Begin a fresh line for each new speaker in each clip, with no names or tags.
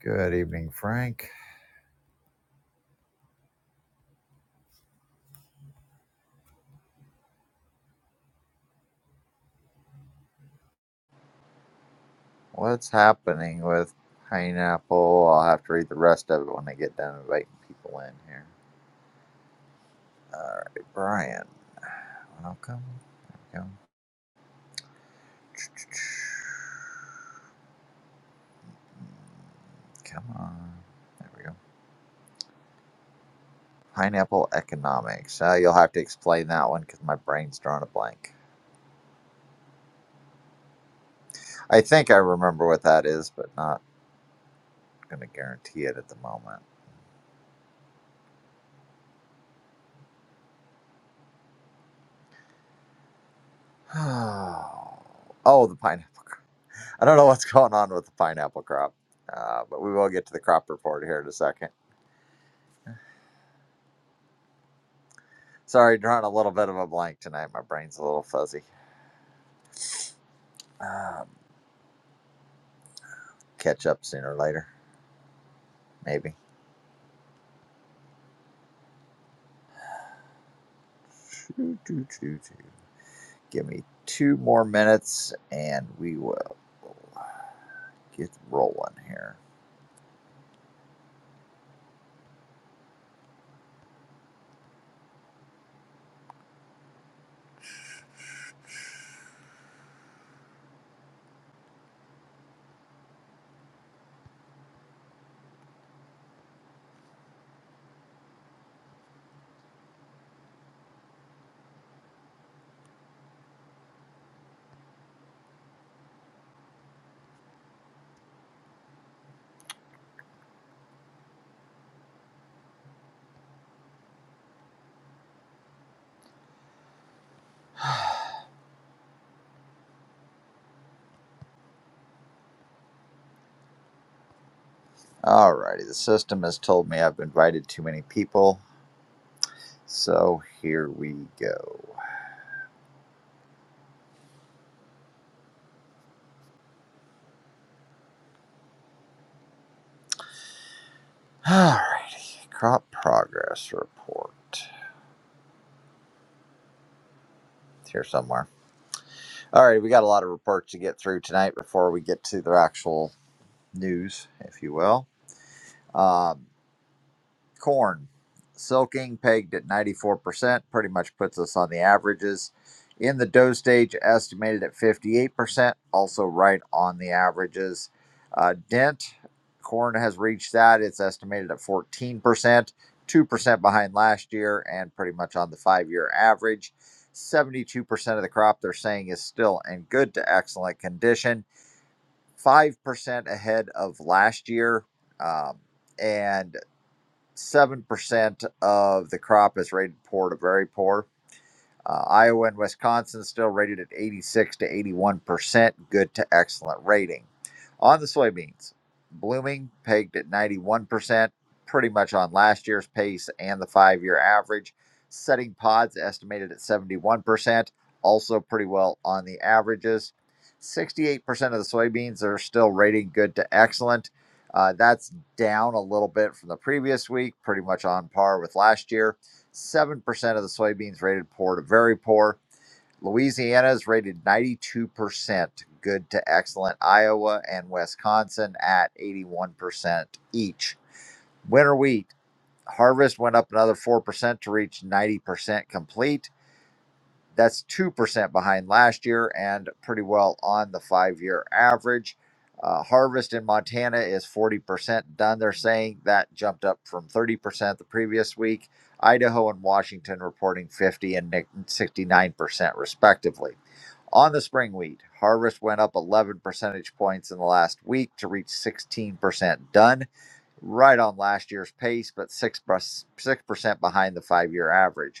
Good evening, Frank. What's happening with pineapple? I'll have to read the rest of it when I get done inviting people in here. All right, Brian, welcome. There we go. Come on. There we go. Pineapple economics. Uh, you'll have to explain that one because my brain's drawn a blank. I think I remember what that is, but not going to guarantee it at the moment. oh, the pineapple. I don't know what's going on with the pineapple crop, uh, but we will get to the crop report here in a second. Sorry, drawing a little bit of a blank tonight. My brain's a little fuzzy. Um, catch up sooner or later, maybe. Give me two more minutes and we will get rolling here. Alrighty, the system has told me I've invited too many people, so here we go. Alrighty, crop progress report. It's here somewhere. All right, we got a lot of reports to get through tonight before we get to the actual news, if you will. Um, Corn, silking pegged at 94%, pretty much puts us on the averages. In the dough stage, estimated at 58%, also right on the averages. Uh, dent, corn has reached that. It's estimated at 14%, 2% behind last year, and pretty much on the five year average. 72% of the crop they're saying is still in good to excellent condition, 5% ahead of last year. Um, and seven percent of the crop is rated poor to very poor. Uh, Iowa and Wisconsin still rated at 86 to 81%, good to excellent rating. On the soybeans, blooming pegged at 91%, pretty much on last year's pace and the five year average. Setting pods estimated at 71%, also pretty well on the averages. 68% of the soybeans are still rating good to excellent. Uh, that's down a little bit from the previous week, pretty much on par with last year 7% of the soybeans rated poor to very poor. Louisiana is rated 92% good to excellent. Iowa and Wisconsin at 81% each. Winter wheat harvest went up another 4% to reach 90% complete. That's 2% behind last year and pretty well on the five year average. Uh, harvest in Montana is 40% done, they're saying. That jumped up from 30% the previous week. Idaho and Washington reporting 50 and 69%, respectively. On the spring wheat, harvest went up 11 percentage points in the last week to reach 16% done, right on last year's pace, but 6% behind the five year average.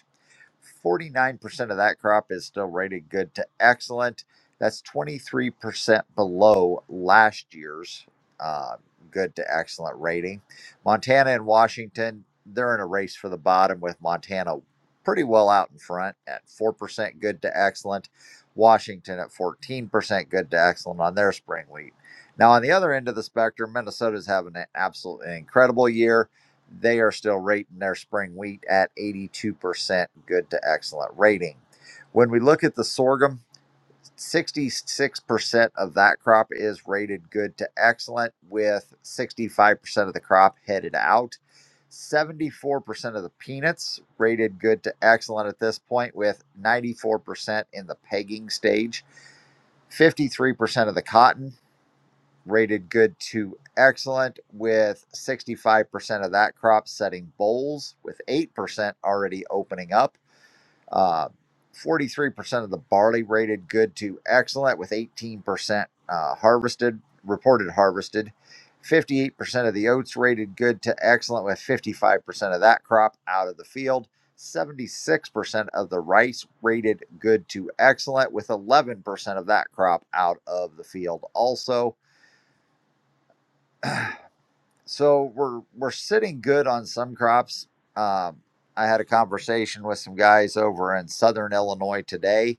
49% of that crop is still rated good to excellent. That's 23% below last year's uh, good to excellent rating. Montana and Washington, they're in a race for the bottom with Montana pretty well out in front at 4% good to excellent. Washington at 14% good to excellent on their spring wheat. Now, on the other end of the spectrum, Minnesota's having an absolutely incredible year. They are still rating their spring wheat at 82% good to excellent rating. When we look at the sorghum, 66% of that crop is rated good to excellent, with 65% of the crop headed out. 74% of the peanuts rated good to excellent at this point, with 94% in the pegging stage. 53% of the cotton rated good to excellent, with 65% of that crop setting bowls, with 8% already opening up uh, 43% of the barley rated good to excellent, with 18% uh, harvested, reported harvested. 58% of the oats rated good to excellent, with 55% of that crop out of the field. 76% of the rice rated good to excellent, with 11% of that crop out of the field also. So we're we're sitting good on some crops. Um, I had a conversation with some guys over in Southern Illinois today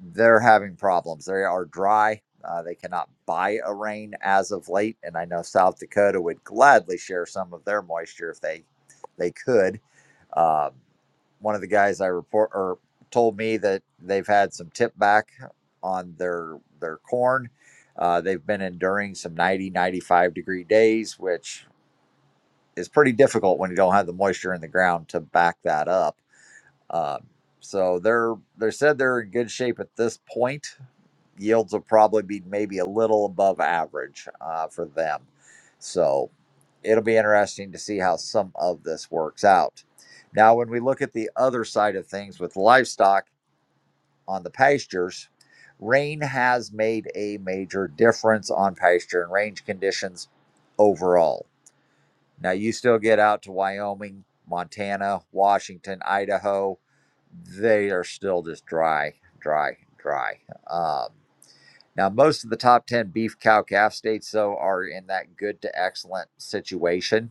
they're having problems. They are dry. Uh, they cannot buy a rain as of late, and I know South Dakota would gladly share some of their moisture if they they could. Um, one of the guys I report or told me that they've had some tip back on their their corn. Uh, they've been enduring some 90 95 degree days, which is pretty difficult when you don't have the moisture in the ground to back that up uh, so they're they said they're in good shape at this point. Yields will probably be maybe a little above average uh, for them. So it'll be interesting to see how some of this works out. Now, when we look at the other side of things with livestock on the pastures, rain has made a major difference on pasture and range conditions overall. Now you still get out to Wyoming, Montana, Washington, Idaho. They are still just dry, dry, dry. Um, now most of the top ten beef cow calf states though are in that good to excellent situation.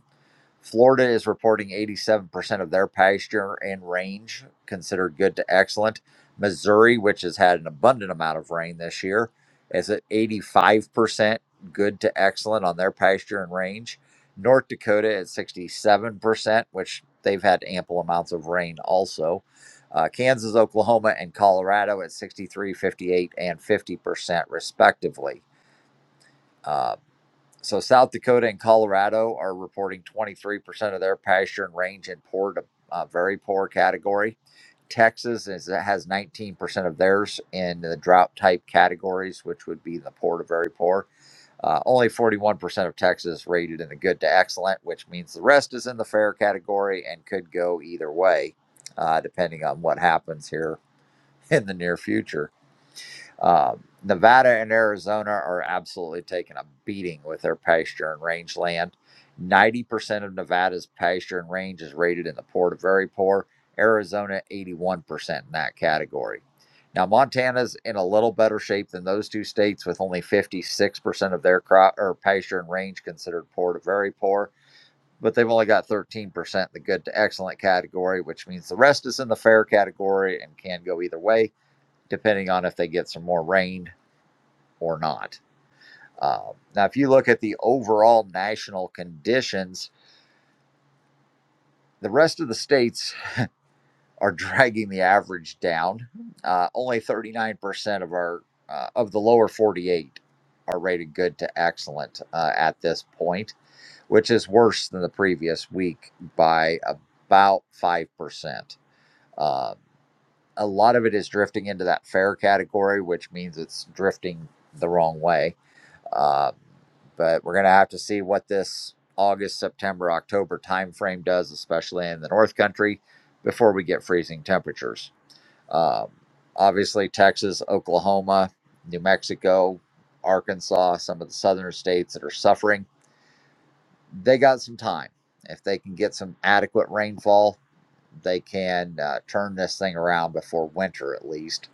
Florida is reporting 87% of their pasture and range considered good to excellent. Missouri, which has had an abundant amount of rain this year, is at 85% good to excellent on their pasture and range. North Dakota at 67%, which they've had ample amounts of rain also. Uh, Kansas, Oklahoma, and Colorado at 63, 58, and 50% respectively. Uh, so South Dakota and Colorado are reporting 23% of their pasture and range in poor to uh, very poor category. Texas is, has 19% of theirs in the drought type categories, which would be the poor to very poor. Uh, only 41% of Texas rated in the good to excellent, which means the rest is in the fair category and could go either way, uh, depending on what happens here in the near future. Um, Nevada and Arizona are absolutely taking a beating with their pasture and range land. 90% of Nevada's pasture and range is rated in the poor to very poor. Arizona, 81% in that category. Now, Montana's in a little better shape than those two states, with only 56% of their crop or pasture and range considered poor to very poor, but they've only got 13% in the good to excellent category, which means the rest is in the fair category and can go either way, depending on if they get some more rain or not. Um, now, if you look at the overall national conditions, the rest of the states are dragging the average down. Uh, only 39% of our uh, of the lower 48 are rated good to excellent uh, at this point, which is worse than the previous week by about 5%. Uh, a lot of it is drifting into that fair category, which means it's drifting the wrong way Uh, but we're going to have to see what this August, September, October timeframe does, especially in the North Country, before we get freezing temperatures. Um, obviously, Texas, Oklahoma, New Mexico, Arkansas, some of the southern states that are suffering, they got some time. If they can get some adequate rainfall, they can uh, turn this thing around before winter at least,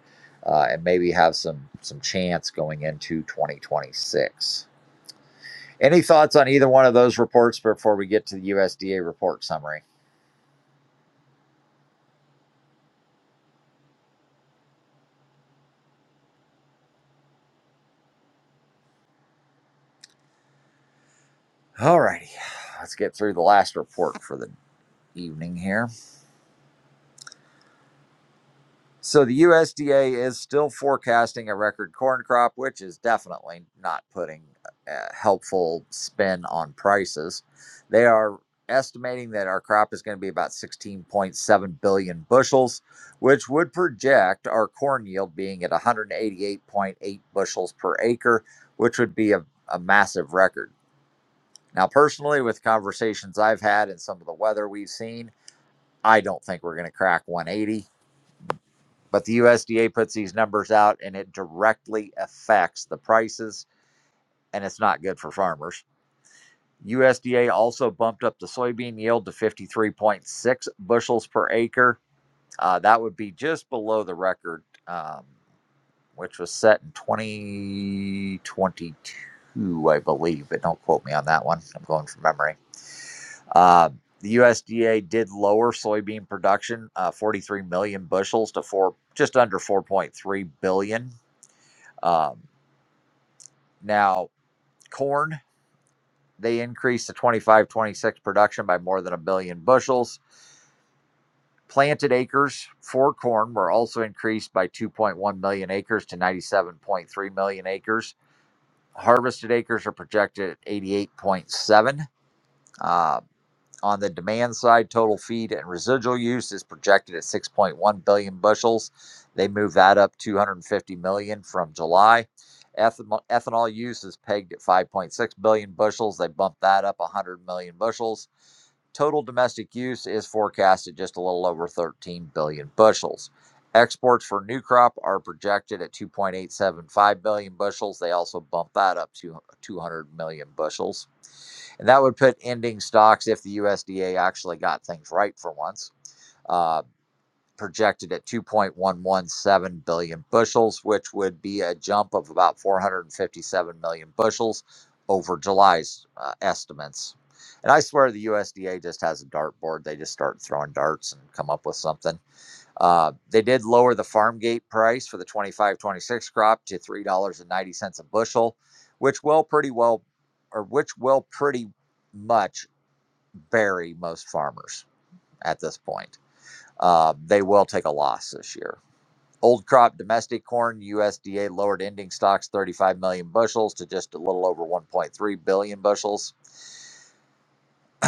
uh, and maybe have some some chance going into 2026. Any thoughts on either one of those reports before we get to the USDA report summary? All righty. Let's get through the last report for the evening here. So the USDA is still forecasting a record corn crop, which is definitely not putting a helpful spin on prices. They are estimating that our crop is going to be about 16.7 billion bushels, which would project our corn yield being at 188.8 bushels per acre, which would be a, a massive record. Now, personally, with conversations I've had and some of the weather we've seen, I don't think we're going to crack 180. But the USDA puts these numbers out and it directly affects the prices, and it's not good for farmers. USDA also bumped up the soybean yield to 53.6 bushels per acre. Uh, that would be just below the record, um, which was set in 2022, I believe, but don't quote me on that one. I'm going from memory. Uh, the USDA did lower soybean production, uh, 43 million bushels to four, just under 4.3 billion Um, now, corn, they increased the 25 26 production by more than a billion bushels. Planted acres for corn were also increased by 2.1 million acres to 97.3 million acres. Harvested acres are projected at 88.7. Uh, on the demand side, total feed and residual use is projected at 6.1 billion bushels. They moved that up 250 million from July. Ethanol, ethanol use is pegged at 5.6 billion bushels. They bumped that up 100 million bushels. Total domestic use is forecast at just a little over 13 billion bushels. Exports for new crop are projected at 2.875 billion bushels. They also bumped that up to 200 million bushels. And that would put ending stocks if the USDA actually got things right for once. uh, projected at 2.117 billion bushels, which would be a jump of about 457 million bushels over July's uh, estimates. And I swear the USDA just has a dartboard. They just start throwing darts and come up with something. Uh, they did lower the farm gate price for the 25 26 crop to $3.90 a bushel, which will pretty well, or which will pretty much bury most farmers at this point. Uh, they will take a loss this year. Old crop domestic corn USDA lowered ending stocks 35 million bushels to just a little over 1.3 billion bushels.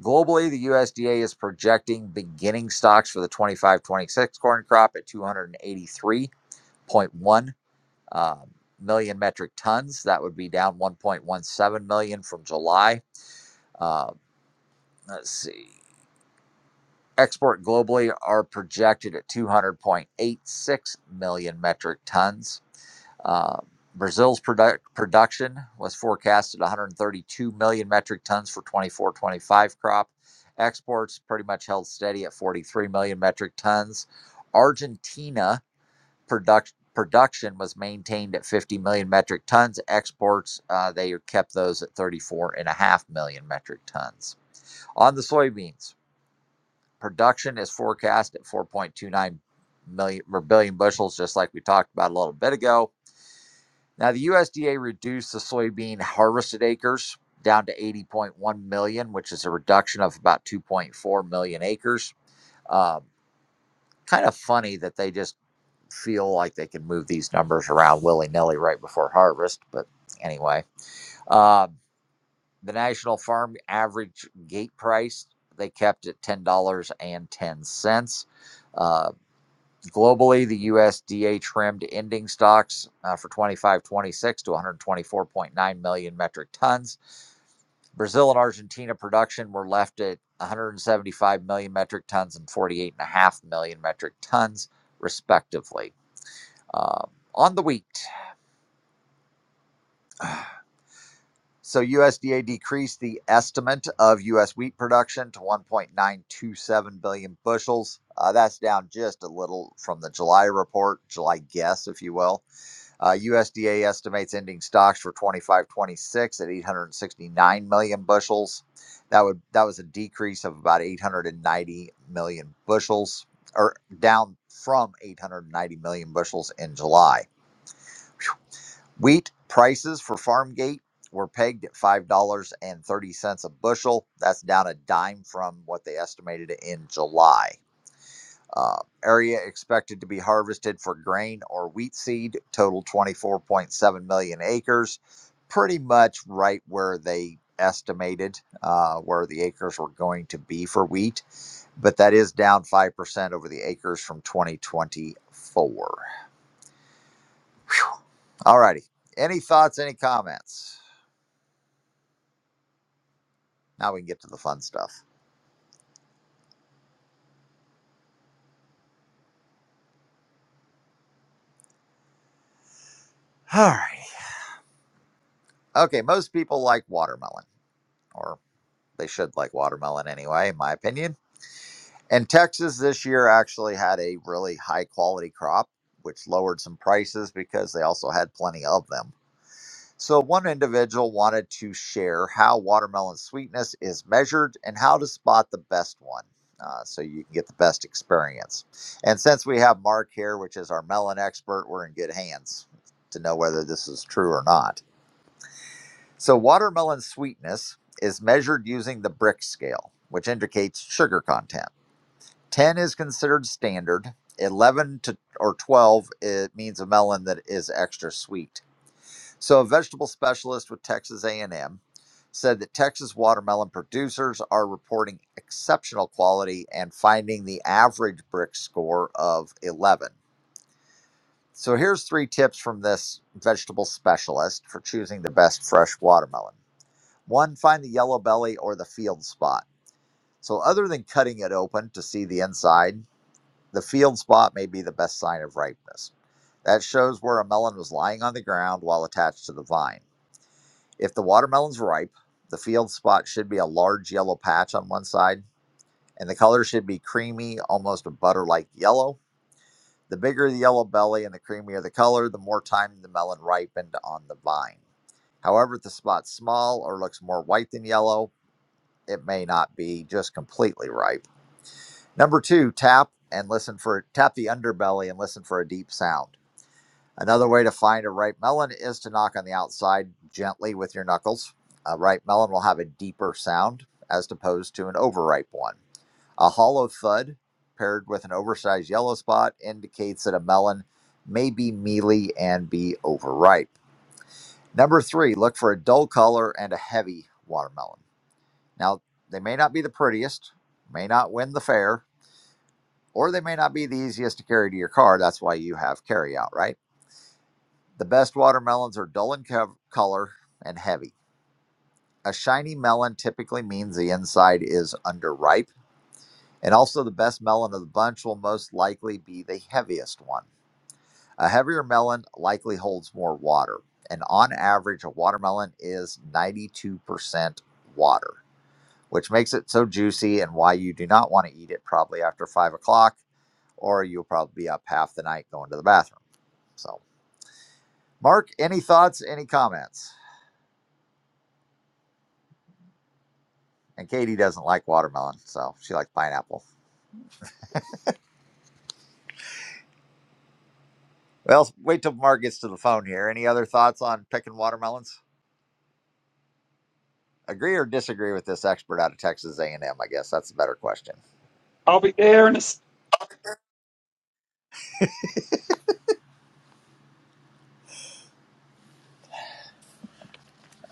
Globally, the USDA is projecting beginning stocks for the 25 26 corn crop at 283.1 um, million metric tons. That would be down 1.17 million from July. Uh, let's see. Export globally are projected at 200.86 million metric tons Uh, Brazil's product, production was forecast at 132 million metric tons for 24 25 crop. Exports pretty much held steady at 43 million metric tons. Argentina product, production was maintained at 50 million metric tons. Exports, uh, they kept those at 34.5 million metric tons. On the soybeans, production is forecast at 4.29 million or billion bushels, just like we talked about a little bit ago now, the USDA reduced the soybean harvested acres down to 80.1 million, which is a reduction of about 2.4 million acres. Um, kind of funny that they just feel like they can move these numbers around willy nilly right before harvest. But anyway, um, the national farm average gate price they kept at $10.10. Globally, the USDA trimmed ending stocks uh, for 25-26 to 124.9 million metric tons. Brazil and Argentina production were left at 175 million metric tons and 48.5 million metric tons, respectively. Um, on the wheat, so USDA decreased the estimate of U.S. wheat production to 1.927 billion bushels. Uh, that's down just a little from the July report, July guess, if you will. Uh, USDA estimates ending stocks for twenty five twenty six at 869 million bushels. That would that was a decrease of about 890 million bushels, or down from 890 million bushels in July. Wheat prices for Farmgate were pegged at five dollars and thirty cents a bushel. That's down a dime from what they estimated in July. Uh, area expected to be harvested for grain or wheat seed, total 24.7 million acres, pretty much right where they estimated uh, where the acres were going to be for wheat, but that is down 5% over the acres from 2024. All righty. Any thoughts, any comments? Now we can get to the fun stuff. All right. Okay, most people like watermelon, or they should like watermelon anyway, in my opinion. And Texas this year actually had a really high quality crop, which lowered some prices because they also had plenty of them. So, one individual wanted to share how watermelon sweetness is measured and how to spot the best one uh, so you can get the best experience. And since we have Mark here, which is our melon expert, we're in good hands to know whether this is true or not. So, watermelon sweetness is measured using the brick scale, which indicates sugar content. 10 is considered standard 11 to or 12 it means a melon that is extra sweet so a vegetable specialist with texas a&m said that texas watermelon producers are reporting exceptional quality and finding the average brick score of 11 so here's three tips from this vegetable specialist for choosing the best fresh watermelon one find the yellow belly or the field spot so other than cutting it open to see the inside the field spot may be the best sign of ripeness. That shows where a melon was lying on the ground while attached to the vine. If the watermelon's ripe, the field spot should be a large yellow patch on one side, and the color should be creamy, almost a butter like yellow. The bigger the yellow belly and the creamier the color, the more time the melon ripened on the vine. However, if the spot's small or looks more white than yellow, it may not be just completely ripe. Number two, tap and listen for tap the underbelly and listen for a deep sound. Another way to find a ripe melon is to knock on the outside gently with your knuckles. A ripe melon will have a deeper sound as opposed to an overripe one. A hollow thud paired with an oversized yellow spot indicates that a melon may be mealy and be overripe. Number three, look for a dull color and a heavy watermelon. Now, they may not be the prettiest, may not win the fair, or they may not be the easiest to carry to your car. That's why you have carryout, right? The best watermelons are dull in co- color and heavy. A shiny melon typically means the inside is underripe, and also the best melon of the bunch will most likely be the heaviest one. A heavier melon likely holds more water, and on average, a watermelon is 92% water, which makes it so juicy and why you do not want to eat it probably after five o'clock, or you'll probably be up half the night going to the bathroom. So, Mark, any thoughts, any comments? And Katie doesn't like watermelon, so she likes pineapple. Well, wait till Mark gets to the phone here. Any other thoughts on picking watermelons? Agree or disagree with this expert out of Texas A&M? I guess that's a better question.
I'll be there in a. s-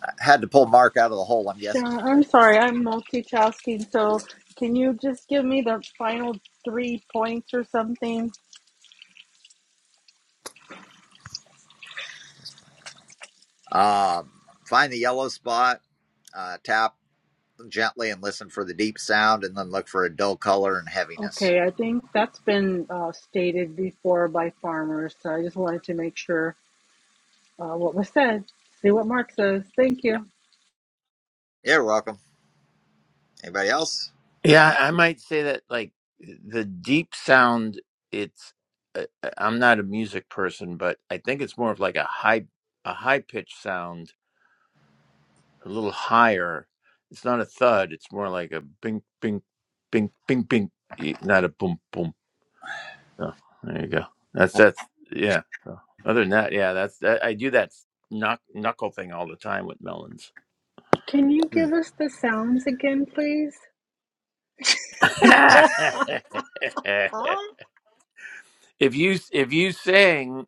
I had to pull Mark out of the hole. I'm guessing.
Sean, I'm sorry, I'm multitasking. So, can you just give me the final three points or something?
Um, find the yellow spot, uh, tap gently, and listen for the deep sound, and then look for a dull color and heaviness.
Okay, I think that's been uh, stated before by farmers. So, I just wanted to make sure uh, what was said. See what Mark says. Thank
Yep.
you.
You're welcome. Anybody else?
Yeah, I might say that like the deep sound. It's uh, uh, I'm not a music person, but I think it's more of like a high a high pitch sound, a little higher. It's not a thud. It's more like a bing bing bing bing bing, y- not a boom boom. Oh, there you go. That's that's yeah. So, other than that, yeah, that's that, I do that knock, knuckle thing all the time with melons.
Can you
Hmm.
give us the sounds again, please?
if you if you sing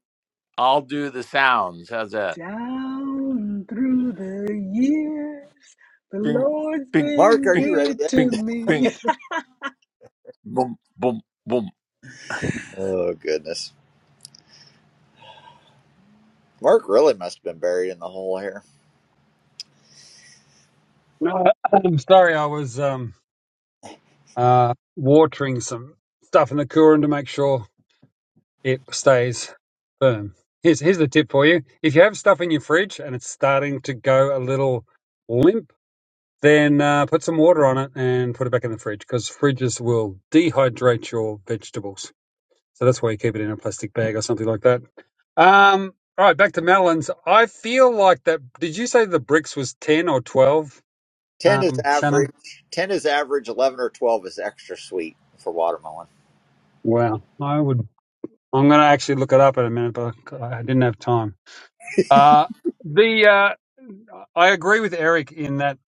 I'll do the sounds. How's that?
Down through the years, the
Bing,
Lord's
bing,
Mark,
been
are
bing,
you ready
good
yet?
to
bing, bing,
me.
boom, boom, boom.
Oh goodness, Mark really must have been buried in the hole here.
No, I'm sorry, I was um uh watering some stuff in the cooler to make sure it stays firm. Here's here's the tip for you: if you have stuff in your fridge and it's starting to go a little limp, then uh, put some water on it and put it back in the fridge because fridges will dehydrate your vegetables. So that's why you keep it in a plastic bag or something like that. Um, all right, back to Madeline's. I feel like that. Did you say the bricks was ten or twelve,
10 is
um,
average.
Shannon?
10 is average. 11 or 12 is extra sweet for watermelon.
Well, I would. I'm going to actually look it up in a minute, but I didn't have time. Uh, the uh, I agree with Eric in that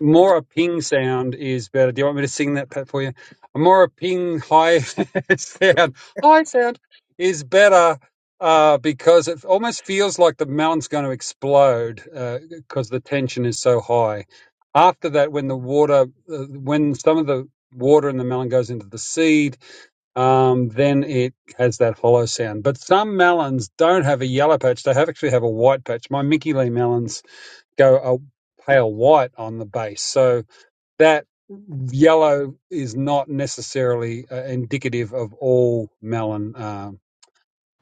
more a ping sound is better. Do you want me to sing that Pat for you? More a ping high sound, high sound is better uh, because it almost feels like the mountain's going to explode because the tension is so high. After that, when the water, uh, when some of the water in the melon goes into the seed, um, then it has that hollow sound. But some melons don't have a yellow patch; they have actually have a white patch. My Mickey Lee melons go a pale white on the base, so that yellow is not necessarily uh, indicative of all melon um,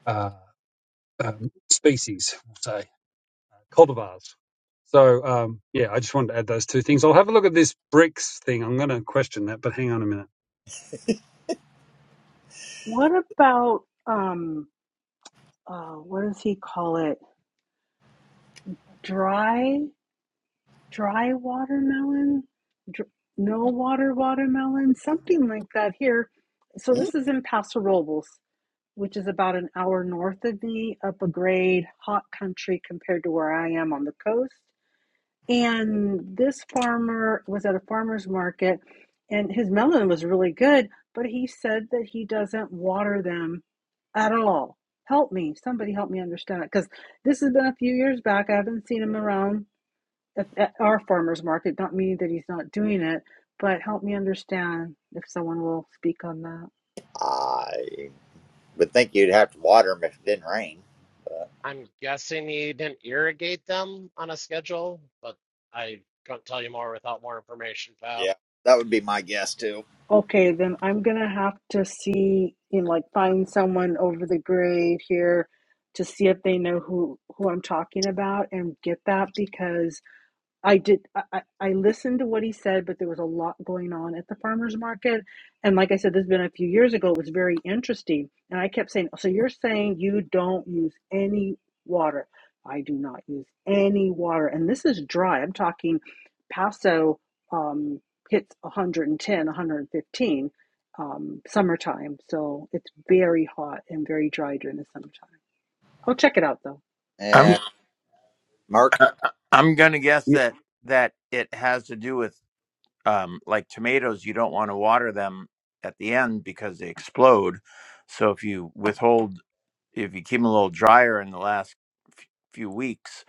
uh, um, species, we'll say cultivars. So um, yeah, I just wanted to add those two things. I'll have a look at this bricks thing. I'm going to question that, but hang on a minute.
What about um? uh, what does he call it? Dry, dry watermelon, Dr- no water watermelon, something like that here. So
Mm.
this is in Paso Robles, which is about an hour north of me, up a grade, hot country compared to where I am on the coast. And this farmer was at a farmer's market and his melon was really good, but he said that he doesn't water them at all. Help me. Somebody help me understand it. Because this has been a few years back. I haven't seen him around at, at our farmer's market. Not meaning that he's not doing it, but help me understand if someone will speak on that.
I would think you'd have to water them if it didn't rain.
I'm guessing he didn't irrigate them on a schedule, but I couldn't tell you more without more information, pal.
Yeah, that would be my guess too.
Okay, then I'm gonna have to see and like find someone over the grade here to see if they know who who I'm talking about and get that because I did. I, I listened to what he said, but there was a lot going on at the farmers market. And like I said, this has been a few years ago. It was very interesting, and I kept saying, "So you're saying you don't use any water?" I do not use any water, and this is dry. I'm talking Paso um, hits 110, 115 um, summertime, so it's very hot and very dry during the summertime. I'll check it out though.
I'm uh,
Yeah, Mark.
uh, I'm gonna guess
Yeah,
that that it has to do with um like tomatoes. You don't want to water them at the end because they explode. So if you withhold, if you keep them a little drier in the last f- few weeks,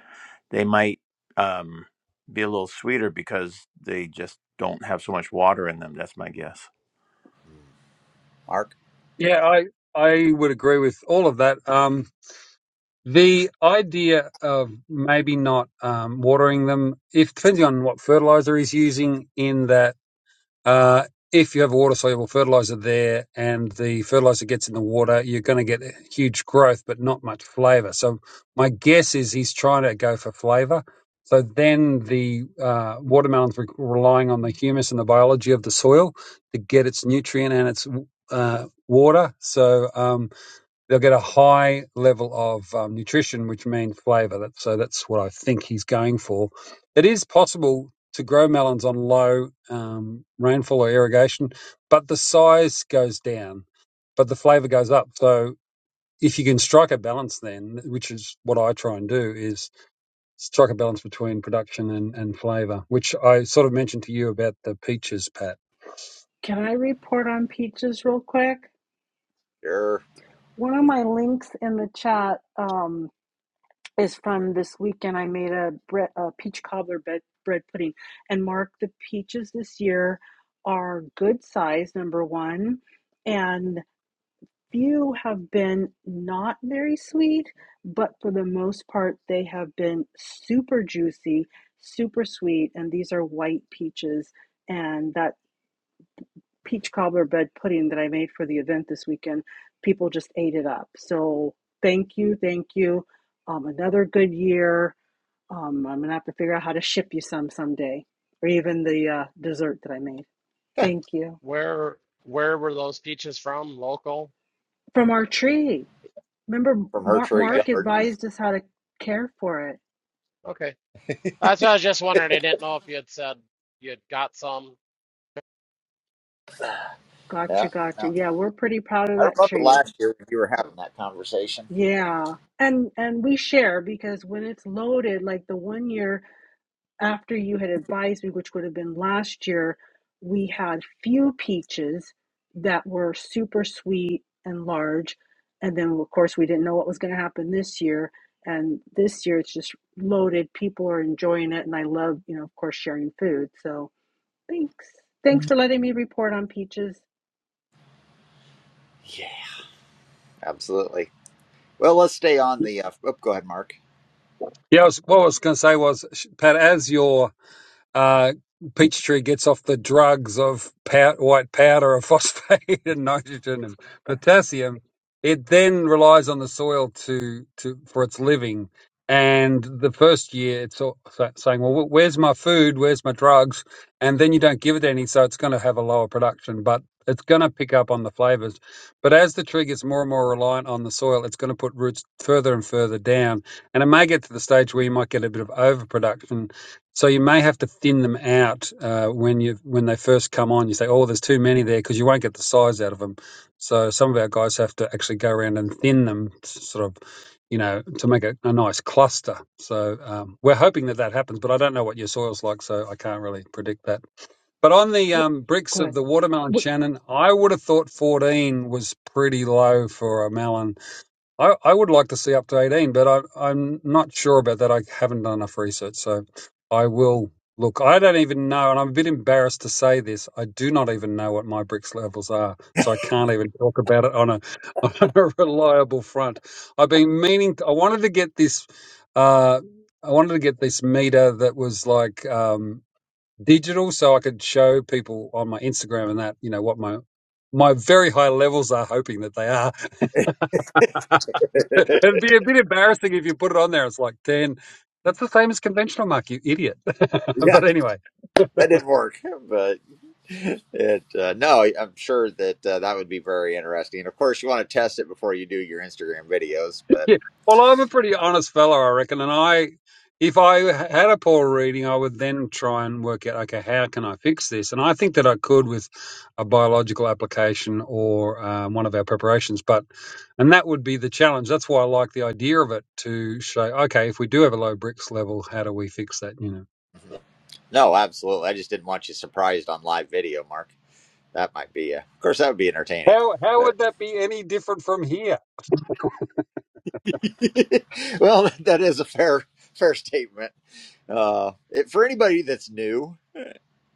they might um be a little sweeter because they just don't have so much water in them. That's my guess.
Mark,
yeah I I would agree with all of that. Um, The idea of maybe not um, watering them, if depending on what fertilizer he's using, in that uh, if you have water soluble fertilizer there and the fertilizer gets in the water, you're going to get huge growth but not much flavor. So my guess is he's trying to go for flavor. So then the uh, watermelon's re- relying on the humus and the biology of the soil to get its nutrient and its uh, water. So um, they'll get a high level of um, nutrition, which means flavour. That, so that's what I think he's going for. It is possible to grow melons on low um, rainfall or irrigation, but the size goes down, but the flavour goes up. So if you can strike a balance, then which is what I try and do, is strike a balance between production and, and flavour, which I sort of mentioned to you about the peaches, Pat.
Can I report on peaches real quick?
sure.
One of my links in the chat um, is from this weekend. I made a, bre- a peach cobbler bread, bread pudding. And Mark, the peaches this year are good size, number one. And few have been not very sweet, but for the most part, they have been super juicy, super sweet. And these are white peaches. And that peach cobbler bread pudding that I made for the event this weekend, people just ate it up. So thank you, thank you. Um, another good year. Um, I'm gonna have to figure out how to ship you some someday, or even the uh, dessert that I made. Thank you
Where where were those peaches from? Local?
from our tree. Remember,
From her
Mark,
tree
Okay,
Mark
yard.
advised us how to care for it.
okay. That's what I was just wondering. I didn't know if you had said you had got some.
Yeah.
Gotcha, gotcha.
No.
Yeah, we're pretty proud of
I
that
remember
tree.
last year when you were having that conversation.
Yeah. And and we share because when it's loaded, like the one year after you had advised me, which would have been last year, we had few peaches that were super sweet and large. And then of course we didn't know what was going to happen this year. And this year it's just loaded. People are enjoying it, and I love, you know, of course, sharing food. So Thanks. Thanks for letting me report on peaches.
Yeah, absolutely. Well, let's stay on the. Uh, oh, go ahead, Mark.
Yeah, I was, what I was going to say was, Pat, as your uh, Peachtree gets off the drugs of pow- white powder of phosphate and nitrogen and potassium, it then relies on the soil to, to for its living. And the first year, it's all sa- saying, "Well, wh- where's my food? Where's my drugs?" And then you don't give it any, so it's going to have a lower production, but it's going to pick up on the flavors. But as the tree gets more and more reliant on the soil, it's going to put roots further and further down, and it may get to the stage where you might get a bit of overproduction so you may have to thin them out uh, when you when they first come on. You say, "Oh, there's too many there," because you won't get the size out of them. So some of our guys have to actually go around and thin them, to sort of, you know, to make a, a nice cluster. So um, we're hoping that that happens, but I don't know what your soil's like, so I can't really predict that. But on the
Wh-
um, bricks
Go
of
ahead.
the watermelon,
What?
Shannon, I would have thought 14 was pretty low for a melon I, I would like to see up to 18, but I, I'm not sure about that. I haven't done enough research, so I will look. I don't even know, and I'm a bit embarrassed to say this. I do not even know what my bricks levels are, so I can't even talk about it on a, on a reliable front. I've been meaning, To, I wanted to get this, uh, I wanted to get this meter that was like um, digital, so I could show people on my Instagram and that, you know, what my my very high levels are, hoping that they are. It'd be a bit embarrassing if you put it on there. It's like, ten. that's the same as conventional mark. you idiot.
Yeah.
but anyway.
that didn't work. But it uh, no, I'm sure that uh, that would be very interesting. And of course, you want to test it before you do your Instagram videos. But
Yeah. Well, I'm a pretty honest fellow, I reckon, and I, if I had a poor reading, I would then try and work out, okay, how can I fix this? And I think that I could with a biological application or um, one of our preparations, but and that would be the challenge. That's why I like the idea of it to show, okay, if we do have a low bricks level, how do we fix that? You know.
Mm-hmm. no, absolutely. I just didn't want you surprised on live video, Mark. That might be. A, of course, that would be entertaining.
How, how
But
would that be any different from here?
well, that is a fair fair statement. Uh, it, for anybody that's new,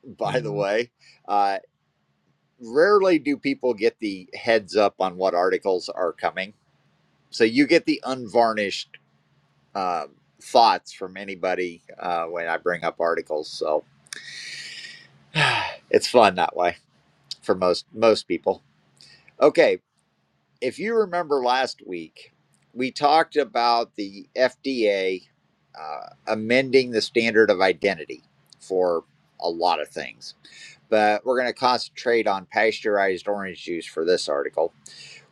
by the way, uh, rarely do people get the heads up on what articles are coming. So you get the unvarnished uh, thoughts from anybody uh, when I bring up articles. So it's fun that way for most most people. Okay, if you remember last week, we talked about the FDA uh, amending the standard of identity for a lot of things, but we're going to concentrate on pasteurized orange juice for this article,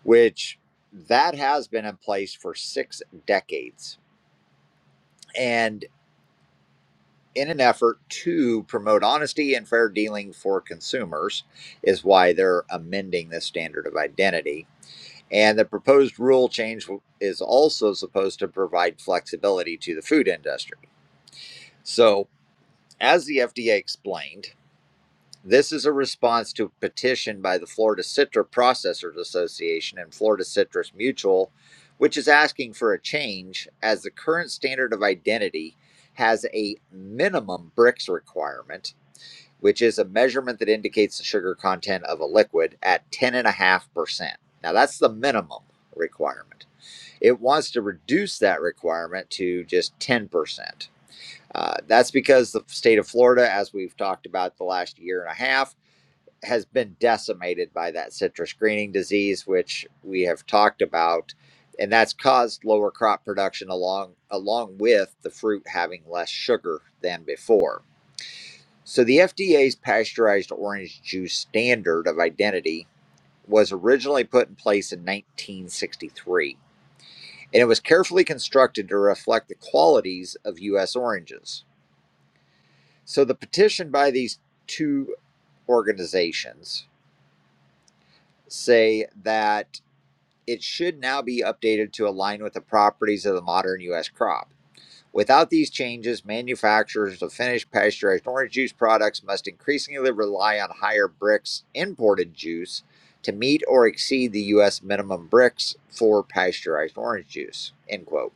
which that has been in place for six decades. And in an effort to promote honesty and fair dealing for consumers, is why they're amending the standard of identity And the proposed rule change is also supposed to provide flexibility to the food industry. So, as the FDA explained, this is a response to a petition by the Florida Citrus Processors Association and Florida Citrus Mutual, which is asking for a change as the current standard of identity has a minimum BRICS requirement, which is a measurement that indicates the sugar content of a liquid at 10.5%. Now, that's the minimum requirement. It wants to reduce that requirement to just 10%. Uh, that's because the state of Florida, as we've talked about the last year and a half, has been decimated by that citrus greening disease, which we have talked about. And that's caused lower crop production along, along with the fruit having less sugar than before. So, the FDA's pasteurized orange juice standard of identity was originally put in place in 1963 and it was carefully constructed to reflect the qualities of U.S. oranges. So the petition by these two organizations say that it should now be updated to align with the properties of the modern U.S. crop. Without these changes, manufacturers of finished pasteurized orange juice products must increasingly rely on higher bricks imported juice to meet or exceed the U.S. minimum bricks for pasteurized orange juice. End quote.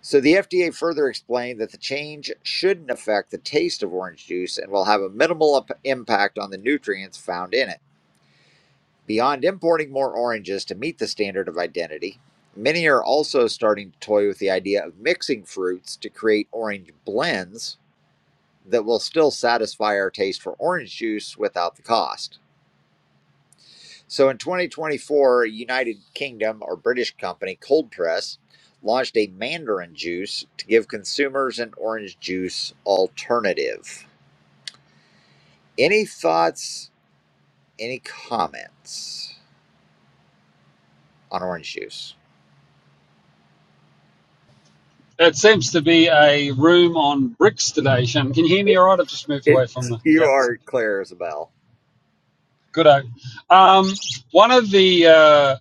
So the FDA further explained that the change shouldn't affect the taste of orange juice and will have a minimal impact on the nutrients found in it. Beyond importing more oranges to meet the standard of identity, many are also starting to toy with the idea of mixing fruits to create orange blends that will still satisfy our taste for orange juice without the cost. So in 2024, United Kingdom or British company Cold Press launched a mandarin juice to give consumers an orange juice alternative. Any thoughts, any comments on orange juice?
It seems to be a room on bricks today, Shannon. Can you hear me
It,
all right? I've just moved
it-
away from the.
you
Yep.
are clear as a bell.
Good. Um, one of the uh,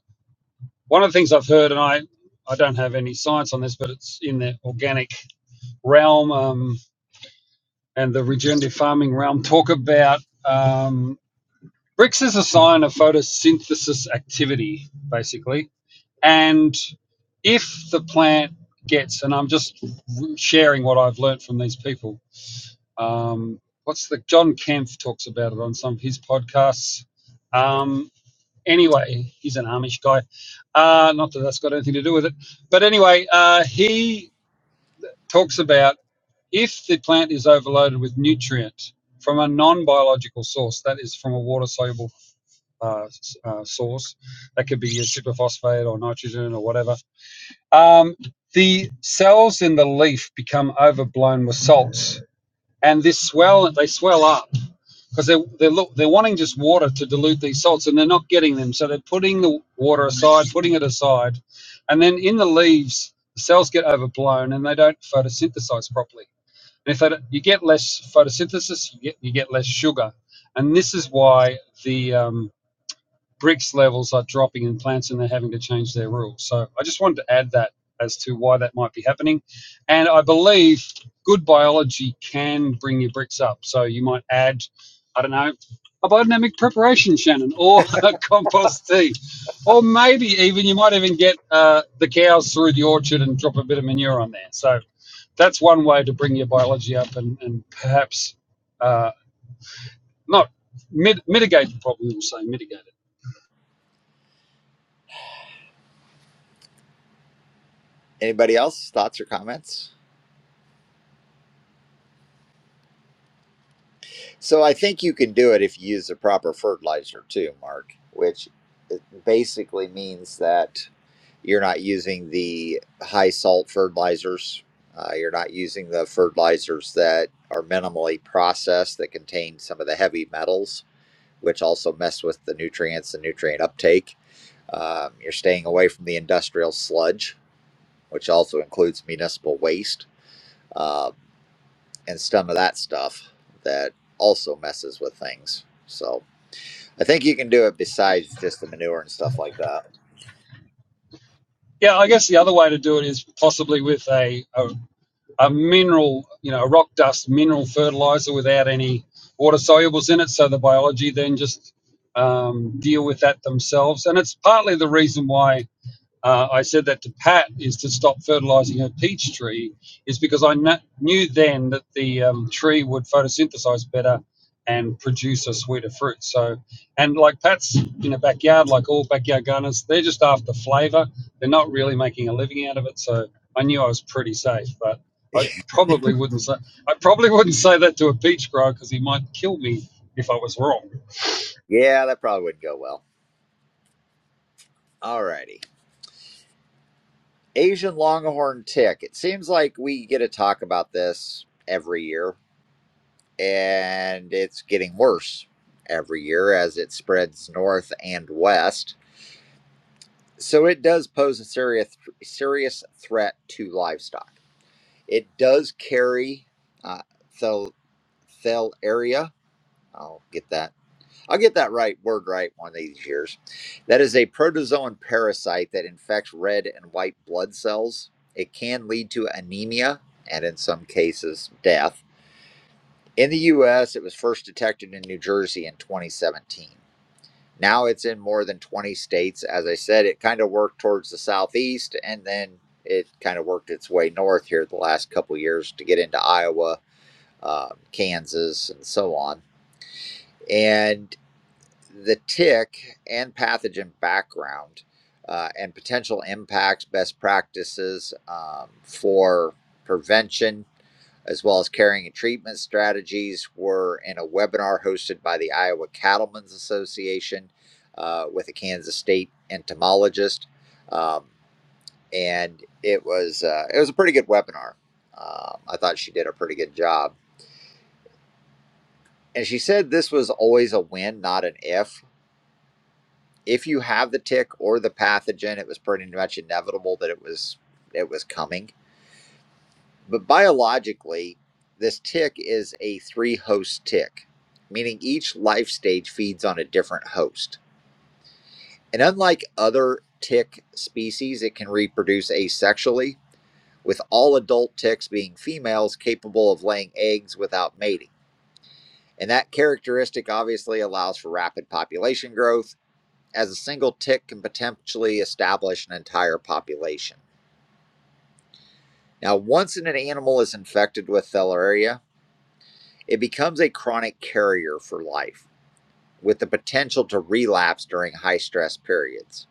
one of the things I've heard, and I I don't have any science on this, but it's in the organic realm um, and the regenerative farming realm. Talk about um, bricks as a sign of photosynthesis activity, basically, and if the plant gets, and I'm just sharing what I've learned from these people Um, what's the John Kempf talks about it on some of his podcasts. Um, anyway, he's an Amish guy. Uh, not that that's got anything to do with it, but anyway, uh, he talks about if the plant is overloaded with nutrient from a non-biological source, that is from a water-soluble uh, uh, source, that could be a superphosphate or nitrogen or whatever. Um, the cells in the leaf become overblown with salts and this swell they swell up because they they're look they're wanting just water to dilute these salts and they're not getting them so they're putting the water aside putting it aside and then in the leaves the cells get overblown and they don't photosynthesize properly and if they don't, you get less photosynthesis you get you get less sugar and this is why the um, bricks levels are dropping in plants and they're having to change their rules. So I just wanted to add that as to why that might be happening. And I believe good biology can bring your bricks up. So you might add, I don't know, a biodynamic preparation, Shannon, or a compost tea. Or maybe even you might even get uh, the cows through the orchard and drop a bit of manure on there. So that's one way to bring your biology up and, and perhaps uh, not mit- mitigate the problem, we'll say mitigate.
Anybody else? Thoughts or comments? So I think you can do it if you use the proper fertilizer too, Mark, which it basically means that You're not using the high salt fertilizers. Uh, you're not using the fertilizers that are minimally processed that contain some of the heavy metals, which also mess with the nutrients and nutrient uptake. Um, you're staying away from the industrial sludge, which also includes municipal waste um, and some of that stuff that also messes with things. So I think you can do it besides just the manure and stuff like that.
Yeah, I guess the other way to do it is possibly with a a, a mineral, you know, a rock dust mineral fertilizer without any water solubles in it, so the biology then just um, deal with that themselves. And it's partly the reason why uh, I said that to Pat is to stop fertilizing her peach tree is because I kn- knew then that the um, tree would photosynthesize better and produce a sweeter fruit. So, and like Pat's in the backyard, like all backyard gardeners, they're just after flavor. They're not really making a living out of it. So I knew I was pretty safe, but I probably wouldn't say I probably wouldn't say that to a peach grower because he might kill me if I was wrong.
Yeah, that probably wouldn't go well. All righty. Asian longhorn tick. It seems like we get to talk about this every year, and it's getting worse every year as it spreads north and west. So it does pose a serious serious threat to livestock. It does carry uh, thel thel area. I'll get that I'll get that right word right one of these years. That is a protozoan parasite that infects red and white blood cells. It can lead to anemia and, in some cases, death. In the U.S., it was first detected in New Jersey in 2017. Now it's in more than 20 states. As I said, it kind of worked towards the southeast and then it kind of worked its way north here the last couple of years to get into Iowa, uh, Kansas, and so on. And the tick and pathogen background uh, and potential impacts, best practices um, for prevention, as well as carrying and treatment strategies, were in a webinar hosted by the Iowa Cattlemen's Association uh, with a Kansas State entomologist, um, and it was uh, it was a pretty good webinar. Um, I thought she did a pretty good job, and she said this was always a win, not an if if you have the tick or the pathogen, it was pretty much inevitable that it was it was coming. But biologically, this tick is a three-host tick, meaning each life stage feeds on a different host. And unlike other tick species, it can reproduce asexually, with all adult ticks being females capable of laying eggs without mating. And that characteristic obviously allows for rapid population growth as a single tick can potentially establish an entire population. Now, once an animal is infected with filaria, it becomes a chronic carrier for life with the potential to relapse during high stress periods.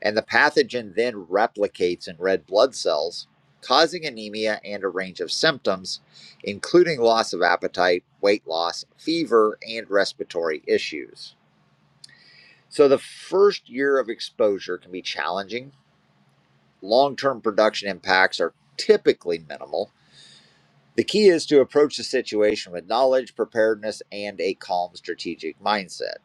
And the pathogen then replicates in red blood cells, causing anemia and a range of symptoms, including loss of appetite, weight loss, fever, and respiratory issues. So, the first year of exposure can be challenging long term production impacts are typically minimal. The key is to approach the situation with knowledge, preparedness, and a calm strategic mindset.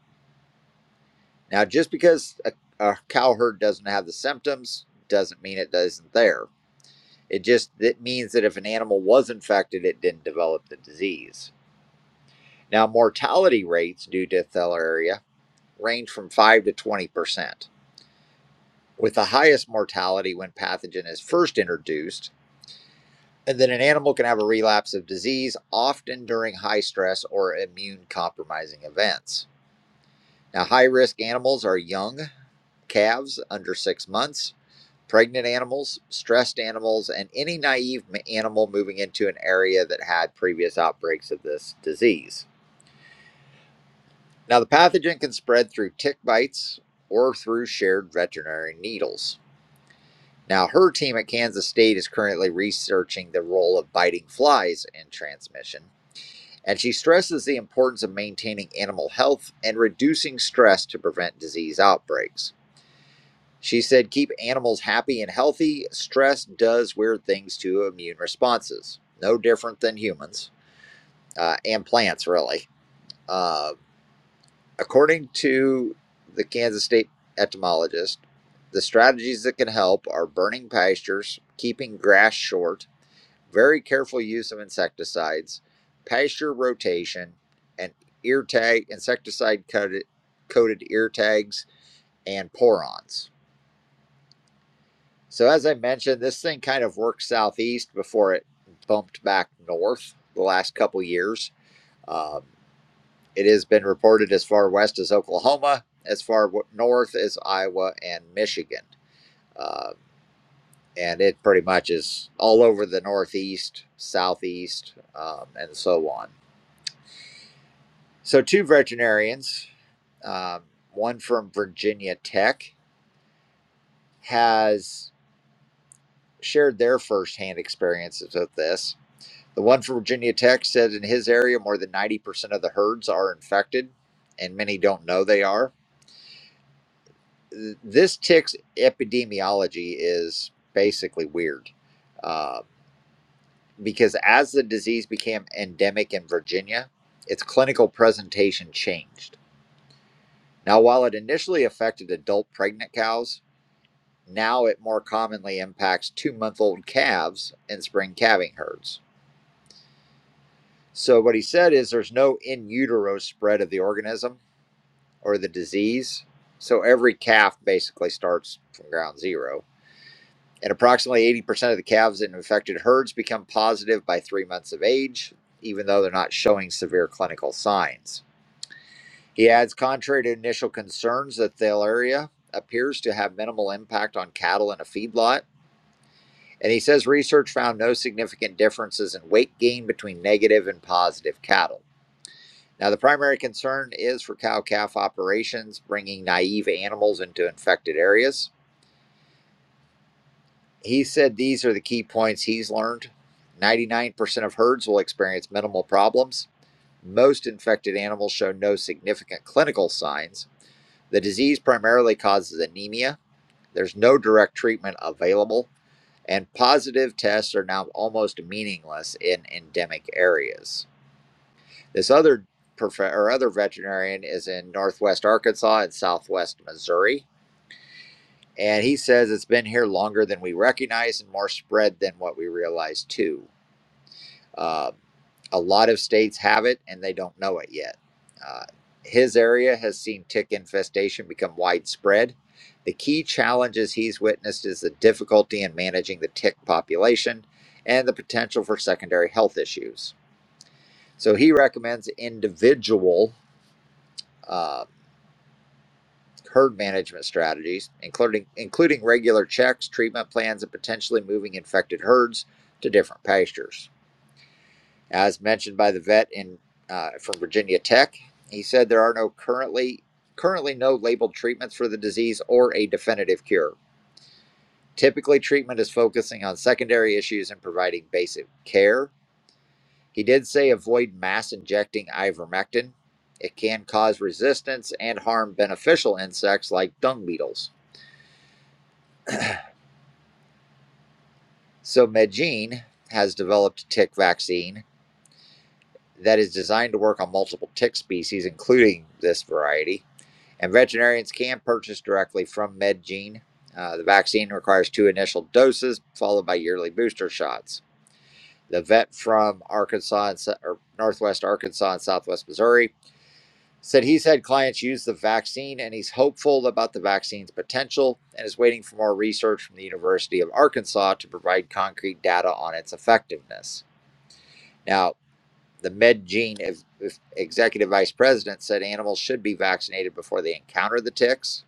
Now, just because a, a cow herd doesn't have the symptoms doesn't mean it isn't there. It just it means that if an animal was infected, it didn't develop the disease. Now, mortality rates due to filaria range from 5 to 20%, with the highest mortality when pathogen is first introduced And then an animal can have a relapse of disease, often during high stress or immune compromising events. Now, high risk animals are young calves under six months, pregnant animals, stressed animals, and any naive animal moving into an area that had previous outbreaks of this disease. Now, the pathogen can spread through tick bites or through shared veterinary needles. Now, her team at Kansas State is currently researching the role of biting flies in transmission And she stresses the importance of maintaining animal health and reducing stress to prevent disease outbreaks. She said, keep animals happy and healthy. Stress does weird things to immune responses, no different than humans uh, and plants, really. Uh, according to the Kansas State entomologist, the strategies that can help are burning pastures, keeping grass short, very careful use of insecticides, pasture rotation, and ear tag insecticide coated coated ear tags and porons. So as I mentioned, this thing kind of worked southeast before it bumped back north the last couple years. Um, it has been reported as far west as Oklahoma, as far north as Iowa and Michigan. Uh, and it pretty much is all over the northeast, southeast, um, and so on. So, two veterinarians, um, one from Virginia Tech, has shared their firsthand experiences with this. The one from Virginia Tech said in his area, more than 90% of the herds are infected, and many don't know they are. This tick's epidemiology is basically weird uh, because as the disease became endemic in Virginia, its clinical presentation changed. Now, while it initially affected adult pregnant cows, Now it more commonly impacts two month old calves in spring calving herds. So, what he said is there's no in utero spread of the organism or the disease. So, every calf basically starts from ground zero. And approximately 80% of the calves in infected herds become positive by three months of age, even though they're not showing severe clinical signs. He adds, contrary to initial concerns that the area appears to have minimal impact on cattle in a feedlot, And he says research found no significant differences in weight gain between negative and positive cattle. Now, the primary concern is for cow calf operations, bringing naive animals into infected areas. He said these are the key points he's learned 99% of herds will experience minimal problems. Most infected animals show no significant clinical signs. The disease primarily causes anemia. There's no direct treatment available. and positive tests are now almost meaningless in endemic areas. This other prof- or other veterinarian is in northwest Arkansas and southwest Missouri, and he says it's been here longer than we recognize and more spread than what we realize too. Uh, a lot of states have it and they don't know it yet. Uh, his area has seen tick infestation become widespread. The key challenges he's witnessed is the difficulty in managing the tick population and the potential for secondary health issues. So he recommends individual uh, herd management strategies, including including regular checks, treatment plans, and potentially moving infected herds to different pastures. As mentioned by the vet in uh, from Virginia Tech, he said there are no currently currently no labeled treatments for the disease or a definitive cure. Typically, treatment is focusing on secondary issues and providing basic care. He did say avoid mass injecting ivermectin. It can cause resistance and harm beneficial insects like dung beetles. So, Medgene has developed a tick vaccine that is designed to work on multiple tick species, including this variety. and veterinarians can purchase directly from MedGene. Uh, the vaccine requires two initial doses, followed by yearly booster shots. The vet from Arkansas and, or Northwest Arkansas and Southwest Missouri said he's had clients use the vaccine and he's hopeful about the vaccine's potential and is waiting for more research from the University of Arkansas to provide concrete data on its effectiveness. Now, the MedGene ev- executive vice president said animals should be vaccinated before they encounter the ticks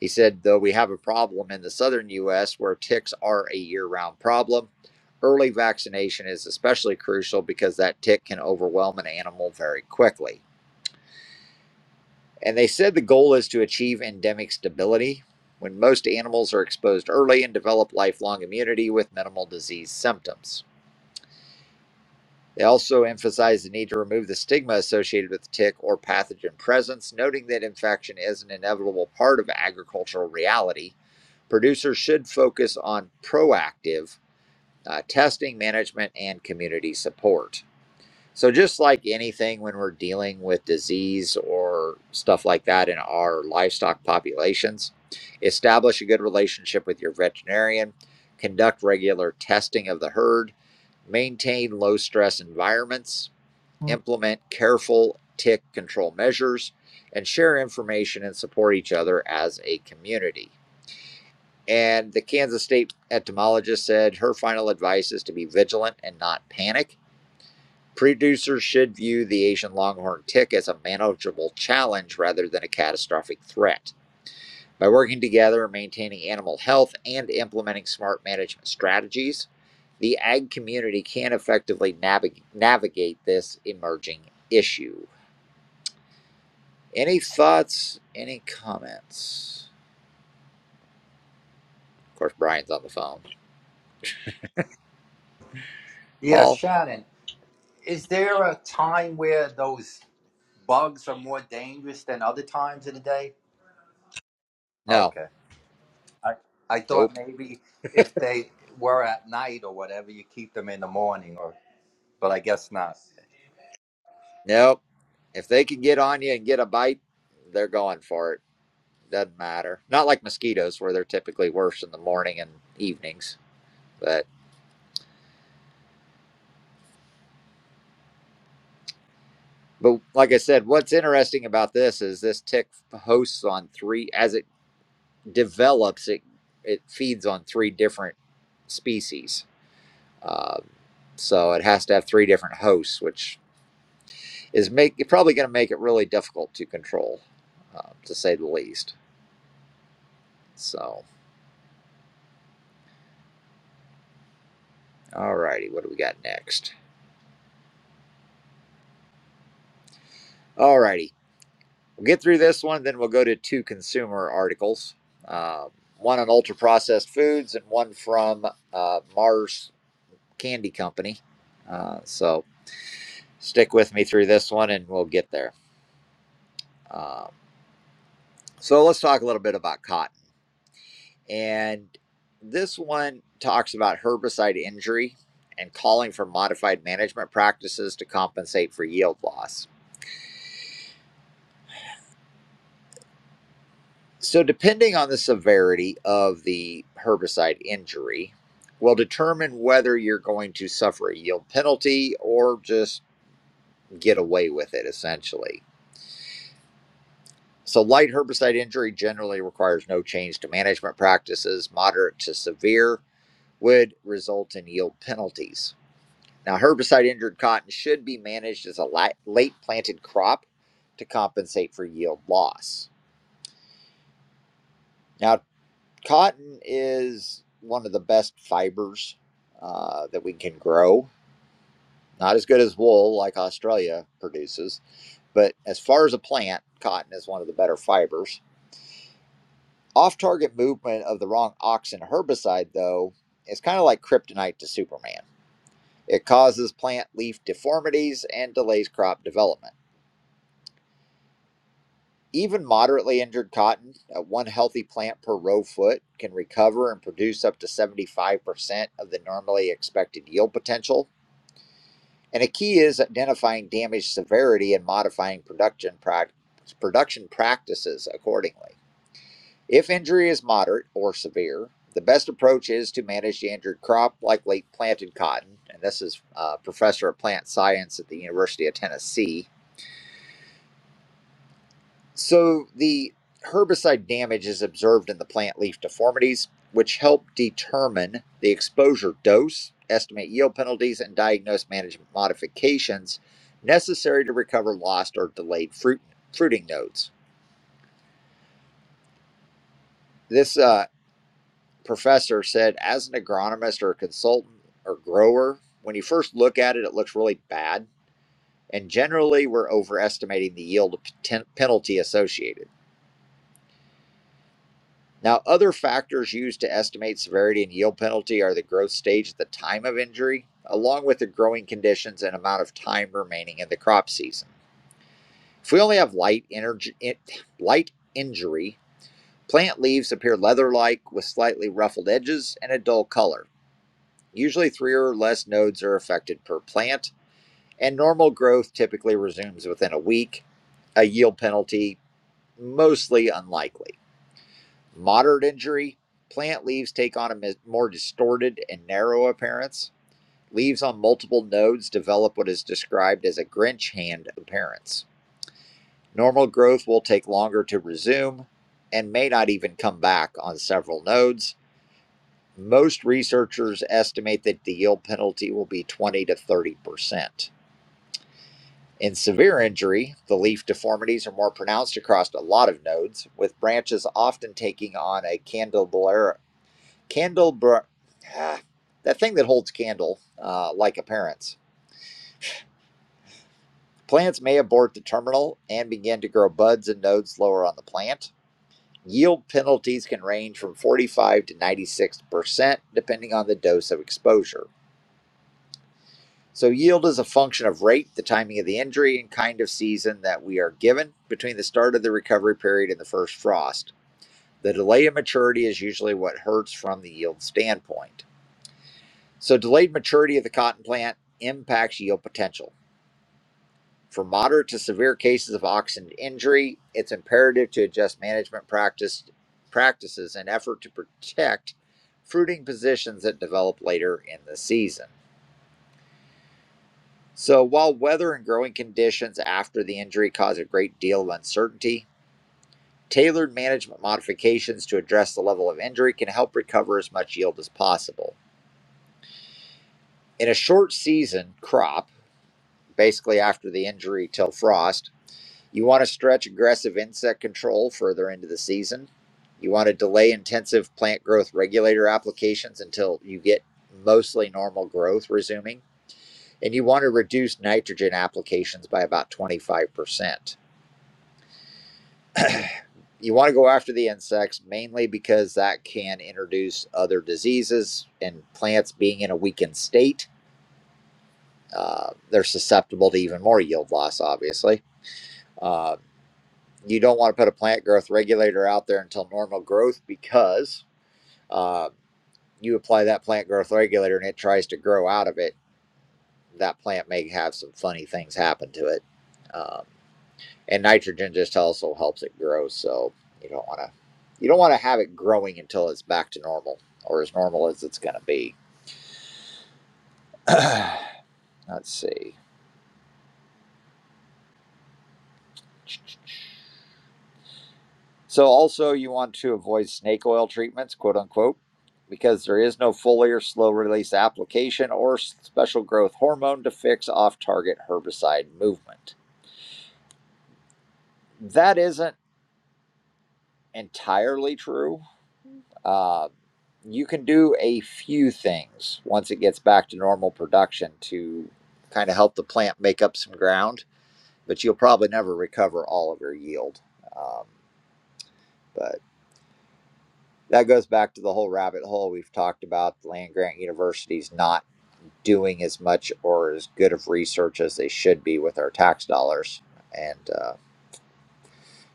He said, though we have a problem in the southern U.S. where ticks are a year round problem, early vaccination is especially crucial because that tick can overwhelm an animal very quickly. And they said the goal is to achieve endemic stability when most animals are exposed early and develop lifelong immunity with minimal disease symptoms. They also emphasized the need to remove the stigma associated with tick or pathogen presence, noting that infection is an inevitable part of agricultural reality Producers should focus on proactive uh, testing, management, and community support. So, just like anything when we're dealing with disease or stuff like that in our livestock populations, establish a good relationship with your veterinarian, conduct regular testing of the herd, maintain low stress environments, implement careful tick control measures, and share information and support each other as a community. And the Kansas State entomologist said her final advice is to be vigilant and not panic. Producers should view the Asian longhorn tick as a manageable challenge rather than a catastrophic threat. By working together, maintaining animal health, and implementing smart management strategies, the ag community can effectively navig- navigate this emerging issue. Any thoughts? Any comments? Of course, Brian's on the phone.
Yeah,
Paul?
Shannon, is there a time where those bugs are more dangerous than other times of the day?
No.
Okay. I I
Nope.
thought maybe if they were at night or whatever, you keep them in the morning or but I guess not.
Nope. If they can get on you and get a bite, they're going for it. Doesn't matter. Not like mosquitoes, where they're typically worse in the morning and evenings. But but like I said, what's interesting about this is this tick hosts on three. As it develops, it it feeds on three different species. Um, so it has to have three different hosts, which is make probably going to make it really difficult to control, uh, to say the least. So, all righty, what do we got next? All righty. We'll get through this one, then we'll go to two consumer articles um, one on ultra processed foods and one from uh, Mars Candy Company. Uh, so stick with me through this one and we'll get there. Um, so let's talk a little bit about cotton. And this one talks about herbicide injury and calling for modified management practices to compensate for yield loss. So, depending on the severity of the herbicide injury, will determine whether you're going to suffer a yield penalty or just get away with it, essentially. So, light herbicide injury generally requires no change to management practices. Moderate to severe would result in yield penalties. Now, herbicide injured cotton should be managed as a late planted crop to compensate for yield loss. Now, Cotton is one of the best fibers uh, that we can grow. Not as good as wool, like Australia produces, but as far as a plant, cotton is one of the better fibers. Off target movement of the wrong auxin herbicide, though, is kind of like kryptonite to Superman. It causes plant leaf deformities and delays crop development. Even moderately injured cotton, uh, one healthy plant per row foot, can recover and produce up to 75% of the normally expected yield potential And a key is identifying damage severity and modifying production prac- production practices accordingly. If injury is moderate or severe, the best approach is to manage the injured crop like late planted cotton. And this is uh, professor of plant science at the University of Tennessee. So the herbicide damage is observed in the plant leaf deformities, which help determine the exposure dose, estimate yield penalties, and diagnose management modifications necessary to recover lost or delayed fruit fruiting nodes. This uh, professor said, as an agronomist or a consultant or grower, when you first look at it, it looks really bad. And generally, we're overestimating the yield p- ten- penalty associated. Now, other factors used to estimate severity and yield penalty are the growth stage at the time of injury, along with the growing conditions and amount of time remaining in the crop season. If we only have light energy, light injury, plant leaves appear leather-like with slightly ruffled edges and a dull color. Usually, three or less nodes are affected per plant, and normal growth typically resumes within a week. A yield penalty mostly unlikely. Moderate injury, plant leaves take on a more distorted and narrow appearance. Leaves on multiple nodes develop what is described as a Grinch hand appearance. Normal growth will take longer to resume and may not even come back on several nodes. Most researchers estimate that the yield penalty will be 20 to 30 percent. In severe injury, the leaf deformities are more pronounced across a lot of nodes, with branches often taking on a candelabra Candle bur- ah, that thing that holds candle, uh, like appearance. Plants may abort the terminal and begin to grow buds and nodes lower on the plant. Yield penalties can range from 45 to 96%, depending on the dose of exposure. So, yield is a function of rate, the timing of the injury, and kind of season that we are given between the start of the recovery period and the first frost. The delay in maturity is usually what hurts from the yield standpoint. So, delayed maturity of the cotton plant impacts yield potential. For moderate to severe cases of oxidant injury, it's imperative to adjust management practice, practices in effort to protect fruiting positions that develop later in the season. So, while weather and growing conditions after the injury cause a great deal of uncertainty, tailored management modifications to address the level of injury can help recover as much yield as possible. In a short season crop, basically after the injury till frost, You want to stretch aggressive insect control further into the season. You want to delay intensive plant growth regulator applications until you get mostly normal growth resuming. And you want to reduce nitrogen applications by about 25%. You want to go after the insects mainly because that can introduce other diseases and plants being in a weakened state. Uh, they're susceptible to even more yield loss, obviously. Uh, you don't want to put a plant growth regulator out there until normal growth because uh, you apply that plant growth regulator and it tries to grow out of it. That plant may have some funny things happen to it, um, and nitrogen just also helps it grow. So you don't want to you don't want to have it growing until it's back to normal or as normal as it's going to be. Let's see. So, also, you want to avoid snake oil treatments, quote unquote, because there is no foliar slow release application or special growth hormone to fix off target herbicide movement. That isn't entirely true. Uh, you can do a few things once it gets back to normal production to kind of help the plant make up some ground, but you'll probably never recover all of your yield. Um, but that goes back to the whole rabbit hole we've talked about land grant universities not doing as much or as good of research as they should be with our tax dollars and uh,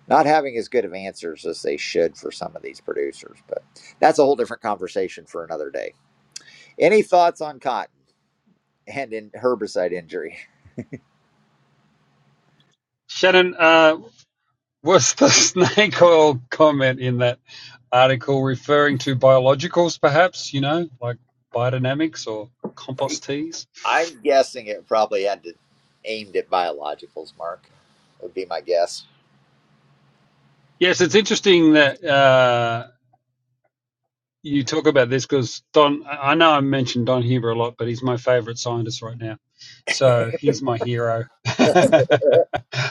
not having as good of answers as they should for some of these producers but that's a whole different conversation for another day any thoughts on cotton and in herbicide injury
Shannon, uh, Was the snake oil comment in that article referring to biologicals, perhaps, you know, like biodynamics or compost teas?
i'm guessing it probably had to aimed at biologicals mark would be my guess
Yes, it's interesting that uh, you talk about this because Don, I know I mentioned Don Huber a lot, but he's my favorite scientist right now. So he's my hero.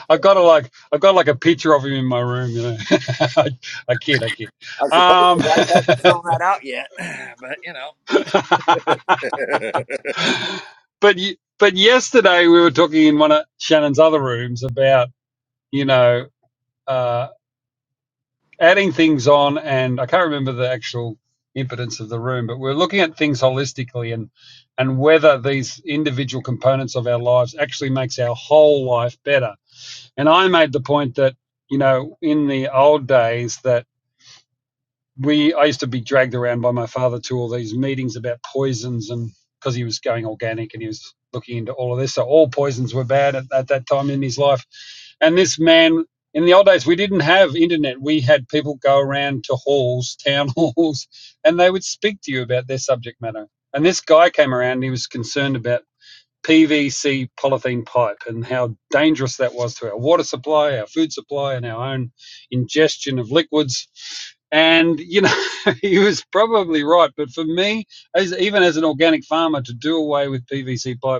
I've got a, like I've got like a picture of him in my room, you know. I, I kid, I kid.
i'm surprised the
Um,
wife hasn't thrown that out yet but you know
but but yesterday we were talking in one of Shannon's other rooms about you know uh, adding things on, and I can't remember the actual impotence of the room, but we're looking at things holistically and and whether these individual components of our lives actually makes our whole life better. And I made the point that you know in the old days that we I used to be dragged around by my father to all these meetings about poisons and because he was going organic and he was looking into all of this. So all poisons were bad at, at that time in his life. And this man in the old days we didn't have internet. We had people go around to halls, town halls, and they would speak to you about their subject matter. And this guy came around and he was concerned about PVC polythene pipe and how dangerous that was to our water supply, our food supply, and our own ingestion of liquids. And, you know, he was probably right. But for me, as, even as an organic farmer, to do away with PVC pipe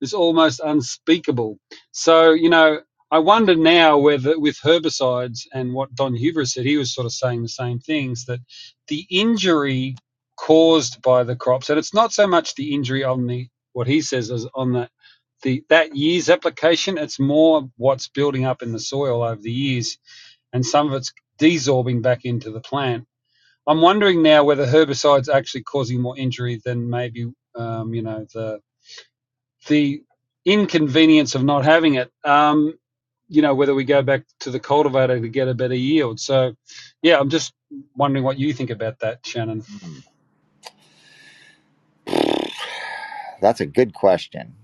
is almost unspeakable. So, you know, I wonder now whether with herbicides and what Don Huber said, he was sort of saying the same things that the injury caused by the crops, and it's not so much the injury on the what he says is on the the that year's application, it's more what's building up in the soil over the years, and some of it's desorbing back into the plant. I'm wondering now whether herbicides are actually causing more injury than maybe um, you know the the inconvenience of not having it. Um, you know whether we go back to the cultivator to get a better yield. So, yeah, I'm just wondering what you think about that, Shannon.
Hmm. That's a good question.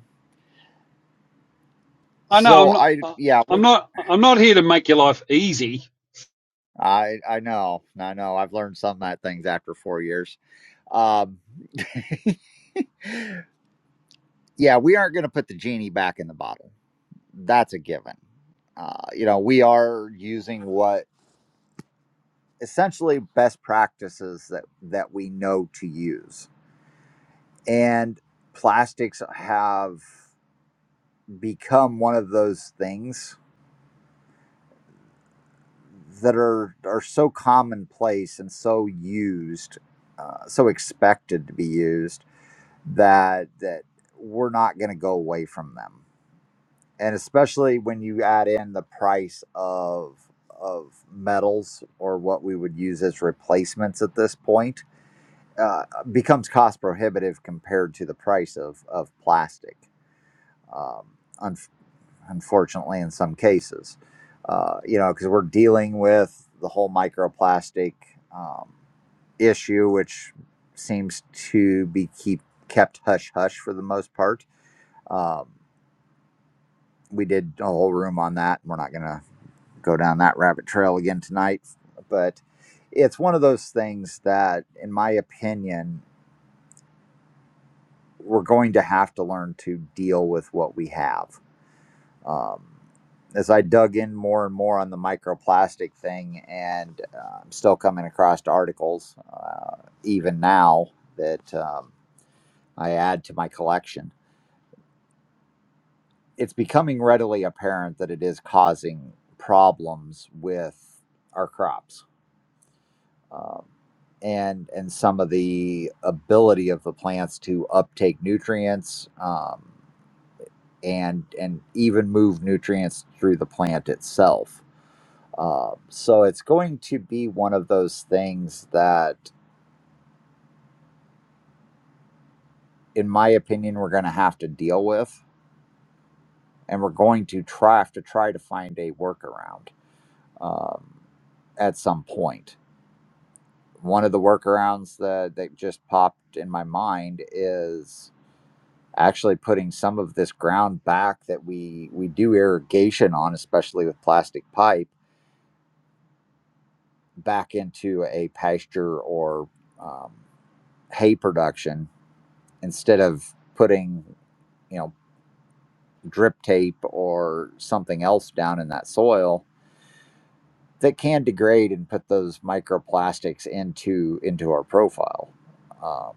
I know
So
I'm not.
I
uh,
yeah,
I'm
we-
not. I'm not here to make your life easy.
I I know. I know. I've learned some of that things after 4 years. Um yeah, we aren't going to put the genie back in the bottle. That's a given. Uh, you know, we are using what essentially best practices that that we know to use, and plastics have become one of those things that are are so commonplace and so used, uh, so expected to be used that that we're not going to go away from them. And especially when you add in the price of of metals or what we would use as replacements at this point uh, becomes cost prohibitive compared to the price of of plastic. Um, un- unfortunately, in some cases. Uh, you know, because we're dealing with the whole microplastic um, issue, which seems to be keep kept hush hush for the most part. Um, we did a whole room on that. We're not going to go down that rabbit trail again tonight, but it's one of those things that, in my opinion, we're going to have to learn to deal with what we have Um, as I dug in more and more on the microplastic thing, and uh, I'm still coming across articles, uh, even now, that um, I add to my collection, it's becoming readily apparent that it is causing problems with our crops. Um, and, and some of the ability of the plants to uptake nutrients um, and and even move nutrients through the plant itself Um, so it's going to be one of those things that, in my opinion, we're going to have to deal with, and we're going to try have to try to find a workaround um, at some point. One of the workarounds that that just popped in my mind is actually putting some of this ground back that we we do irrigation on, especially with plastic pipe, back into a pasture or um, hay production instead of putting you know, drip tape or something else down in that soil that can degrade and put those microplastics into into our profile. Um,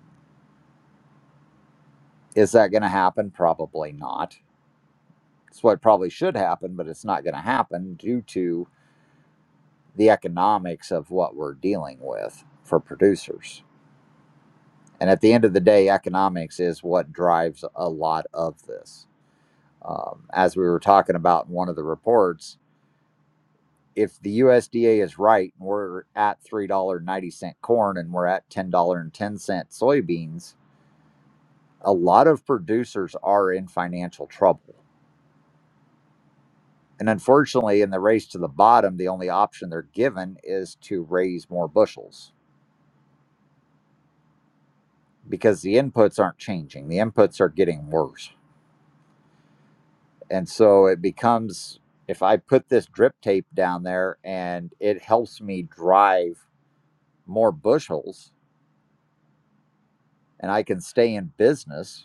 is that going to happen? Probably not. It's what probably should happen, but it's not going to happen due to the economics of what we're dealing with for producers. And at the end of the day, economics is what drives a lot of this. Um, as we were talking about in one of the reports, if the USDA is right, and we're at $3.90 corn and we're at $10.10 soybeans, a lot of producers are in financial trouble. And unfortunately, in the race to the bottom, the only option they're given is to raise more bushels because the inputs aren't changing. The inputs are getting worse. And so it becomes if I put this drip tape down there and it helps me drive more bushels and I can stay in business,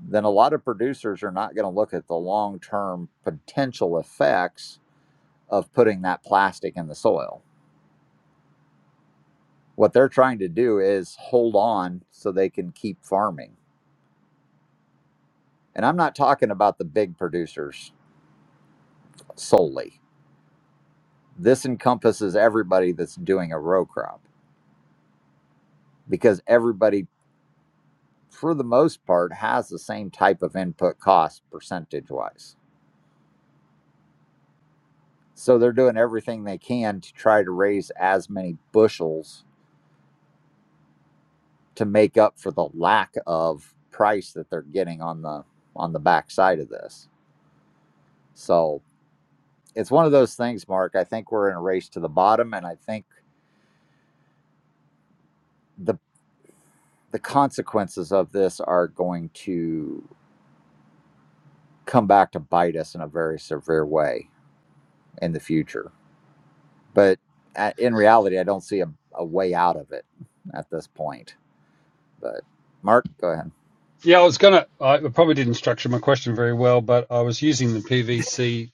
then a lot of producers are not going to look at the long term potential effects of putting that plastic in the soil. What they're trying to do is hold on so they can keep farming. And I'm not talking about the big producers solely. This encompasses everybody that's doing a row crop because everybody, for the most part, has the same type of input cost percentage wise. So they're doing everything they can to try to raise as many bushels to make up for the lack of price that they're getting on the on the backside of this. So it's one of those things, Mark. I think we're in a race to the bottom, and I think the the consequences of this are going to come back to bite us in a very severe way in the future. But uh, in reality, I don't see a, a way out of it at this point. But Mark, go ahead.
Yeah, I was gonna. I probably didn't structure my question very well, but I was using the PVC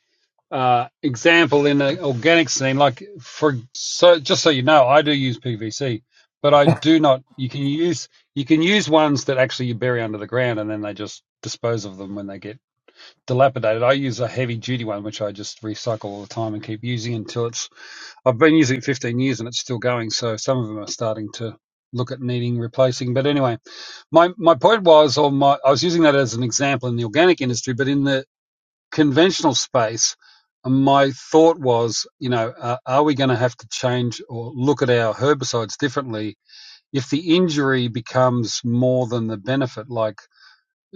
uh, example in an organic scene, like for so just so you know, I do use PVC, but I do not. You can use you can use ones that actually you bury under the ground and then they just dispose of them when they get dilapidated. I use a heavy duty one which I just recycle all the time and keep using until it's. I've been using it 15 years and it's still going, so some of them are starting to look at needing replacing but anyway my my point was or my i was using that as an example in the organic industry but in the conventional space, my thought was, you know, uh, are we going to have to change or look at our herbicides differently if the injury becomes more than the benefit? Like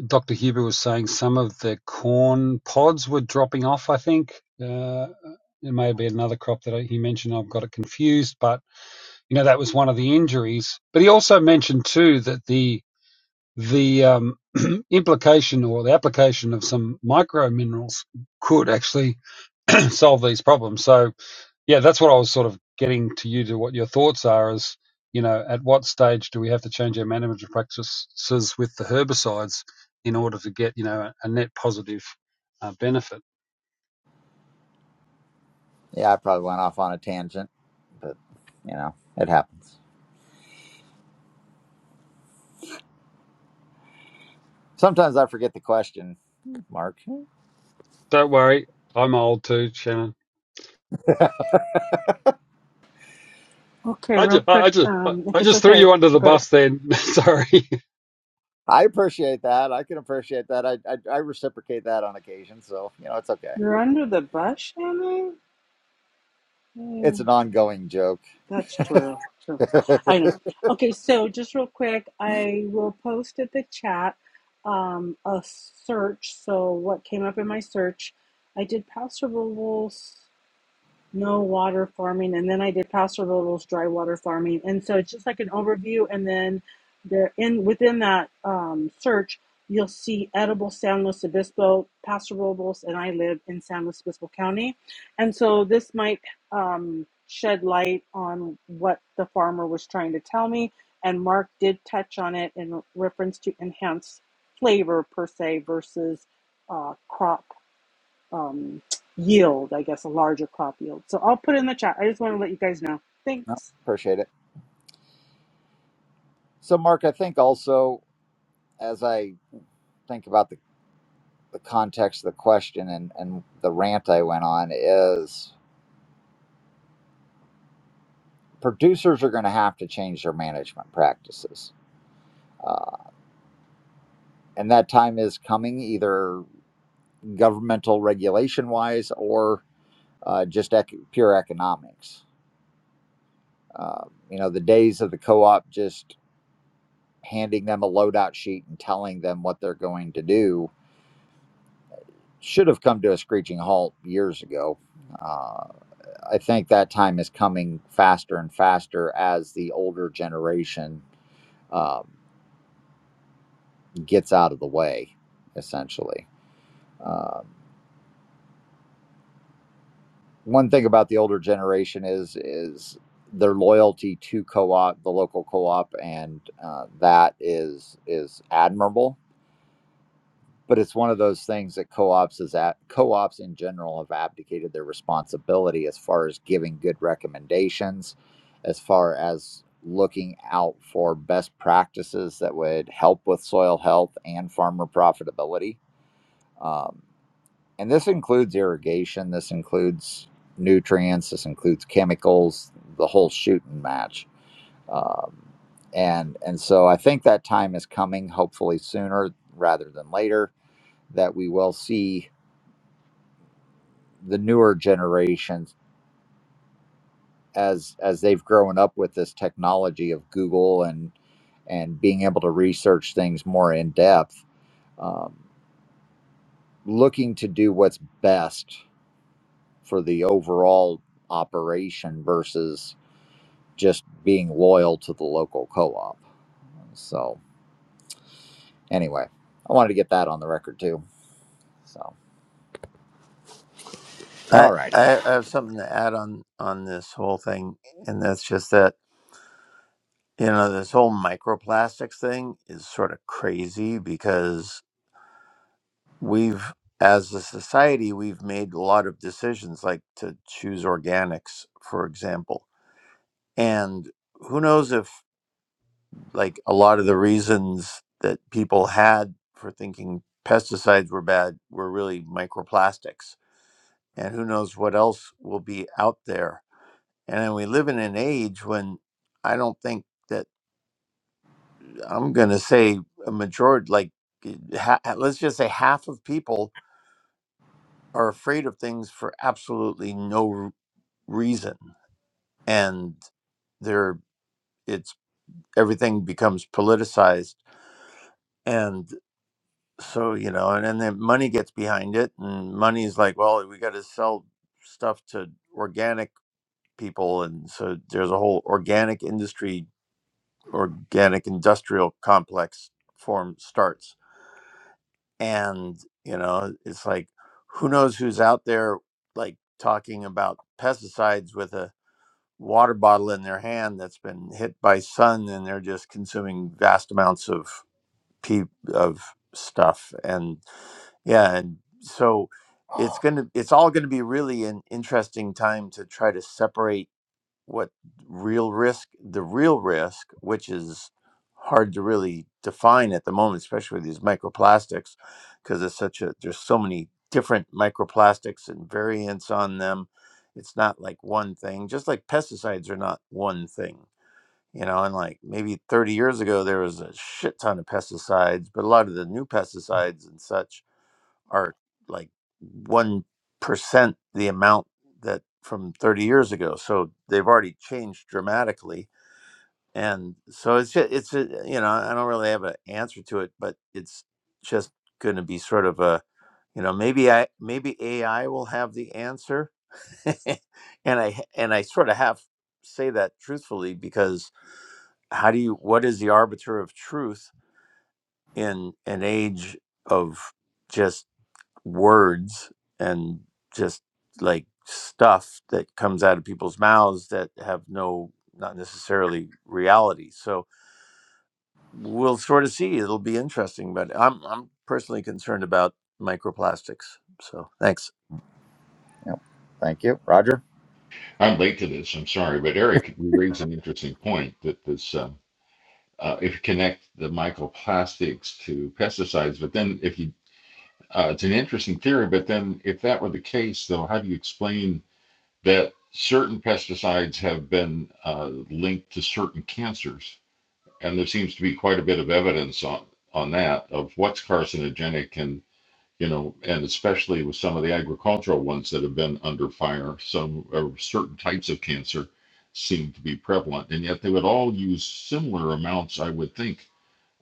Dr. Huber was saying, some of the corn pods were dropping off, I think. Uh, it may be another crop that he mentioned. I've got it confused, but you know that was one of the injuries. But he also mentioned too that the the um, implication or the application of some micro minerals could actually solve these problems. So yeah, that's what I was sort of getting to you to what your thoughts are is, you know, at what stage do we have to change our management practices with the herbicides in order to get, you know, a net positive uh, benefit?
Yeah, I probably went off on a tangent, but you know, it happens. Sometimes I forget the question, Mark.
Don't worry, I'm old too, Shannon.
Okay,
I
real
just,
quick.
I just,
Um, if
I
it's
just threw
okay,
you under the
go ahead.
bus then. Sorry.
I appreciate that. I can appreciate that. I, I I reciprocate that on occasion, so you know it's okay.
You're under the bus, Shannon.
It's
Mm,
an ongoing joke.
that's true. True. I know. Okay, so just real quick, I will post at the chat um, a search. So what came up in my search? I did Pastor Rules no water farming and then i did pastoral rural's dry water farming and so it's just like an overview and then there in within that um, search you'll see edible san luis obispo pastoral rural's and i live in san luis obispo county and so this might um, shed light on what the farmer was trying to tell me and mark did touch on it in reference to enhanced flavor per se versus uh, crop um, yield, I guess, a larger crop yield. So I'll put it in the chat. I just want to let you guys know.
No,
Thanks.
appreciate it. So, Mark, I think also as I think about the, the context of the question and, and the rant I went on is producers are going to have to change their management practices. Uh, and that time is coming either governmental regulation wise or uh, just ec- pure economics. Um, you know, the days of the co op just handing them a loadout sheet and telling them what they're going to do should have come to a screeching halt years ago. Uh, I think that time is coming faster and faster as the older generation um, gets out of the way, essentially. Um, one thing about the older generation is is their loyalty to co-op, the local co-op, and uh, that is is admirable but it's one of those things that co-ops is at co-ops in general have abdicated their responsibility as far as giving good recommendations as far as looking out for best practices that would help with soil health and farmer profitability um, and this includes irrigation this includes nutrients this includes chemicals the whole shoot and match um, and and so i think that time is coming hopefully sooner rather than later that we will see the newer generations as as they've grown up with this technology of Google and and being able to research things more in depth, um, looking to do what's best for the overall operation versus just being loyal to the local co-op. So anyway, I wanted to get that on the record too. So all
I,
righty,
I I have something to add on on this whole thing, and that's just that you know this whole microplastics thing is sort of crazy because we've as a society we've made a lot of decisions like to choose organics for example and who knows if like a lot of the reasons that people had for thinking pesticides were bad were really microplastics and who knows what else will be out there And we live in an age when I don't think that I'm going to say a majority, like eh, ha- let's just say half of people are afraid of things for absolutely no r- reason, and they're it's everything becomes politicized, and so you know, and, and then money gets behind it, and money is like, well, we got to sell stuff to organic people, and so there's a whole organic industry organic industrial complex form starts and you know it's like who knows who's out there like talking about pesticides with a water bottle in their hand that's been hit by sun and they're just consuming vast amounts of pee of stuff and yeah and so it's going to it's all going to be really an interesting time to try to separate what real risk the real risk which is hard to really define at the moment especially with these microplastics because it's such a there's so many different microplastics and variants on them it's not like one thing just like pesticides are not one thing you know and like maybe 30 years ago there was a shit ton of pesticides but a lot of the new pesticides and such are like 1% the amount that from 30 years ago. So they've already changed dramatically. And so it's just, it's, a, you know, I don't really have an answer to it, but it's just going to be sort of a, you know, maybe I, maybe AI will have the answer. and I, and I sort of have say that truthfully because how do you, what is the arbiter of truth in an age of just words and just like stuff that comes out of people's mouths that have no not necessarily reality so we'll sort of see it'll be interesting but i'm i'm personally concerned about microplastics so thanks
yep. thank you, Roger.
I'm late to this. I'm sorry, but Eric, you raised an interesting point that this, um, uh, if you connect the microplastics to pesticides, but then if you, uh, it's an interesting theory, but then if that were the case, though, how do you explain that certain pesticides have been uh, linked to certain cancers? And there seems to be quite a bit of evidence on on that of what's carcinogenic and you know, and especially with some of the agricultural ones that have been under fire, some uh, certain types of cancer seem to be prevalent, and yet they would all use similar amounts, I would think,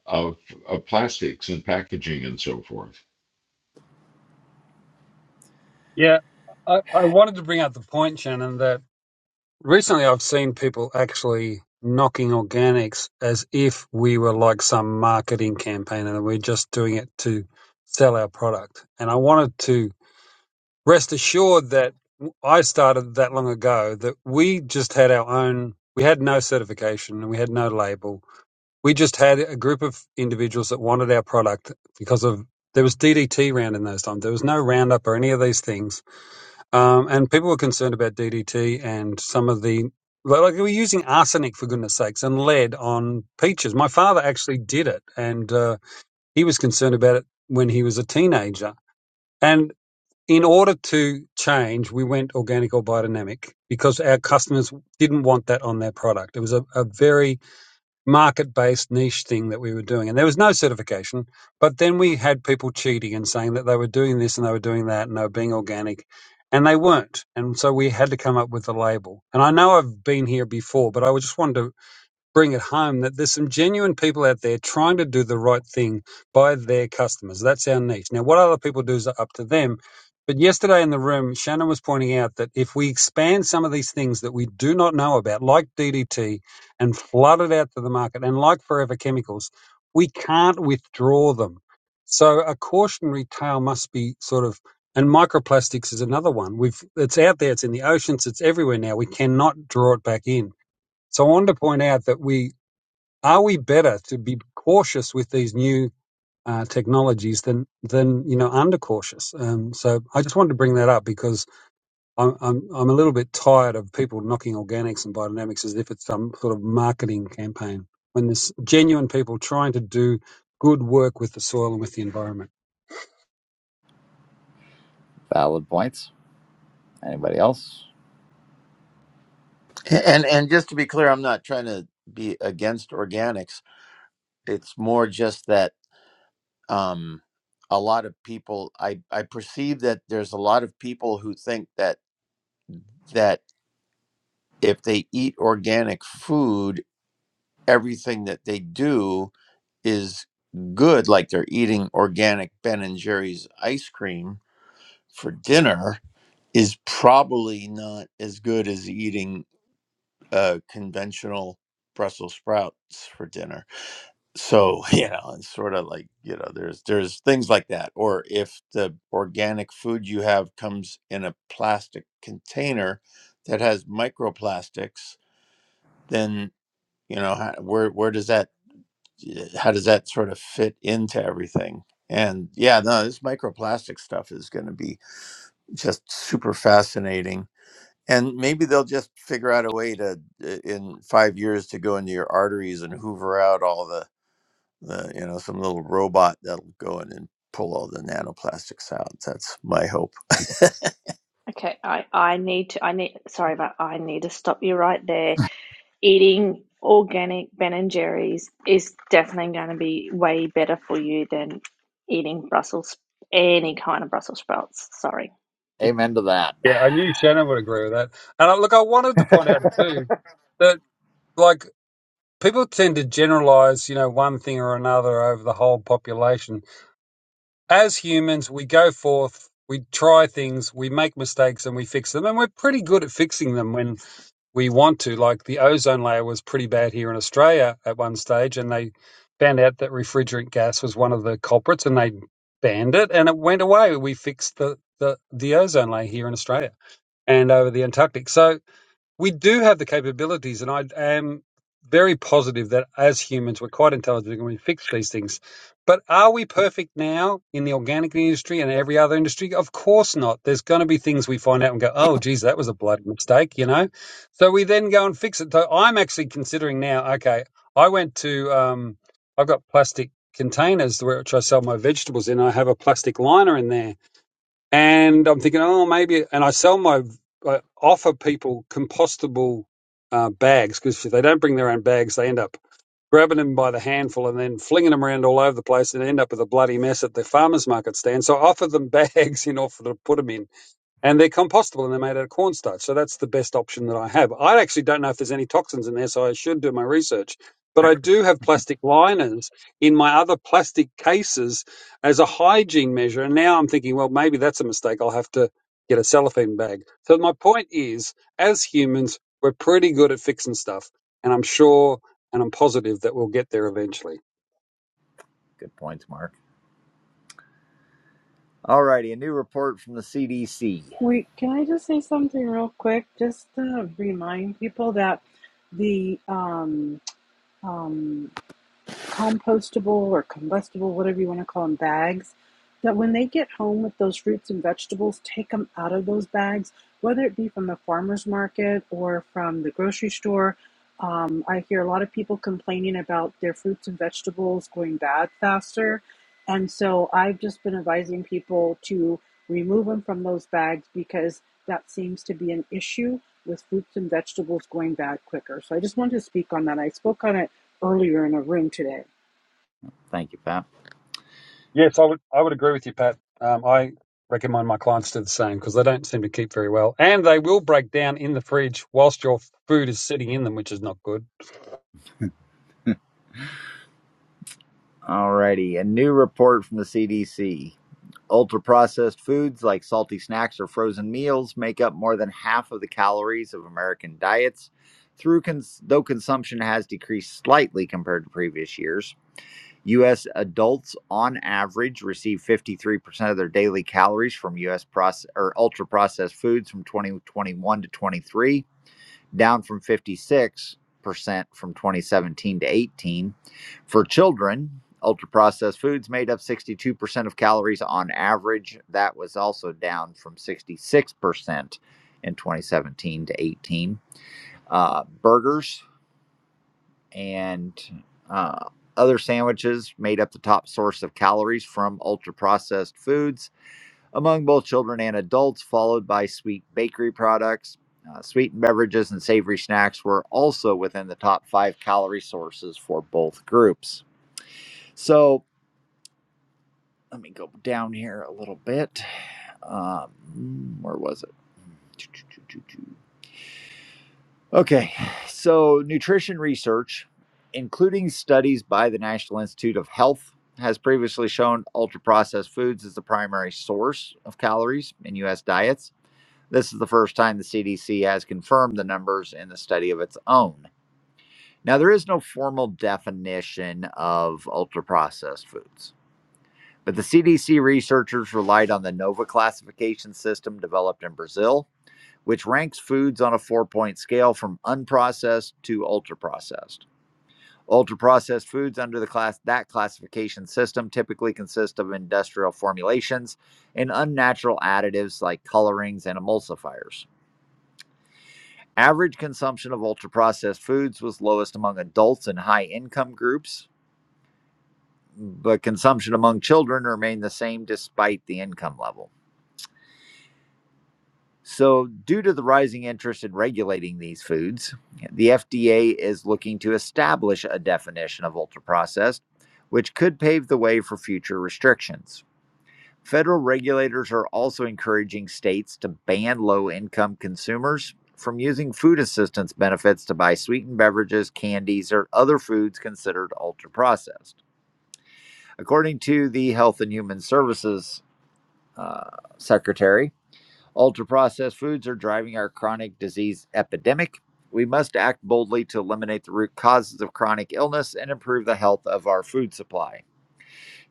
of, of plastics and packaging and so forth.
Yeah, I, I wanted to bring up the point, Shannon, that Recently, I've seen people actually knocking organics as if we were like some marketing campaign and we're just doing it to sell our product. And I wanted to rest assured that I started that long ago that we just had our own, we had no certification and we had no label. We just had a group of individuals that wanted our product because of there was DDT round in those times. There was no Roundup or any of these things um, and people were concerned about DDT and some of the like like they were using arsenic for goodness sakes and lead on peaches. My father actually did it, and uh, he was concerned about it when he was a teenager. And in order to change, we went organic or biodynamic because our customers didn't want that on their product. It was a, a very market based niche thing that we were doing. And there was no certification, but then we had people cheating and saying that they were doing this and they were doing that and they were being organic and they weren't. And so we had to come up with a label. And I know I've been here before, but I just wanted to bring it home that there's some genuine people out there trying to do the right thing by their customers. That's our niche. Now, what other people do is up to them. But yesterday in the room, Shannon was pointing out that if we expand some of these things that we do not know about, like DDT, and flood it out to the market, and like forever chemicals, we can't withdraw them. So a cautionary tale must be sort of, and microplastics is another one. We've it's out there, it's in the oceans, it's everywhere now. We cannot draw it back in. So I wanted to point out that we are we better to be cautious with these new uh, technologies than than you know under cautious? Um, so I just wanted to bring that up because I'm, I'm I'm a little bit tired of people knocking organics and biodynamics as if it's some sort of marketing campaign when there's genuine people trying to do good work with the soil and with the environment.
Valid points. Anybody else?
and and just to be clear i'm not trying to be against organics it's more just that um a lot of people i i perceive that there's a lot of people who think that that if they eat organic food everything that they do is good like they're eating organic ben and jerry's ice cream for dinner is probably not as good as eating uh, conventional brussels sprouts for dinner so you know it's sort of like you know there's there's things like that or if the organic food you have comes in a plastic container that has microplastics then you know how, where where does that how does that sort of fit into everything? And yeah, no, this microplastic stuff is going to be just super fascinating. And maybe they'll just figure out a way to, uh, in five years, to go into your arteries and hoover out all the, the you know, some little robot that'll go in and pull all the nanoplastics out. That's my hope.
Okay, I, I need to I need sorry, but I need to stop you right there. Eating organic Ben and Jerry's is definitely going to be way better for you than eating Brussels any kind of Brussels sprouts. Sorry.
Amen to
Yeah, I
that.
knew Shannon would agree with that. And I, look, I wanted to point out too that like people tend to generalize, you know, one thing or another over the whole population As humans, we go forth, we try things, we make mistakes, and we fix them. And we're pretty good at fixing them when we want to. Like the ozone layer was pretty bad here in Australia at one stage, and they found out that refrigerant gas was one of the culprits, and they banned it, and it went away. We fixed the the, the ozone layer here in Australia and over the Antarctic. So we do have the capabilities, and I am very positive that as humans we're quite intelligent and we fix these things. But are we perfect now in the organic industry and every other industry? Of course not. There's going to be things we find out and go, oh, geez, that was a bloody mistake, you know? So we then go and fix it. So I'm actually considering now, okay, I went to, um, I've got plastic containers which I sell my vegetables in. I have a plastic liner in there and I'm thinking, oh, maybe. And I sell my, I offer people compostable uh, bags because if they don't bring their own bags, they end up grabbing them by the handful and then flinging them around all over the place and end up with a bloody mess at the farmers market stand. So I offer them bags, you know, for to put them in and they're compostable and they're made out of cornstarch. So that's the best option that I have. I actually don't know if there's any toxins in there, so I should do my research. But I do have plastic liners in my other plastic cases as a hygiene measure. And now I'm thinking, well, maybe that's a mistake. I'll have to get a cellophane bag. So my point is, as humans, we're pretty good at fixing stuff. And I'm sure and I'm positive that we'll get there eventually.
Good points, Mark. Alrighty, a new report from the CDC.
Wait, can I just say something real quick? Just to remind people that the um, um, compostable or combustible, whatever you want to call them, bags, that when they get home with those fruits and vegetables, take them out of those bags, whether it be from the farmer's market or from the grocery store. Um, I hear a lot of people complaining about their fruits and vegetables going bad faster. And so I've just been advising people to remove them from those bags because that seems to be an issue with fruits and vegetables going bad quicker. So I just wanted to speak on that. I spoke on it earlier in a room today.
Thank you, Pat.
Yes, I would. I would agree with you, Pat. Um, I recommend my clients do the same because they don't seem to keep very well, and they will break down in the fridge whilst your food is sitting in them, which is not good.
Alrighty, a new report from the CDC. Ultra processed foods like salty snacks or frozen meals make up more than half of the calories of American diets, through cons- though consumption has decreased slightly compared to previous years. U.S. adults, on average, receive 53% of their daily calories from U.S. Proce- or ultra processed foods from 2021 to 23 down from 56% from 2017 to 18. For children, ultra processed foods made up 62% of calories on average. That was also down from 66% in 2017 to 18. Uh, burgers and uh, other sandwiches made up the top source of calories from ultra processed foods among both children and adults, followed by sweet bakery products. Uh, sweet beverages and savory snacks were also within the top five calorie sources for both groups. So let me go down here a little bit. Um, where was it? Okay, so nutrition research, including studies by the National Institute of Health, has previously shown ultra processed foods as the primary source of calories in U.S. diets This is the first time the CDC has confirmed the numbers in the study of its own. Now, there is no formal definition of ultra processed foods, but the CDC researchers relied on the NOVA classification system developed in Brazil, which ranks foods on a four point scale from unprocessed to ultra processed. Ultra processed foods under the class that classification system typically consist of industrial formulations and unnatural additives like colorings and emulsifiers. Average consumption of ultra processed foods was lowest among adults and high income groups, but consumption among children remained the same despite the income level. So, due to the rising interest in regulating these foods, the FDA is looking to establish a definition of ultra processed, which could pave the way for future restrictions. Federal regulators are also encouraging states to ban low income consumers from using food assistance benefits to buy sweetened beverages, candies, or other foods considered ultra processed. According to the Health and Human Services uh, Secretary, ultra processed foods are driving our chronic disease epidemic. We must act boldly to eliminate the root causes of chronic illness and improve the health of our food supply.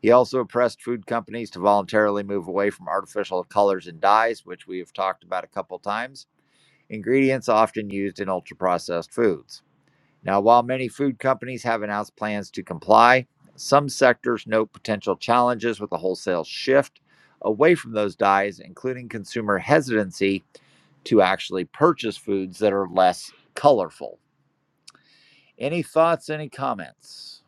He also pressed food companies to voluntarily move away from artificial colors and dyes, which we have talked about a couple times, ingredients often used in ultra processed foods. Now, while many food companies have announced plans to comply, some sectors note potential challenges with a wholesale shift away from those dyes, including consumer hesitancy to actually purchase foods that are less colorful. Any thoughts, any comments?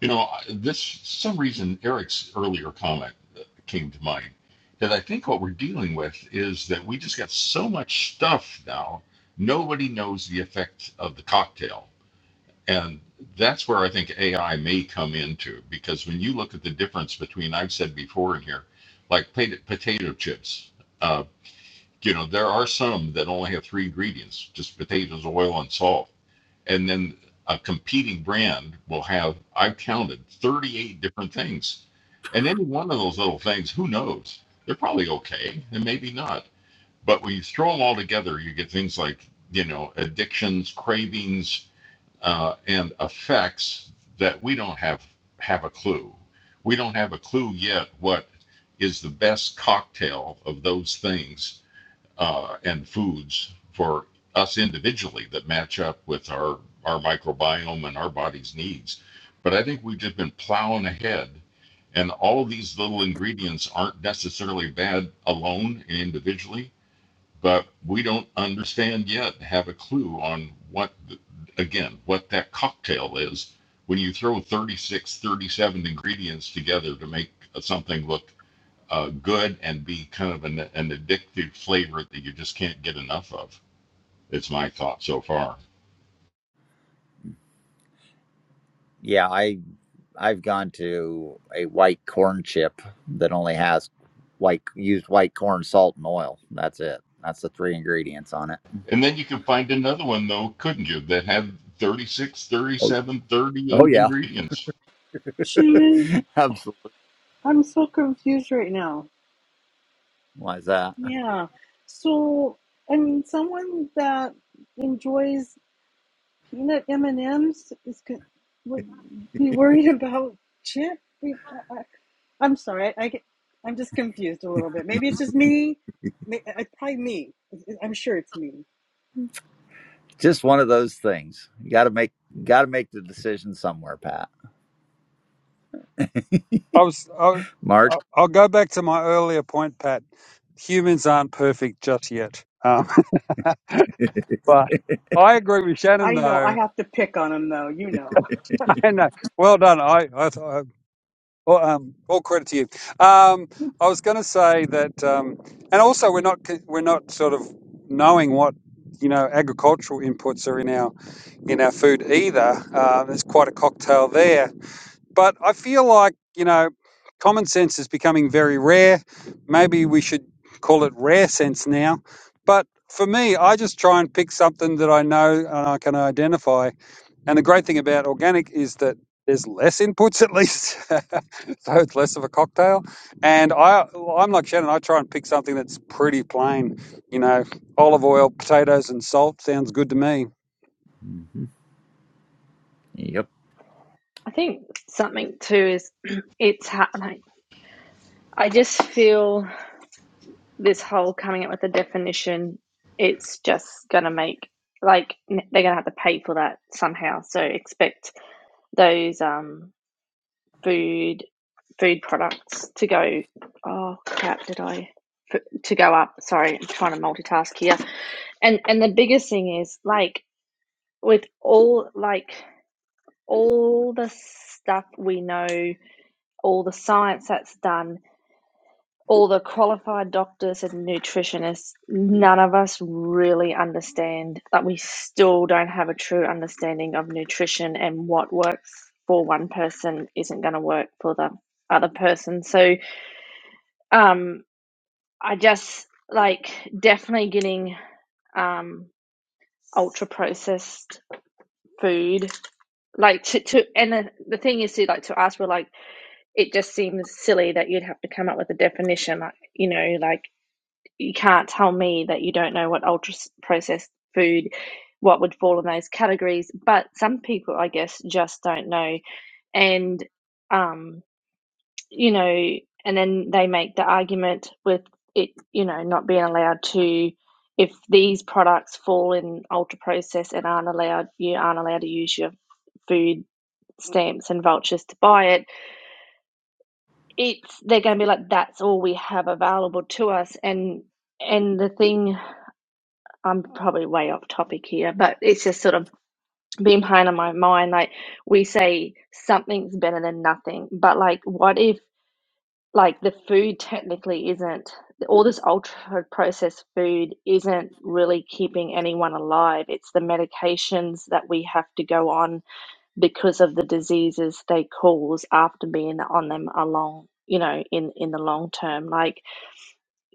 You know, I- this some reason Eric's earlier comment uh, came to mind that I think what we're dealing with is that we just got so much stuff now, nobody knows the effect of the cocktail And that's where I think AI may come into because when you look at the difference between, I've said before in here, like pota- potato chips, uh, you know, there are some that only have three ingredients just potatoes, oil, and salt. And then a competing brand will have, I've counted 38 different things. And any one of those little things, who knows? They're probably okay and maybe not. But when you throw them all together, you get things like, you know, addictions, cravings, uh, and effects that we don't have have a clue. We don't have a clue yet what is the best cocktail of those things uh, and foods for us individually that match up with our our microbiome and our body's needs. But I think we've just been plowing ahead, and all of these little ingredients aren't necessarily bad alone and individually but we don't understand yet, have a clue on what, again, what that cocktail is when you throw 36, 37 ingredients together to make something look uh, good and be kind of an, an addictive flavor that you just can't get enough of. It's my thought so far.
Yeah, I I've gone to a white corn chip that only has white used white corn, salt, and oil. That's it. That's the three ingredients on it.
And then you can find another one, though, couldn't you, that had 36,
Oh,
thirty-seven,
oh
thirty-eight
yeah,
ingredients?
Shannon,
absolutely.
I'm so confused right now.
Why is that?
Yeah. So, I mean, someone that enjoys peanut M and M's is co- would be worried about chip. I, I, I'm sorry. I get. I'm just confused a little bit. Maybe it's just me. May- It's probably me. It's- I'm sure it's me.
Just one of those things. You got to make got to make the decision somewhere, Pat.
I was. I,
Mark.
I- I'll go back to my earlier point, Pat. Humans aren't perfect just yet, um, but I agree with Shannon
I know. I
though.
have to pick on him though. You know.
And uh, well done. I, I, I well, um, all credit to you. Um, I was going to say that, um, and also we're not c- we're not sort of knowing what you know agricultural inputs are in our in our food either. Uh, there's quite a cocktail there. But I feel like you know common sense is becoming very rare. Maybe we should call it rare sense now. But for me, I just try and pick something that I know and I can identify and the great thing about organic is that there's less inputs at least, so it's less of a cocktail. And I, I'm like Shannon. I try and pick something that's pretty plain. You know, olive oil, potatoes, and salt sounds good to me.
hmm Yep.
I think something too is it's happening. I just feel this whole coming up with a definition. It's just going to make like n- they're going to have to pay for that somehow. So expect those. Um, food food products to go. Oh crap! Did I to go up? Sorry, I'm trying to multitask here. And and the biggest thing is like with all like all the stuff we know, all the science that's done, all the qualified doctors and nutritionists, none of us really understand that we still don't have a true understanding of nutrition and what works for one person isn't going to work for the other person. So Um, I just like definitely getting um ultra processed food. Like to, to and the, the thing is to like to us we're like it just seems silly that you'd have to come up with a definition like you know like you can't tell me that you don't know what ultra s- processed food what would fall in those categories but some people I guess just don't know and um. you know, and then they make the argument with it, you know, not being allowed to, if these products fall in ultra processed and aren't allowed, you aren't allowed to use your food stamps and vouchers to buy it. It's they're going to be like, that's all we have available to us, and and the thing I'm probably way off topic here, but it's just sort of been playing on my mind. Like we say something's better than nothing, but like what if? like the food technically isn't all this ultra processed food isn't really keeping anyone alive. It's the medications that we have to go on because of the diseases they cause after being on them along, you know, in in the long term. Like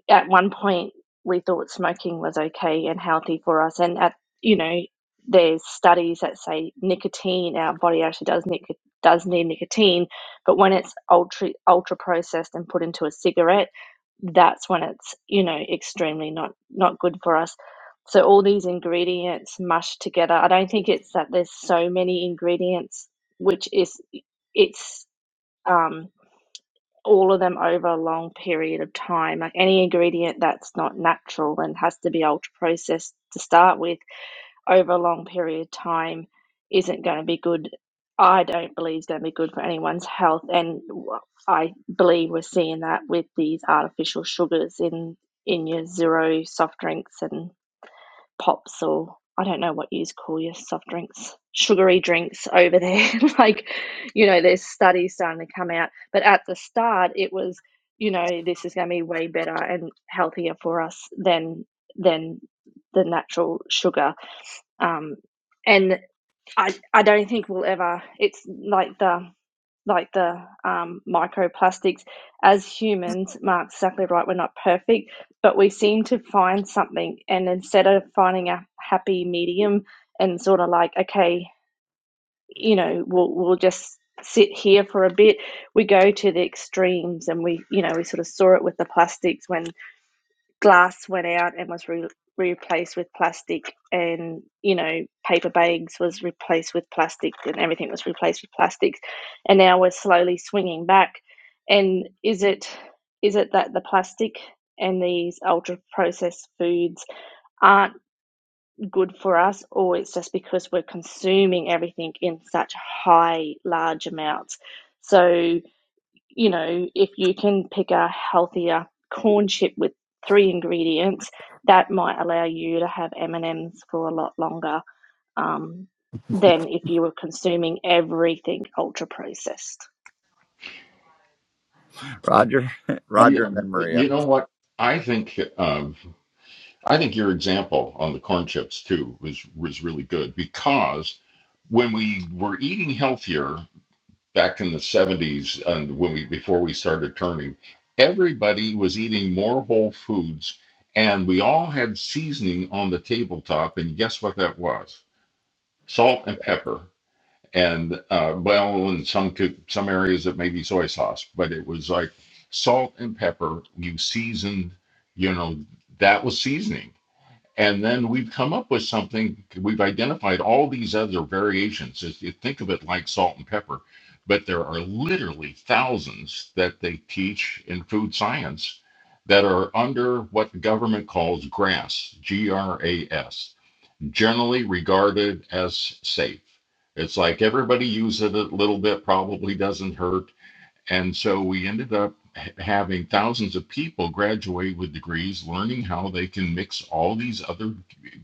at one point we thought smoking was okay and healthy for us and at you know there's studies that say nicotine our body actually does nic- does need nicotine but when it's ultra ultra processed and put into a cigarette that's when it's you know extremely not not good for us so all these ingredients mushed together i don't think it's that there's so many ingredients which is it's um all of them over a long period of time. Like any ingredient that's not natural and has to be ultra processed to start with over a long period of time isn't going to be good. I don't believe is going to be good for anyone's health, and w- I believe we're seeing that with these artificial sugars in in your zero soft drinks and pops or I don't know what you call your soft drinks, sugary drinks over there. like, you know, there's studies starting to come out. But at the start, it was, you know, this is going to be way better and healthier for us than than the natural sugar. Um, and I I don't think we'll ever. It's like the like the um, microplastics as humans mark's exactly right we're not perfect but we seem to find something and instead of finding a happy medium and sort of like okay you know we'll, we'll just sit here for a bit we go to the extremes and we you know we sort of saw it with the plastics when glass went out and was re- replaced with plastic and you know paper bags was replaced with plastic and everything was replaced with plastics and now we're slowly swinging back and is it is it that the plastic and these ultra processed foods aren't good for us or it's just because we're consuming everything in such high large amounts so you know, if you can pick a healthier corn chip with three ingredients, that might allow you to have M and M's for a lot longer um, than if you were consuming everything ultra processed.
Roger.
Uh,
Roger, and
You,
then Maria.
you know what? I think of. I think your example on the corn chips too was was really good because when we were eating healthier back in the 70s and when we before we started turning, everybody was eating more whole foods and we all had seasoning on the tabletop and guess what that was? Salt and pepper. And uh, well, in some co- some areas it may be soy sauce, but it was like salt and pepper. You seasoned, you know, that was seasoning and then we've come up with something. We've identified all these other variations. If you think of it like salt and pepper, but there are literally thousands that they teach in food science that are under what the government calls GRAS, G R A S, generally regarded as safe. It's like everybody uses it a little bit, probably doesn't hurt and so we ended up having thousands of people graduate with degrees, learning how they can mix all these other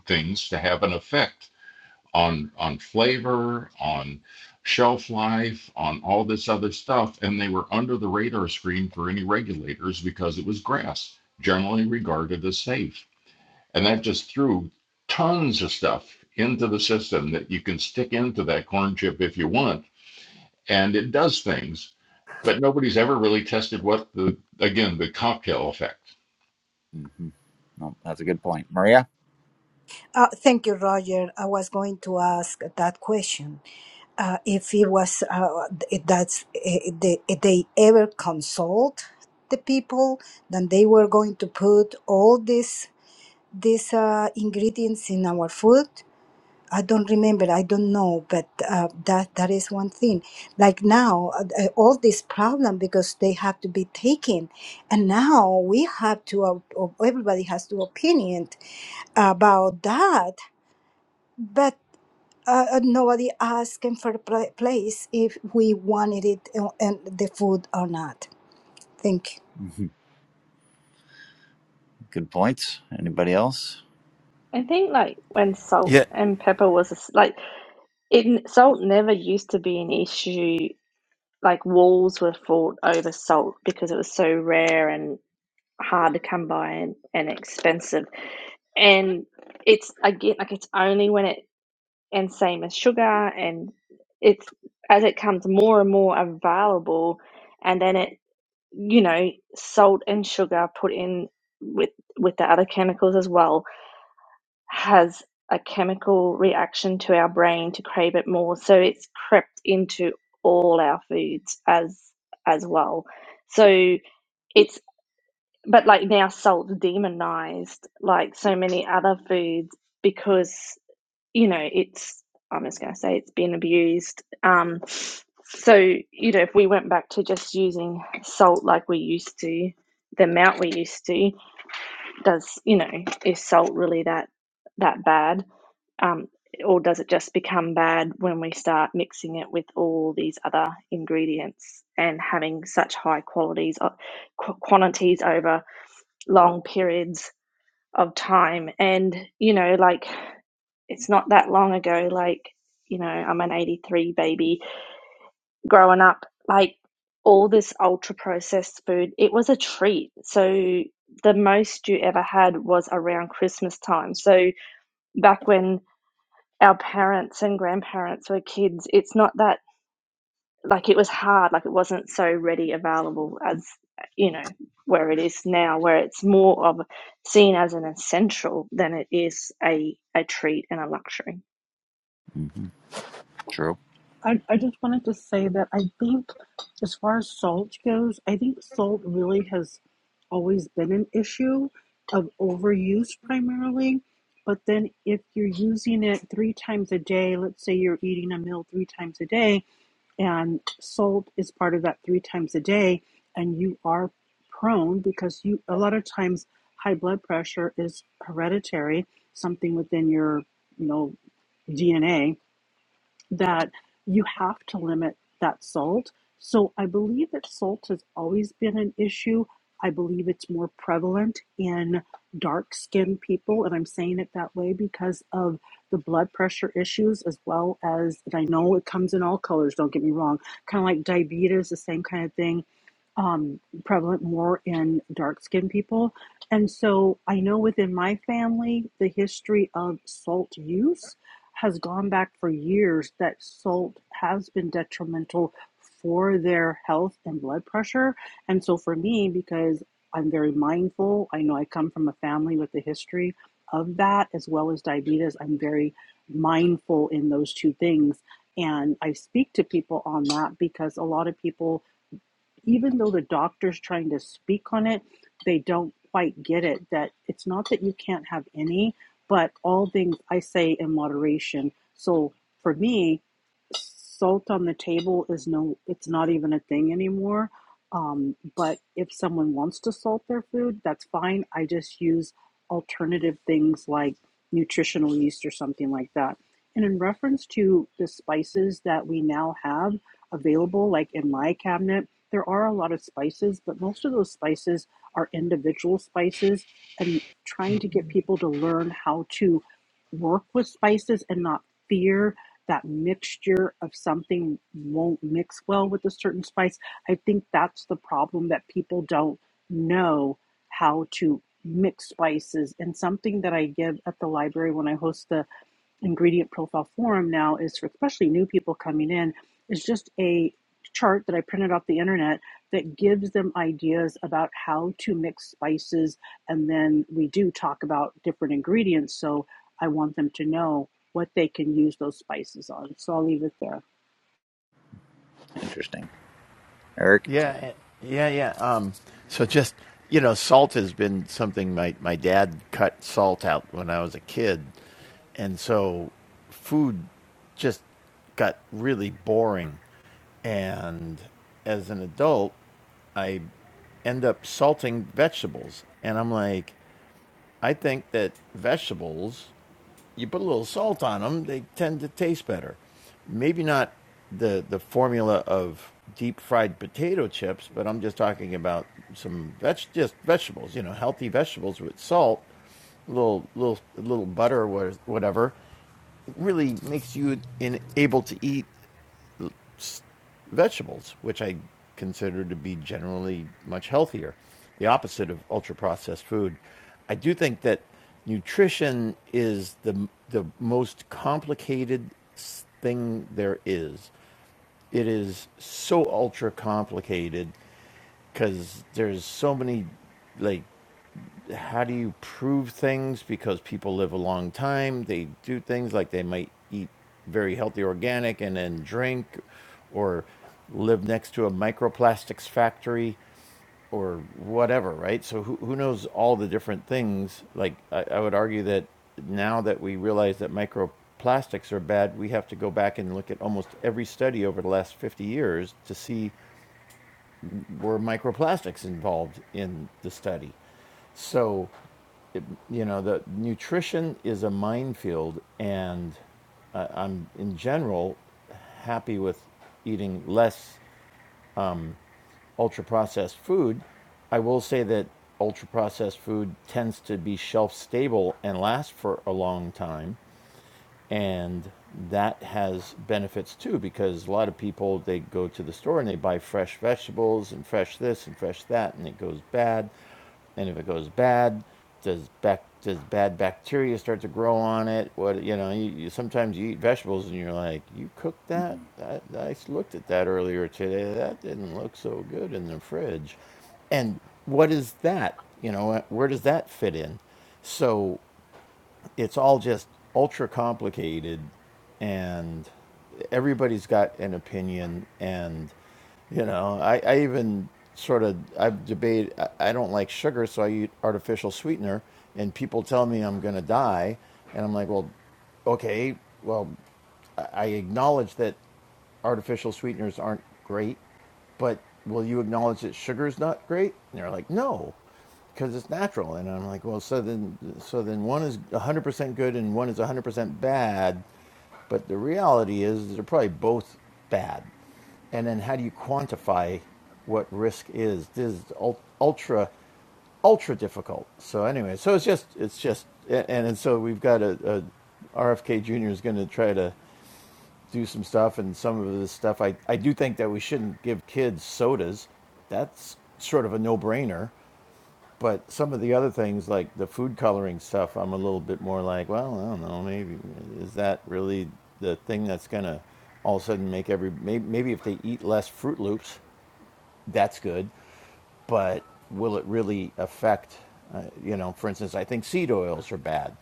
things to have an effect on on flavor, on shelf life, on all this other stuff. And they were under the radar screen for any regulators because it was grass, generally regarded as safe. And that just threw tons of stuff into the system that you can stick into that corn chip if you want. And it does things but nobody's ever really tested what the again the cocktail effect.
hmm No, that's a good point, Maria.
Thank you, Roger. I was going to ask that question. Uh, If it was, uh, if that's, if they if they ever consult the people, then they were going to put all these these uh, ingredients in our food. I don't remember. I don't know, but uh, that that is one thing. Like now, uh, uh, all this problem because they have to be taken, and now we have to. Uh, everybody has to opinion uh, about that But uh, uh, nobody asked him for a pla- place if we wanted it and and the food or not. Thank you.
hmm Good points. Anybody else?
I think like when salt
Yeah,
and pepper was a s like It n- salt never used to be an issue. Like walls were fought over salt because it was so rare and hard to come by and, and expensive. And it's again like it's only when it and same as sugar and it's as it comes more and more available and then it you know salt and sugar put in with with the other chemicals as well has a chemical reaction to our brain to crave it more. So it's crept into all our foods as as well. So it's but like now salt's demonized like so many other foods because you know it's I'm just gonna say it's been abused. Um so you know if we went back to just using salt like we used to the amount we used to does you know is salt really that that bad um, or does it just become bad when we start mixing it with all these other ingredients and having such high qualities of qu- quantities over long periods of time? And you know, like it's not that long ago. Like you know, I'm an '83 baby growing up. Like all this ultra processed food, it was a treat. So the most you ever had was around Christmas time. So back when our parents and grandparents were kids, it's not that like it was hard, like it wasn't so ready available as you know where it is now, where it's more of seen as an essential than it is a a treat and a luxury.
hmm True.
I, I just wanted to say that I think, as far as salt goes, I think salt really has always been an issue of overuse primarily. But then, if you're using it three times a day, let's say you're eating a meal three times a day, and salt is part of that three times a day, and you are prone because you a lot of times high blood pressure is hereditary, something within your you know DNA that you have to limit that salt. So I believe that salt has always been an issue. I believe it's more prevalent in dark skinned people, and I'm saying it that way because of the blood pressure issues, as well as, and I know it comes in all colors, don't get me wrong, kind of like diabetes, the same kind of thing, um, prevalent more in dark skinned people. And so I know within my family, the history of salt use has gone back for years that salt has been detrimental for their health and blood pressure. And so for me, because I'm very mindful, I know I come from a family with a history of that as well as diabetes, I'm very mindful in those two things. And I speak to people on that because a lot of people even though the doctor's trying to speak on it, they don't quite get it that it's not that you can't have any, but all things I say in moderation. So for me, salt on the table is no it's not even a thing anymore um, but if someone wants to salt their food that's fine i just use alternative things like nutritional yeast or something like that and in reference to the spices that we now have available like in my cabinet there are a lot of spices but most of those spices are individual spices and trying to get people to learn how to work with spices and not fear that mixture of something won't mix well with a certain spice. I think that's the problem that people don't know how to mix spices. And something that I give at the library when I host the ingredient profile form now is for especially new people coming in is just a chart that I printed off the internet that gives them ideas about how to mix spices and then we do talk about different ingredients so I want them to know what they can use those spices on. So I'll leave it there.
Interesting. Eric.
yeah, eh, yeah, yeah. Um, so just you know, salt has been something my my dad cut salt out when I was a kid, and so food just got really boring. And as an adult, I end up salting vegetables. And I'm like, I think that vegetables, you put a little salt on them, they tend to taste better. Maybe not the, the formula of deep fried potato chips, but I'm just talking about some veg, just vegetables, you know, healthy vegetables with salt, a little little little butter or whatever, really makes you in, able to eat vegetables, which I consider to be generally much healthier, the opposite of ultra processed food. I do think that nutrition is the, the most complicated thing there is. It is so ultra complicated because there's so many like how do you prove things because people live a long time they do things like they might eat very healthy organic and then drink or live next to a microplastics factory or whatever right so who, who knows all the different things like I, I would argue that now that we realize that microplastics are bad we have to go back and look at almost every study over the last 50 years to see were microplastics involved in the study So. you know the nutrition is a minefield and I, am in general happy with eating less ultra processed food i will say that ultra processed food tends to be shelf stable and last for a long time and that has benefits too because a lot of people they go to the store and they buy fresh vegetables and fresh this and fresh that and it goes bad And if it goes bad, does bac- does bad bacteria start to grow on it? What you know, you, you sometimes you eat vegetables and you're like, you cooked that?
Mhm.
I, I looked at that earlier today. That didn't look so good in the fridge. And what is that? You know, where does that fit in? So it's all just ultra complicated and everybody's got an opinion and you know, I, I even sort of I debate. I, I don't like sugar, so I eat artificial sweetener, and people tell me I'm going to die, and I'm like, well, okay, well, I acknowledge that artificial sweeteners aren't great, but will you acknowledge that sugar's not great? And they're like, no, because it's natural. And I'm like, well, so then, so then one is 100% good and one is 100% bad. But the reality is, they're probably both bad and then how do you quantify what risk is this is ultra ultra difficult so anyway so it's just it's just and, and so we've got a, rfk jr is going to try to do some stuff and some of this stuff i i do think that we shouldn't give kids sodas that's sort of a no-brainer but some of the other things like the food coloring stuff i'm a little bit more like well i don't know maybe is that really the thing that's going to all of a sudden make every maybe, maybe if they eat less fruit loops that's good, but will it really affect? Uh, you know, for instance, I think seed oils are bad,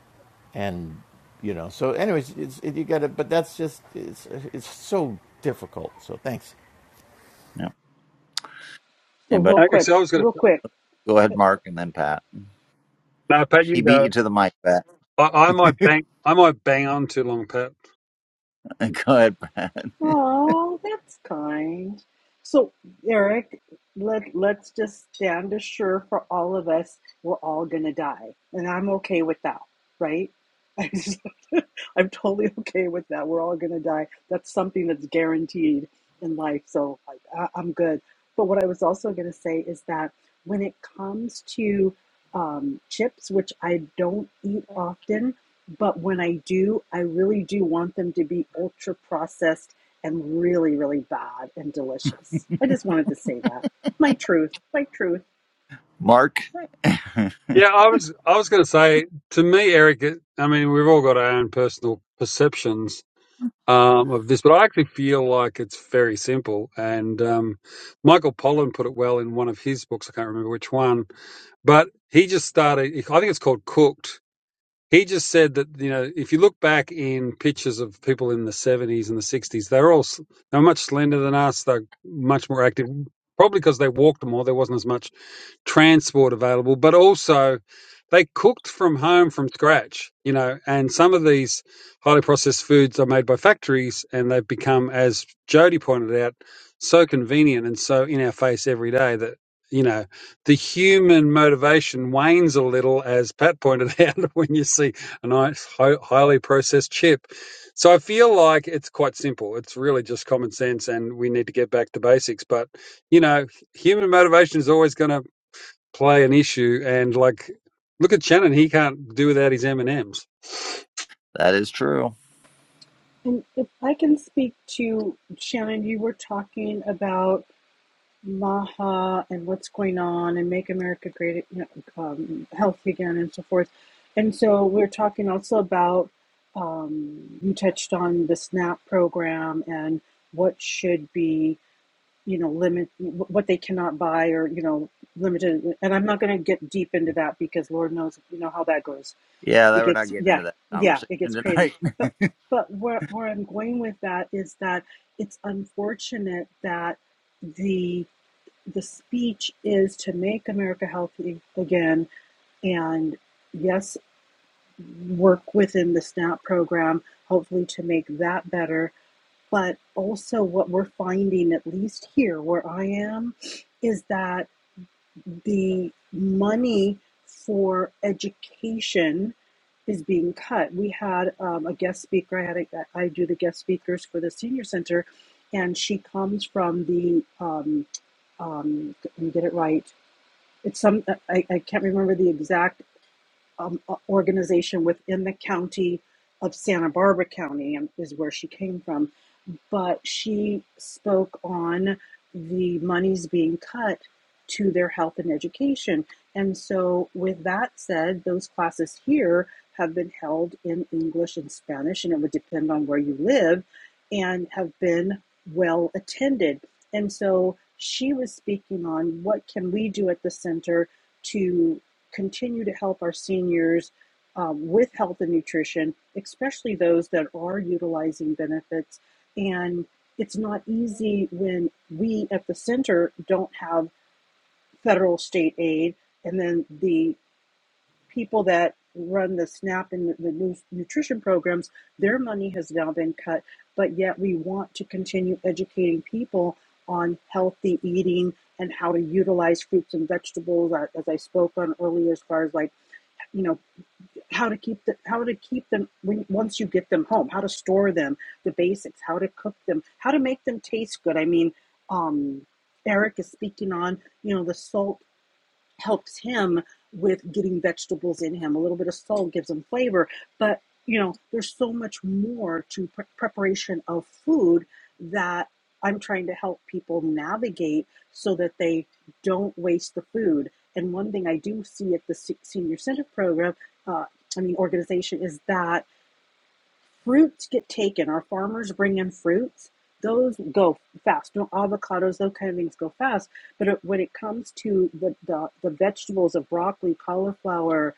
and you know, so anyways, it's, it, you got to. But that's just it's it's so difficult. So thanks.
Yep.
So
Anybody?
real
Okay,
quick,
so I was going
real
to.
quick.
Go ahead, Mark, and then Pat.
No, Pat,
He
you
beat
go.
you to the mic, Pat.
I, I might bang. I might bang on too long, Pat.
Go ahead, Pat.
Oh, that's kind. So, Eric, let let's just stand assure for all of us, we're all gonna die, and I'm okay with that, right? I just, I'm totally okay with that. We're all gonna die. That's something that's guaranteed in life, so I, I, I'm good. But what I was also gonna say is that when it comes to um, chips, which I don't eat often, but when I do, I really do want them to be ultra processed and really, really bad and delicious. I just wanted to say that. My truth, my truth.
Mark, that
Yeah, I was. I was going to say to me, Eric. it- I mean, we've all got our own personal perceptions, um, of this, but I actually feel like it's very simple. And um, Michael Pollan put it well in one of his books. I can't remember which one, but he just started. I think it's called Cooked. He just said that you know if you look back in pictures of people in the 70s and the 60s, they're all s- they're much slender than us. They're much more active, probably because they walked more. There wasn't as much transport available, but also they cooked from home from scratch, you know, and some of these highly processed foods are made by factories and they've become, as Jody pointed out, so convenient and so in our face every day that, you know, the human motivation wanes a little, as Pat pointed out, when you see a nice, hi- highly processed chip. So I feel like it's quite simple. It's really just common sense and we need to get back to basics. But, you know, human motivation is always going to play an issue. And like, look at Shannon; he can't do without his M and M's.
is true.
And if I can speak to Shannon, you were talking about Maha and what's going on and Make America Great, you know, um, Healthy Again, and so forth. And so we're talking also about um, you touched on the SNAP program and what should be you know limit what they cannot buy or you know limited and i'm not going to get deep into that because lord knows you know how that goes
Yeah,
it
that we're not
gets
getting
yeah
into that
yeah
conversation
it gets crazy
tonight.
but but where, where i'm going with that is that it's unfortunate that the the speech is to make america healthy again and yes work within the snap program hopefully to make that better but also, what we're finding, at least here where I am, is that the money for education is being cut. We had um, a guest speaker. I had a, I do the guest speakers for the senior center, and she comes from the um, um, let me get it right. It's some I, I can't remember the exact um, organization within the county of Santa Barbara County um, is where she came from but she spoke on the monies being cut to their health and education. And so, with that said, those classes here have been held in English and Spanish, and it would depend on where you live, and have been well attended. And so, she was speaking on what can we do at the center to continue to help our seniors um, with health and nutrition, especially those that are utilizing benefits and it's not easy when we at the center don't have federal state aid, and then the people that run the SNAP and the nu- nutrition programs, their money has now been cut, but yet we want to continue educating people on healthy eating and how to utilize fruits and vegetables uh, as I spoke on earlier as far as like you know how to keep the how to keep them when, once you get them home, how to store them, the basics, how to cook them, how to make them taste good. I mean, um, Eric is speaking on you know the salt helps him with getting vegetables in him. A little bit of salt gives him flavor, but you know, there's so much more to pre- preparation of food that I'm trying to help people navigate so that they don't waste the food. And one thing I do see at the senior center program, uh, I mean, organization is that fruits get taken. Our farmers bring in fruits; those go fast. No avocados, those kind of things go fast. But it, when it comes to the, the the vegetables of broccoli, cauliflower,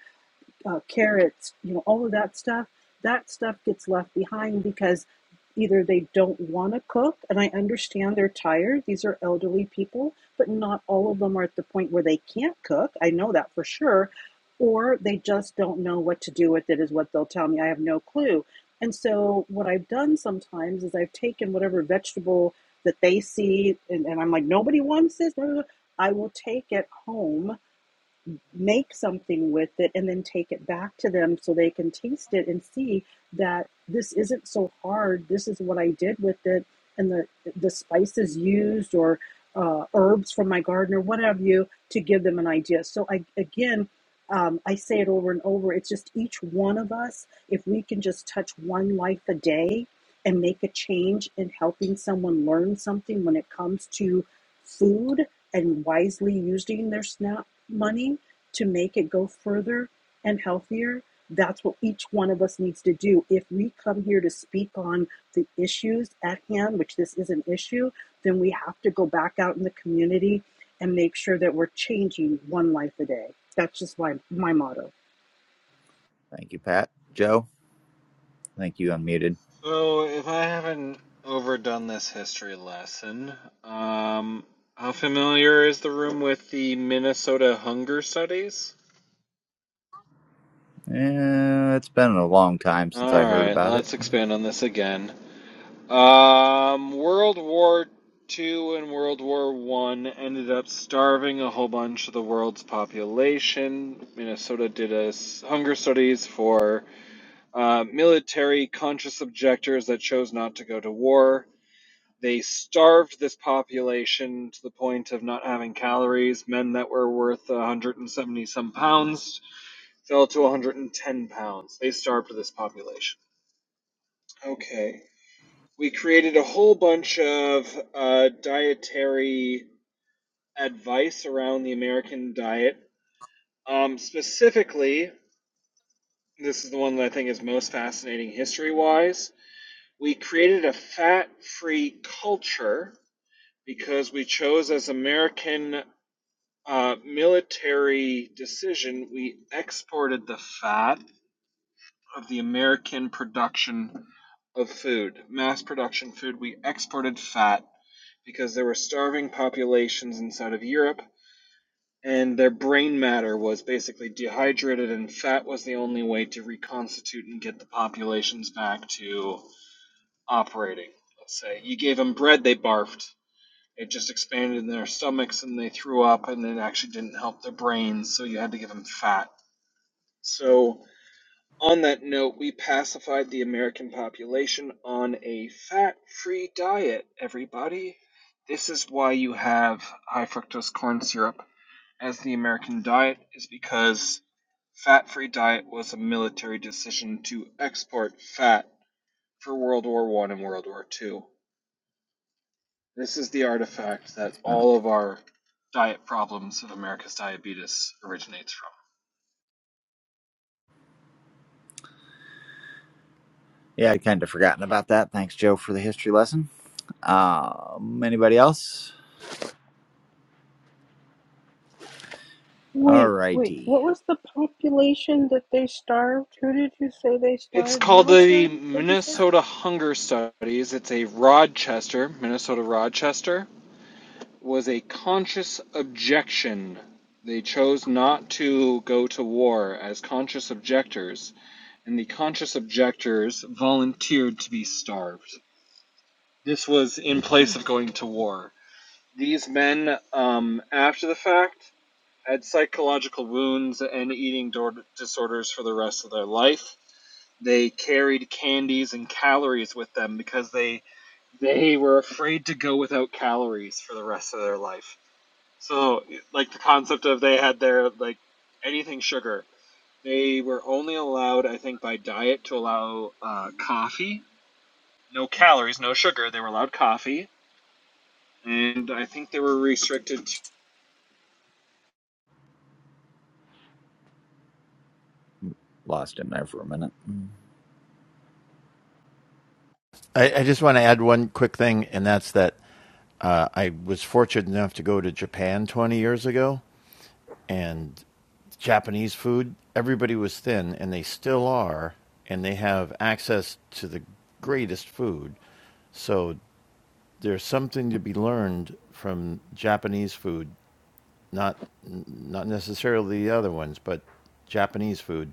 uh, carrots, you know, all of that stuff, that stuff gets left behind because either they don't want to cook, and I understand they're tired. These are elderly people, but not all of them are at the point where they can't cook. I know that for sure. Or they just don't know what to do with it, is what they'll tell me. I have no clue. And so, what I've done sometimes is I've taken whatever vegetable that they see, and, and I'm like, nobody wants this. I will take it home make something with it and then take it back to them so they can taste it and see that this isn't so hard this is what i did with it and the the spices used or uh, herbs from my garden or what have you to give them an idea so i again um, i say it over and over it's just each one of us if we can just touch one life a day and make a change in helping someone learn something when it comes to food and wisely using their snap money to make it go further and healthier, that's what each one of us needs to do. If we come here to speak on the issues at hand, which this is an issue, then we have to go back out in the community and make sure that we're changing one life a day. That's just my, my motto.
Thank you, Pat. Joe, thank you, unmuted.
So, if I haven't overdone this history lesson, um, how familiar is the room with the Minnesota Hunger Studies?
Yeah, it's been a long time since
All
I heard
right,
about it.
let's expand on this again. Um, World War Two and World War One ended up starving a whole bunch of the world's population. Minnesota did a s- hunger studies for uh, military conscious objectors that chose not to go to war. They starved this population to the point of not having calories. Men that were worth 170 some pounds fell to 110 pounds. They starved this population. Okay. We created a whole bunch of uh, dietary advice around the American diet. Um, specifically, this is the one that I think is most fascinating history wise. We created a fat free culture because we chose as American uh, military decision, we exported the fat of the American production of food, mass production food. We exported fat because there were starving populations inside of Europe, and their brain matter was basically dehydrated, and fat was the only way to reconstitute and get the populations back to operating. Let's say you gave them bread, they barfed it just expanded in their stomachs and they threw up and it actually didn't help their brains so you had to give them fat so on that note we pacified the american population on a fat-free diet everybody this is why you have high fructose corn syrup as the american diet is because fat-free diet was a military decision to export fat for world war one and world war two This is the artifact that
So,
all of our diet problems of America's diabetes originates from.
Yeah, i kind of forgotten about that. Thanks, Joe, for the history lesson. Um, anybody else? All
Wait, wait,
righty.
what was the population that they starved? Who did you say they
It's
starved?
called the
Military? What'd you say?
Minnesota Hunger Studies. It's a Rochester, Minnesota Rochester, was a conscious objection. They chose not to go to war as conscious objectors, and the conscious objectors volunteered to be starved. This was in
Hmm.
place of going to war. These men, um, after the fact, had psychological wounds and eating disorders for the rest of their life. They carried candies and calories with them because they they were afraid to go without calories for the rest of their life. So like the concept of they had their like anything sugar. They were only allowed, I think, by diet to allow uh, coffee. No calories, no sugar. They were allowed coffee, and I think they were restricted
Lost him there for a minute.
I, I just want to add one quick thing, and that's that uh, I was fortunate enough to go to Japan 20 years ago, and Japanese food, everybody was thin, and they still are, and they have access to the greatest food. So there's something to be learned from Japanese food, not not necessarily the other ones, but Japanese food.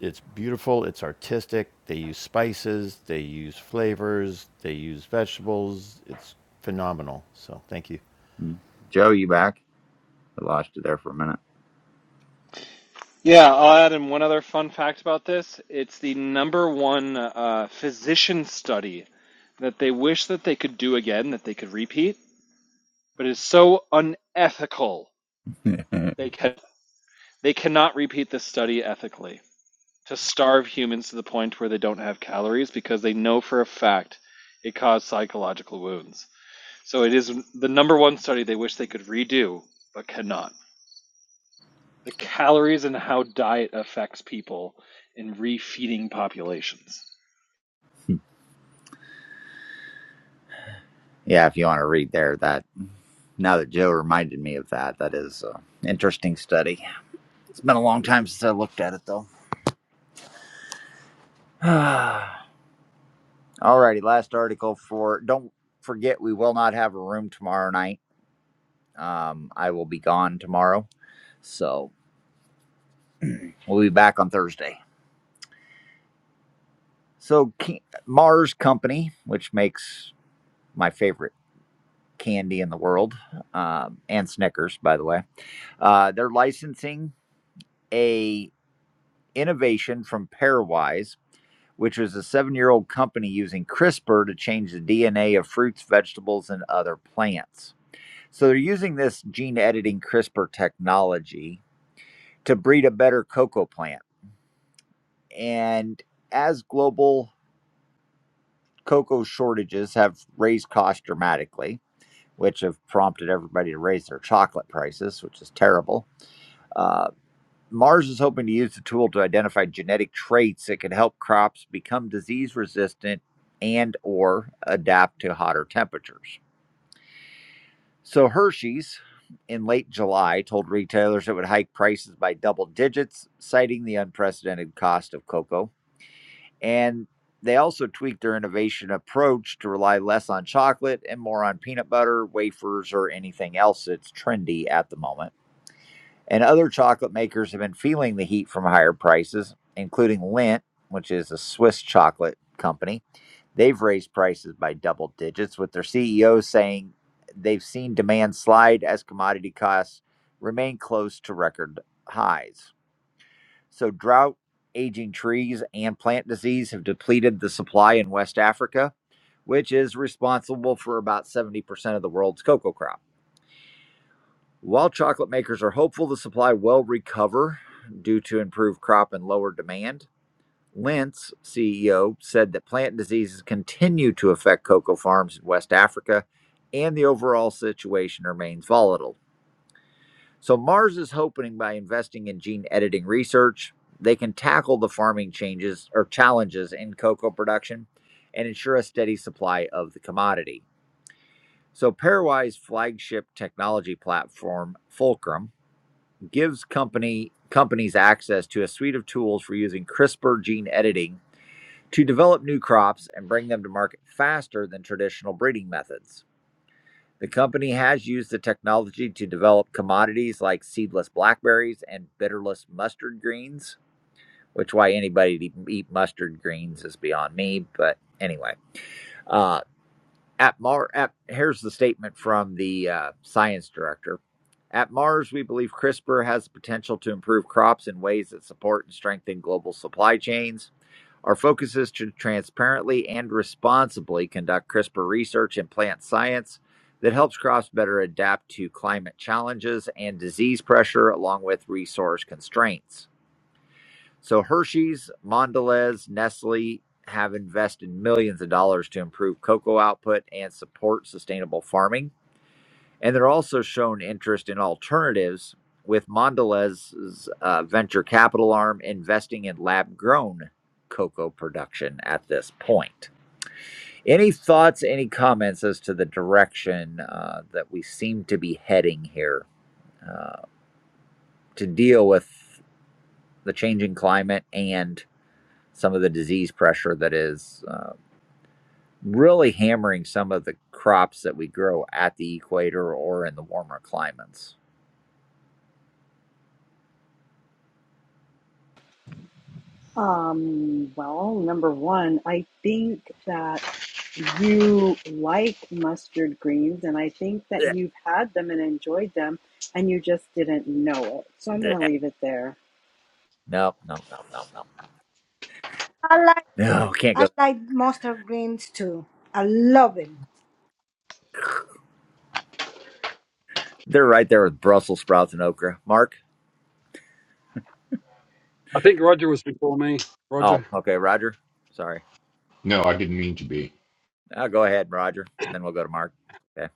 It's beautiful, it's artistic. They use spices, they use flavors, they use vegetables. It's phenomenal. So, thank you.
Mhm. Joe, you back? I lost you there for a
Yeah, I'll add in one other fun fact about this. It's the number one uh, physician study that they wish that they could do again, that they could repeat, but it's so unethical.
minute.
They can they cannot repeat this study ethically to starve humans to the point where they don't have calories because they know for a fact it caused psychological wounds. So it is the number one study they wish they could redo but cannot. the calories and how diet affects people in refeeding populations.
yeah, if you want to read there, that Now that Joe reminded me of that, that is an interesting study. It's been a long time since I looked at it, though. Alrighty, last article for. Don't forget, we will not have a room tomorrow night. Um, I will be gone tomorrow, so we'll be back on Thursday. So Mars Company, which makes my favorite candy in the world, um, and Snickers, by the way, uh, they're licensing a innovation from Pairwise which was a seven year old company using CRISPR to change the DNA of fruits, vegetables, and other plants. So they're using this gene editing CRISPR technology to breed a better cocoa plant. And as global cocoa shortages have raised costs dramatically, which have prompted everybody to raise their chocolate prices, which is terrible. Uh, Mars is hoping to use the tool to identify genetic traits that could help crops become disease resistant and or adapt to hotter temperatures. So Hershey's in late July told retailers it would hike prices by double digits, citing the unprecedented cost of cocoa. And they also tweaked their innovation approach to rely less on chocolate and more on peanut butter, wafers, or anything else that's trendy at the moment. And other chocolate makers have been feeling the heat from higher prices, including Lindt, which is a Swiss chocolate company. They've raised prices by double digits, with their CEO saying they've seen demand slide as commodity costs remain close to record highs. So, drought, aging trees, and plant disease have depleted the supply in West Africa, which is responsible for about 70% of the world's cocoa crop. While chocolate makers are hopeful the supply will recover due to improved crop and lower demand, Lentz, CEO, said that plant diseases continue to affect cocoa farms in West Africa and the overall situation remains volatile. So, Mars is hoping by investing in gene editing research, they can tackle the farming changes or challenges in cocoa production and ensure a steady supply of the commodity. So, Paraguay's flagship technology platform, Fulcrum, gives company companies access to a suite of tools for using CRISPR gene editing to develop new crops and bring them to market faster than traditional breeding methods. The company has used the technology to develop commodities like seedless blackberries and bitterless mustard greens, which why anybody would even eat mustard greens is beyond me, but anyway. Uh, at Mar, at, here's the statement from the uh, science director. At Mars, we believe CRISPR has the potential to improve crops in ways that support and strengthen global supply chains. Our focus is to transparently and responsibly conduct CRISPR research in plant science that helps crops better adapt to climate challenges and disease pressure, along with resource constraints. So Hershey's, Mondelez, Nestle have invested millions of dollars to improve cocoa output and support sustainable farming. And they're also shown interest in alternatives, with Mondelez's uh, venture capital arm investing in lab grown cocoa production at this point. Any thoughts, any comments as to the direction uh, that we seem to be heading here uh, to deal with the changing climate and some of the disease pressure that is uh, really hammering some of the crops that we grow at the equator or in the warmer climates.
Um, well, number one, I think that. you like mustard greens, and I think that
Blech,
you've had them and enjoyed them, and you just didn't know it. So I'm going to
blech.
leave it there.
No, no, no, no, no.
I like
No, can't
I
go.
like mustard greens too. I love it.
They're right there with Brussels sprouts and okra. Mark?
I think Roger was before me.
Oh,
Roger,
okay. Roger? Sorry.
No, I didn't mean to be.
I'll go ahead, Roger. and Then we'll go to Mark. Okay.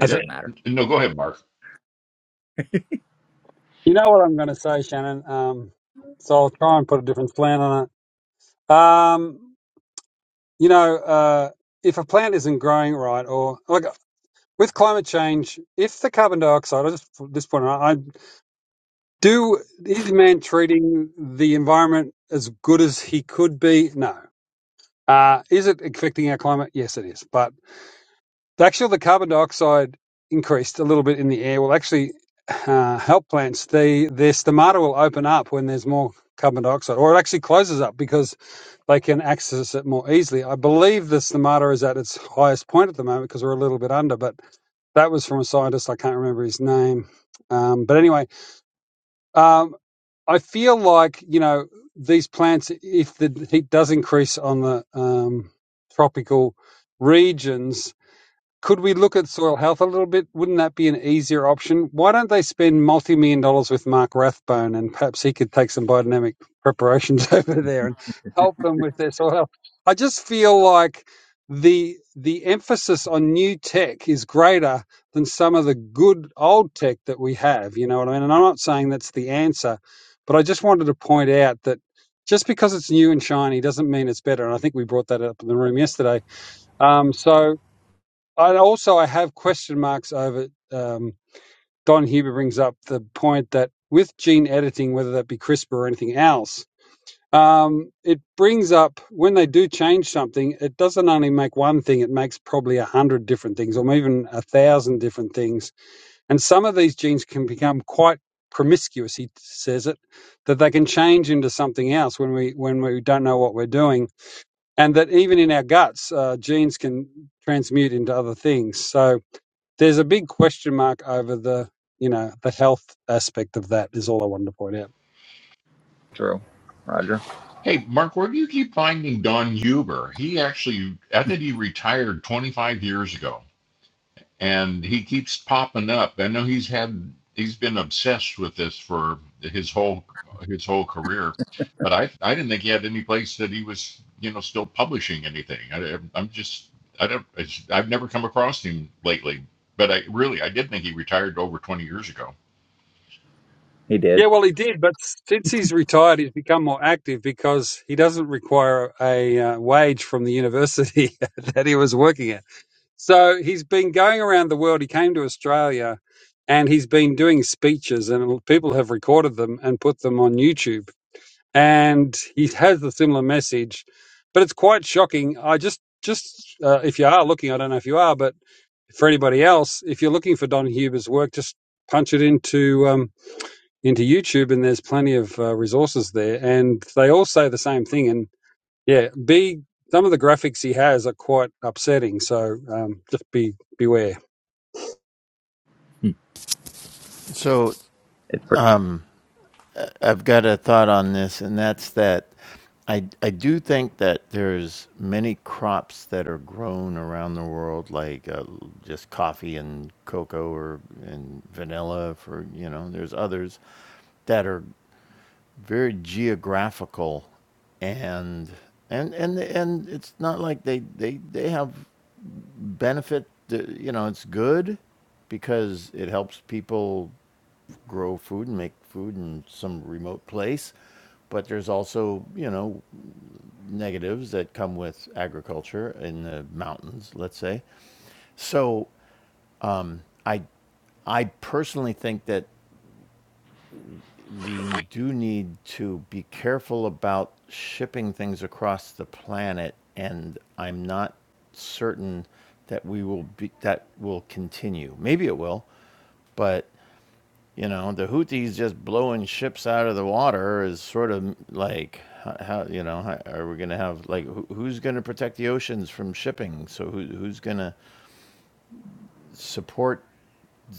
I
Yeah.
think
doesn't matter.
No, go ahead, Mark.
you know what I'm going to say, Shannon. Um, so I'll try and put a different slant on it. Um, you know, uh, if a plant isn't growing right, or like with climate change, if the carbon dioxide, I just this point, I I do is man treating the environment as good as he could be? No. Uh, is it affecting our climate? Yes, it is. But So Actually, the carbon dioxide increased a little bit in the air will actually uh, help plants. The their stomata will open up when there's more carbon dioxide, or it actually closes up because they can access it more easily. I believe the stomata is at its highest point at the moment because we're a little bit under, but that was from a scientist I can't remember his name. Um, but anyway, um, I feel like you know these plants, if the heat does increase on the um, tropical regions, could we look at soil health a little bit? Wouldn't that be an easier option? Why don't they spend multi million dollars with Mark Rathbone and perhaps he could take some biodynamic preparations over there and help them with their soil health? I just feel like the the emphasis on new tech is greater than some of the good old tech that we have, you know what I mean? And I'm not saying that's the answer, but I just wanted to point out that just because it's new and shiny doesn't mean it's better. And I think we brought that up in the room yesterday. Um, so and also, I have question marks over. Um, Don Huber brings up the point that with gene editing, whether that be CRISPR or anything else, um, it brings up when they do change something, it doesn't only make one thing; it makes probably a hundred different things, or even a thousand different things. And some of these genes can become quite promiscuous. He says it that they can change into something else when we when we don't know what we're doing, and that even in our guts, uh, genes can transmute into other things. So there's a big question mark over the you know the health aspect of that is all I wanted to point out.
True. Roger.
Hey, Mark, where do you keep finding Don Huber? He actually, I think he retired 25 years ago. and he keeps popping up. I know he's had he's been obsessed with this for his whole his whole career, but I I didn't think he had any place that he was you know still publishing anything. I, I'm just I don't I've never come across him lately, but I really I did think he retired over 20 years ago.
He did.
Yeah, well, he did, but since he's retired, he's become more active because he doesn't require a uh, wage from the university that he was working at. So he's been going around the world. He came to Australia, and he's been doing speeches, and people have recorded them and put them on YouTube. And he has a similar message, but it's quite shocking. I just just uh, if you are looking, I don't know if you are, but For anybody else, if you're looking for Don Huber's work, just punch it into um, into YouTube, and there's plenty of uh, resources there, and they all say the same thing. And yeah, be some of the graphics he has are quite upsetting, so um, just be beware.
Hmm.
So,
It's pretty.
um, I've got a thought on this, and that's that I, I do think that there's many crops that are grown around the world, like uh, just coffee and cocoa or and vanilla. For you know, there's others that are very geographical, and and and and it's not like they they they have benefit. uh, You know, it's good because it helps people grow food and make food in some remote place but there's also you know negatives that come with agriculture in the mountains, let's say. So I I personally think that we do need to be careful about shipping things across the planet, and I'm not certain that we will be that will continue. Maybe it will, but you know the Houthis just blowing ships out of the water is sort of like how, how you know how, are we going to have like who, who's going to protect the oceans from shipping? So who, who's going to support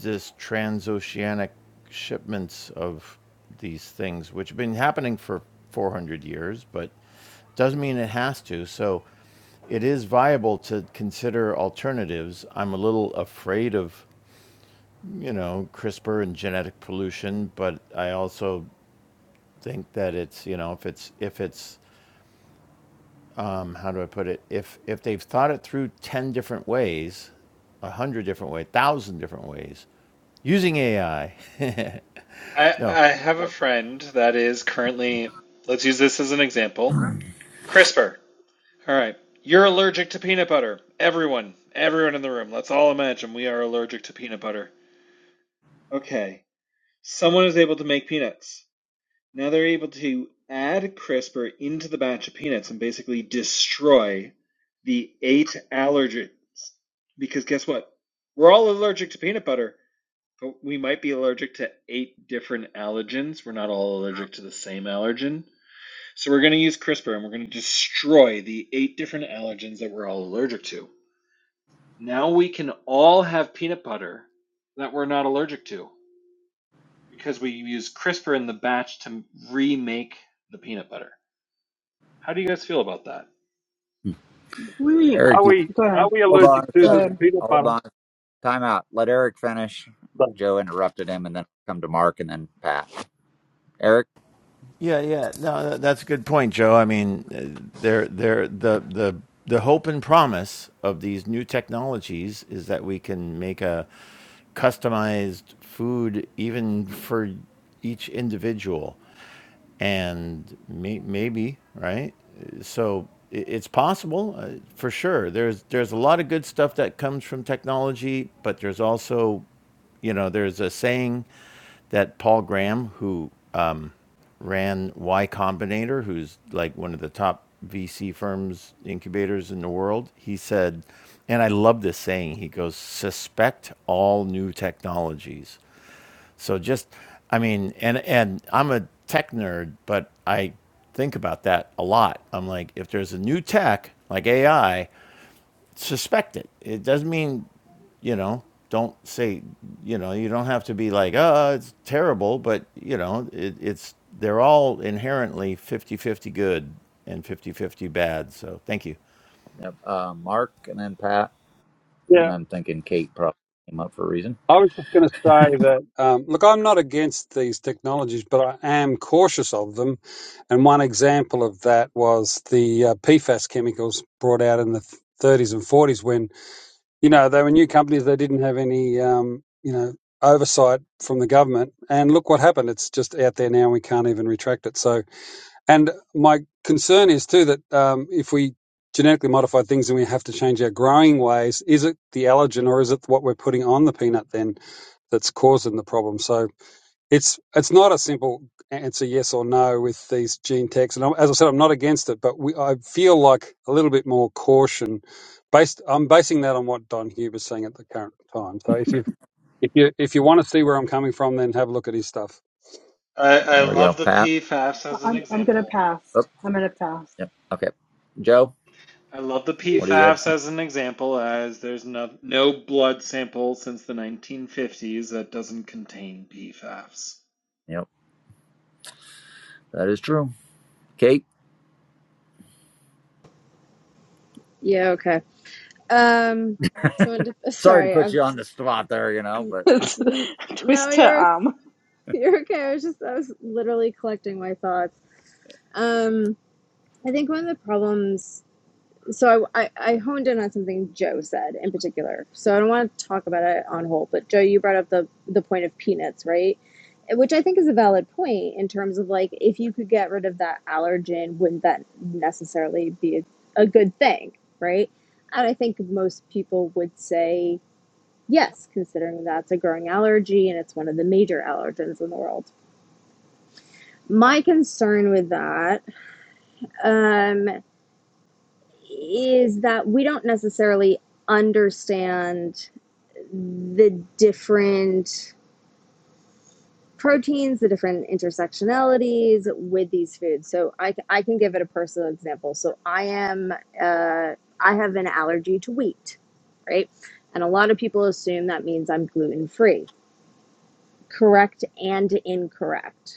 this transoceanic shipments of these things, which have been happening for 400 years, but doesn't mean it has to. So it is viable to consider alternatives. I'm a little afraid of, you know, CRISPR and genetic pollution, but I also think that it's, you know, if it's if it's um, how do I put it? If if they've thought it through 10 different ways, 100 different ways, 1,000 different ways, using AI.
I,
No,
I have a friend that is currently, let's use this as an example CRISPR. All right. You're allergic to peanut butter. Everyone, everyone in the room, let's all imagine we are allergic to peanut butter. Okay. Someone is able to make peanuts. Now they're able to add CRISPR into the batch of peanuts and basically destroy the eight allergens. Because guess what? We're all allergic to peanut butter, but we might be allergic to eight different allergens. We're not all allergic to the same allergen. So we're going to use CRISPR and we're going to destroy the eight different allergens that we're all allergic to. Now we can all have peanut butter that we're not allergic to because we use CRISPR in the batch to remake the peanut butter. How do you guys feel about that?
Hmm.
Wait,
Eric,
Are
you-
we
go
are
ahead,
we
hold on
allergic
a
to
go
the
second.
ahead.
peanut
Hold
butter?
on Time out. Let Eric finish.
Thing?
Joe interrupted him, and then come to Mark, and then Pat. Eric,
Yeah, yeah. No, that's a good point, Joe. I mean, uh, there, there, the, the, the hope and promise of these new technologies is that we can make a customized food even for each individual, and may, maybe right. So it's possible uh, for sure. There's, there's a lot of good stuff that comes from technology, but there's also you know, there's a saying that Paul Graham, who ran Y Combinator, who's like one of the top VC firms, incubators in the world. He said, and I love this saying, he goes, suspect all new technologies. So just, I mean, and, and I'm a tech nerd, but I think about that a lot. I'm like, if there's a new tech, like AI, suspect it. It doesn't mean you know, don't say, you know, you don't have to be like, oh, it's terrible, but, you know, it, it's, they're all inherently 50 50 good and 50 50 bad. So thank you.
yep, uh, Mark, and then Pat. And then
Yeah.
I'm thinking Kate probably came up for a reason.
I was just going to say that. Um, look, I'm not against these technologies, but I am cautious of them And one example of that was the uh, PFAS chemicals brought out in the 30s and 40s when, you know, they were new companies. They didn't have any, um, you know, oversight from the government. And look what happened. It's just out there now. and We can't even retract it. So, and my concern is too that um, if we genetically modify things and we have to change our growing ways, is it the allergen or is it what we're putting on the peanut then that's causing the problem? So, it's it's not a simple answer, yes or no, with these gene techs. And I'm, as I said, I'm not against it, but we, I feel like a little bit more caution. Based, I'm basing that on what Don Huber's saying at the current time. So if you if you if you want to see where I'm coming from, then have a look at his stuff.
I, I
There we go.
love the
Pat.
P fafs
I-
as an
I'm I'm going to
example.
pass.
Oh,
I'm going to pass.
yep. Okay. Joe,
I love the P
what do you have? to
fafs
say?
as an example, as there's no, no blood sample since the 1950s that doesn't contain PFAS.
Yep, that is true. Kate,
Yeah, okay. Um, so in def-
sorry to
sorry,
put
I've
you on the spot there, you know, but
n- no,
Twist her
you're okay-
arm.
you're okay. I was just I was literally collecting my thoughts. Um, I think one of the problems. So I, I, I honed in on something Joe said in particular. So I don't want to talk about it on whole, but Joe, you brought up the the point of peanuts, right? Which I think is a valid point in terms of like if you could get rid of that allergen, wouldn't that necessarily be a, a good thing, right? And I think most people would say Yes, considering that's a growing allergy and it's one of the major allergens in the world. My concern with that um, is that we don't necessarily understand the different proteins, the different intersectionalities with these foods. So I, I can give it a personal example. So I am, uh, I have an allergy to wheat, right? And a lot of people assume that means I'm gluten free. Correct and incorrect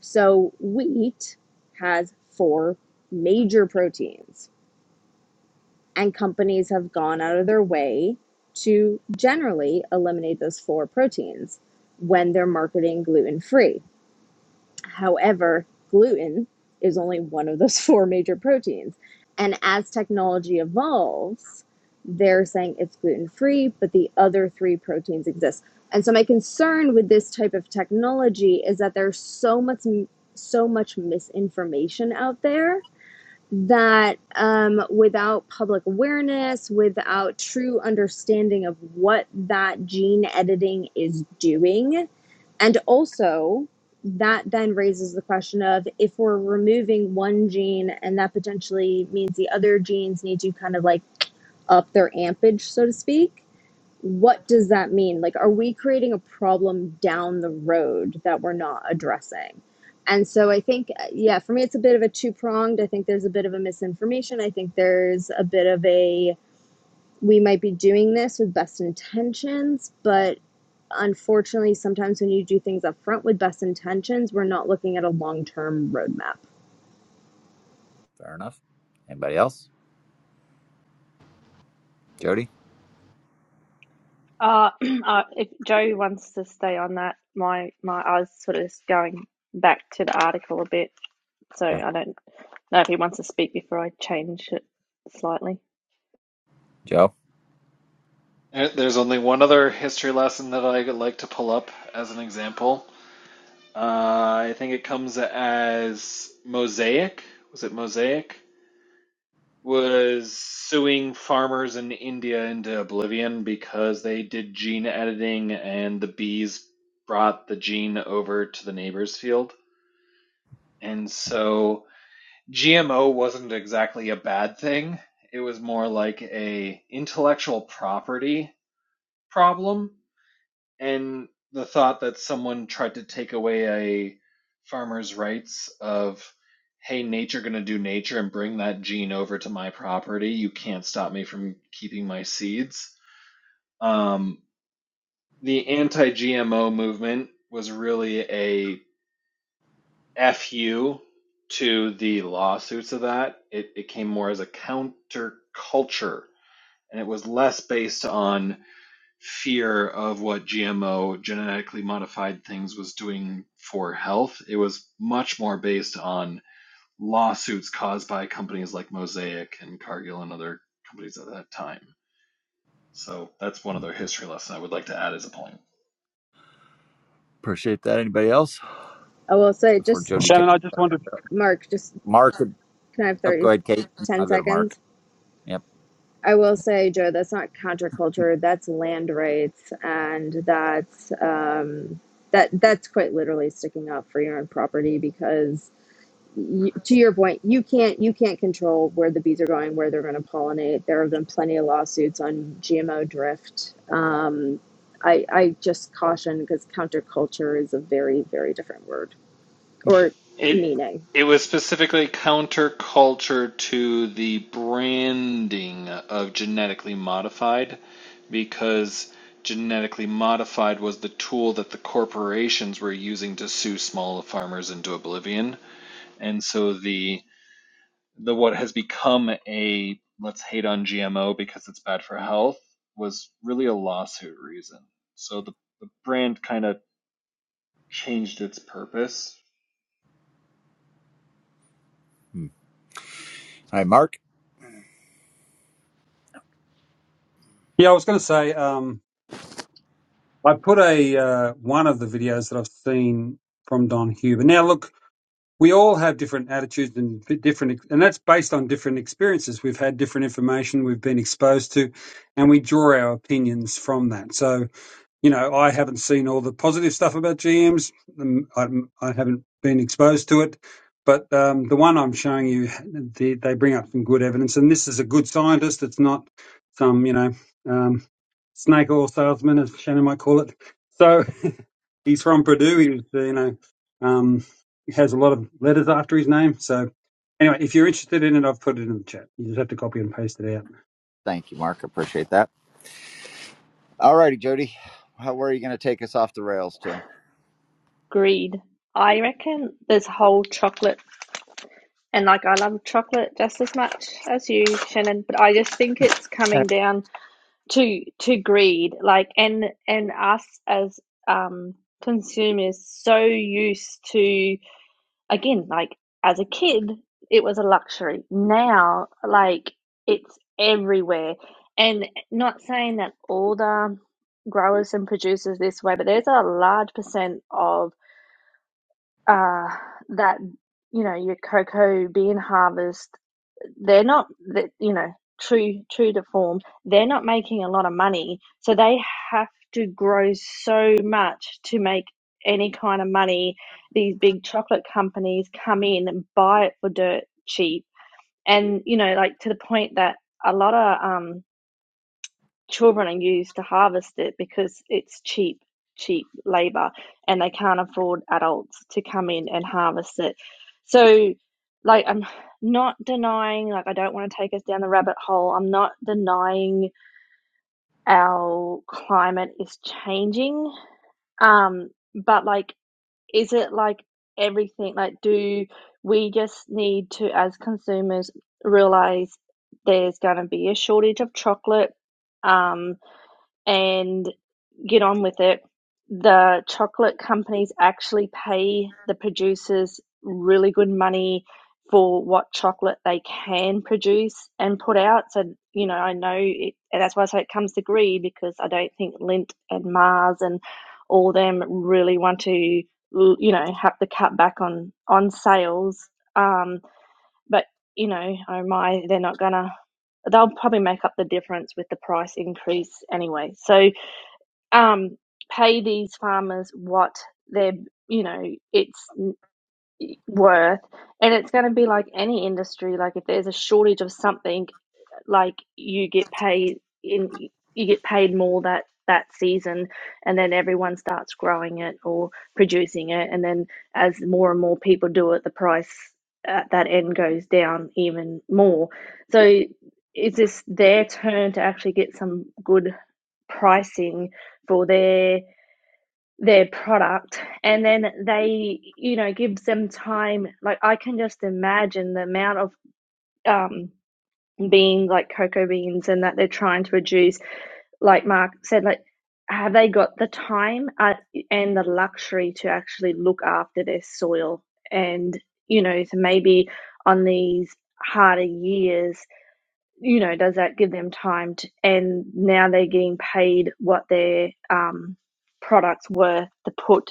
So, wheat has four major proteins, and companies have gone out of their way to generally eliminate those four proteins when they're marketing gluten free. However, gluten is only one of those four major proteins. And as technology evolves, they're saying it's gluten free, but the other three proteins exist. And so my concern with this type of technology is that there's so much so much misinformation out there that um, without public awareness, without true understanding of what that gene editing is doing, and also, that then raises the question of if we're removing one gene and that potentially means the other genes need to kind of like up their ampage, so to speak, what does that mean? Like, are we creating a problem down the road that we're not addressing? And so I think, uh, yeah, for me, it's a bit of a two pronged. I think there's a bit of a misinformation. I think there's a bit of a, we might be doing this with best intentions, but Unfortunately, sometimes when you do things up front with best intentions, we're not looking at a long term roadmap.
fair enough. Anybody else? Jody?
Uh, uh, if Joe wants to stay on that, my my I was sort of just going back to the article a bit, so
Yeah.
I don't know if he wants to speak before I change it slightly.
Joe?
Uh, There's only one other history lesson that I like to pull up as an example. Uh, I think it comes as Mosaic. Was it Mosaic? was suing farmers in India into oblivion because they did gene editing and the bees brought the gene over to the neighbor's field. And so GMO wasn't exactly a bad thing. It was more like a intellectual property problem and the thought that someone tried to take away a farmer's rights of hey nature going to do nature and bring that gene over to my property you can't stop me from keeping my seeds um, the anti-gmo movement was really a fu to the lawsuits of that it, it came more as a counterculture, and it was less based on fear of what GMO genetically modified things was doing for health. It was much more based on lawsuits caused by companies like Mosaic and Cargill and other companies at that time. So that's one other history lesson I would like to add as a point.
Appreciate that. Anybody else?
I will say,
Before
just
Jody takes
Shannon, I just wanted.
Mark, just
Mark.
can I have
Oh,
30,
go ahead, Kate.
10
I'll go to Mark.
seconds?
Yep.
I will say, Joe, that's not counterculture. That's land rights, and that's um, that that's quite literally sticking up for your own property because you, to your point, you can't you can't control where the bees are going, where they're going to pollinate. There have been plenty of lawsuits on GMO drift. Um, I I just caution because counterculture is a very very different word or
It
meaning.
it was specifically counterculture to the branding of genetically modified because genetically modified was the tool that the corporations were using to sue small farmers into oblivion. And so the the what has become a let's hate on GMO because it's bad for health was really a lawsuit reason. So the, the brand kind of changed its purpose
Hmm. All right, Mark.
Yeah, I was going to say um, I put a uh, one of the videos that I've seen from Don Huber. Now look, we all have different attitudes and different, and that's based on different experiences. We've had different information we've been exposed to, and we draw our opinions from that. So, you know, I haven't seen all the positive stuff about GMs. Um, I, I haven't been exposed to it, but um, the one I'm showing you, they, they bring up some good evidence, and this is a good scientist. It's not some, you know, um, snake oil salesman, as Shannon might call it. So He's from Purdue. He's uh, you know um, he has a lot of letters after his name. So anyway, if you're interested in it, I've put it in the chat. You just have to copy and paste it out.
Thank you, Mark. Appreciate that. All righty, Jody. How, where are you going to take us off the rails to?
Agreed. I reckon this whole chocolate and like I love chocolate just as much as you, Shannon, but I just think it's
Uh,
coming down to to greed, like and and us as um consumers so used to again, like as a kid it was a luxury. Now like it's everywhere. And not saying that all the growers and producers this way, but there's a large percent of uh, that you know your cocoa bean harvest they're not that you know true true to form they're not making a lot of money so they have to grow so much to make any kind of money these big chocolate companies come in and buy it for dirt cheap and you know like to the point that a lot of um children are used to harvest it because it's cheap, cheap labor, and they can't afford adults to come in and harvest it. So, like, I'm not denying, like, I don't want to take us down the rabbit hole. I'm not denying our climate is changing. Um, but, like, is it like everything? Like, do we just need to, as consumers, realize there's going to be a shortage of chocolate? Um, and get on with it. The chocolate companies actually pay the producers really good money for what chocolate they can produce and put out. So, you know, I know it, and that's why I say it comes to greed because I don't think Lindt and Mars and all them really want to, you know, have to cut back on on sales. Um, but you know, oh my, they're not gonna. They'll probably make up the difference with the price increase anyway. So, um, pay these farmers what they're you know it's worth and it's going to be like any industry like if there's a shortage of something like you get paid in you get paid more that that season and then everyone starts growing it or producing it and then as more and more people do it the price at that end goes down even more so it's just their turn to actually get some good pricing for their their product and then they you know gives them time like i can just imagine the amount of um beans like cocoa beans and that they're trying to produce like mark said like have they got the time uh, and the luxury to actually look after their soil and you know so maybe on these harder years you know does that give them time to, and now they're getting paid what their um products worth to put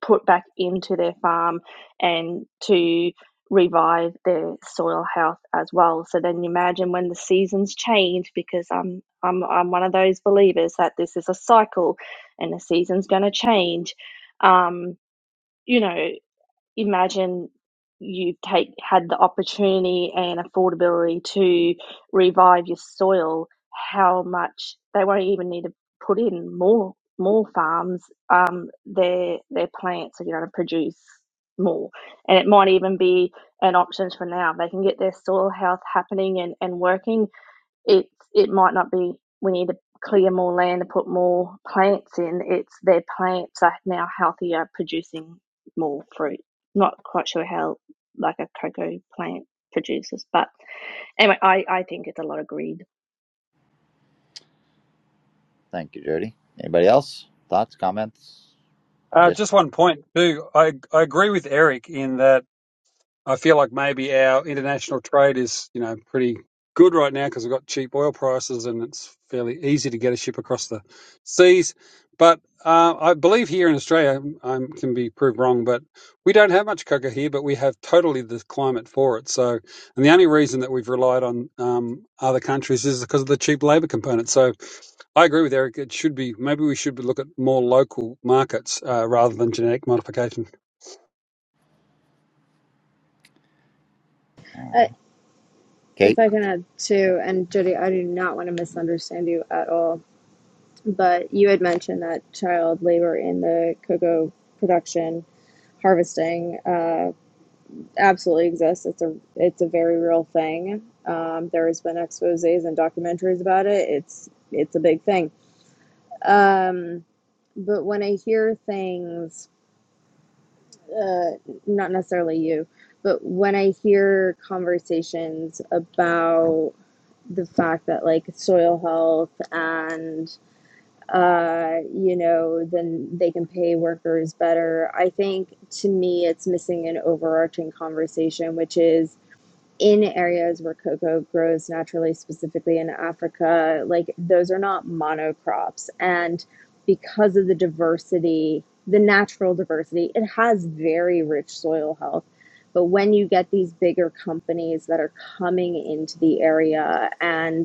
put back into their farm and to revive their soil health as well. So then you imagine when the seasons change, because I'm I'm I'm one of those believers that this is a cycle, and the season's going to change. Um, you know, imagine you've take, had the opportunity and affordability to revive your soil, how much they won't even need to put in more more farms. Um, their their plants are going to produce more, and it might even be an option for now. They can get their soil health happening and, and working it's it might not be we need to clear more land to put more plants in. It's their plants are now healthier, producing more fruit. Not quite sure how like a cocoa plant produces, but anyway, I I think it's a lot of greed.
Thank you, Jody. Anybody else? Thoughts, comments? I
Uh,
Just
just one point too. I I agree with Eric in that. I feel like maybe our international trade is, you know, pretty good right now because we've got cheap oil prices and it's fairly easy to get a ship across the seas. But uh, I believe here in Australia, I can be proved wrong, but we don't have much cocoa here, but we have totally the climate for it. So, and the only reason that we've relied on um, other countries is because of the cheap labour component. So, I agree with Eric. It should be maybe we should look at more local markets uh, rather than genetic modification.
Uh,
Kate.
if I can add to, and Jody, I do not want to misunderstand you at all, but you had mentioned that child labor in the cocoa production harvesting. uh, absolutely exists. It's a it's a very real thing. Um, there has been exposés and documentaries about it. It's it's a big thing. Um, but when I hear things, uh, not necessarily you, but when I hear conversations about the fact that like soil health and uh you know then they can pay workers better i think to me it's missing an overarching conversation which is in areas where cocoa grows naturally, specifically in Africa, like those are not monocrops. And because of the diversity, the natural diversity, it has very rich soil health. But when you get these bigger companies that are coming into the area and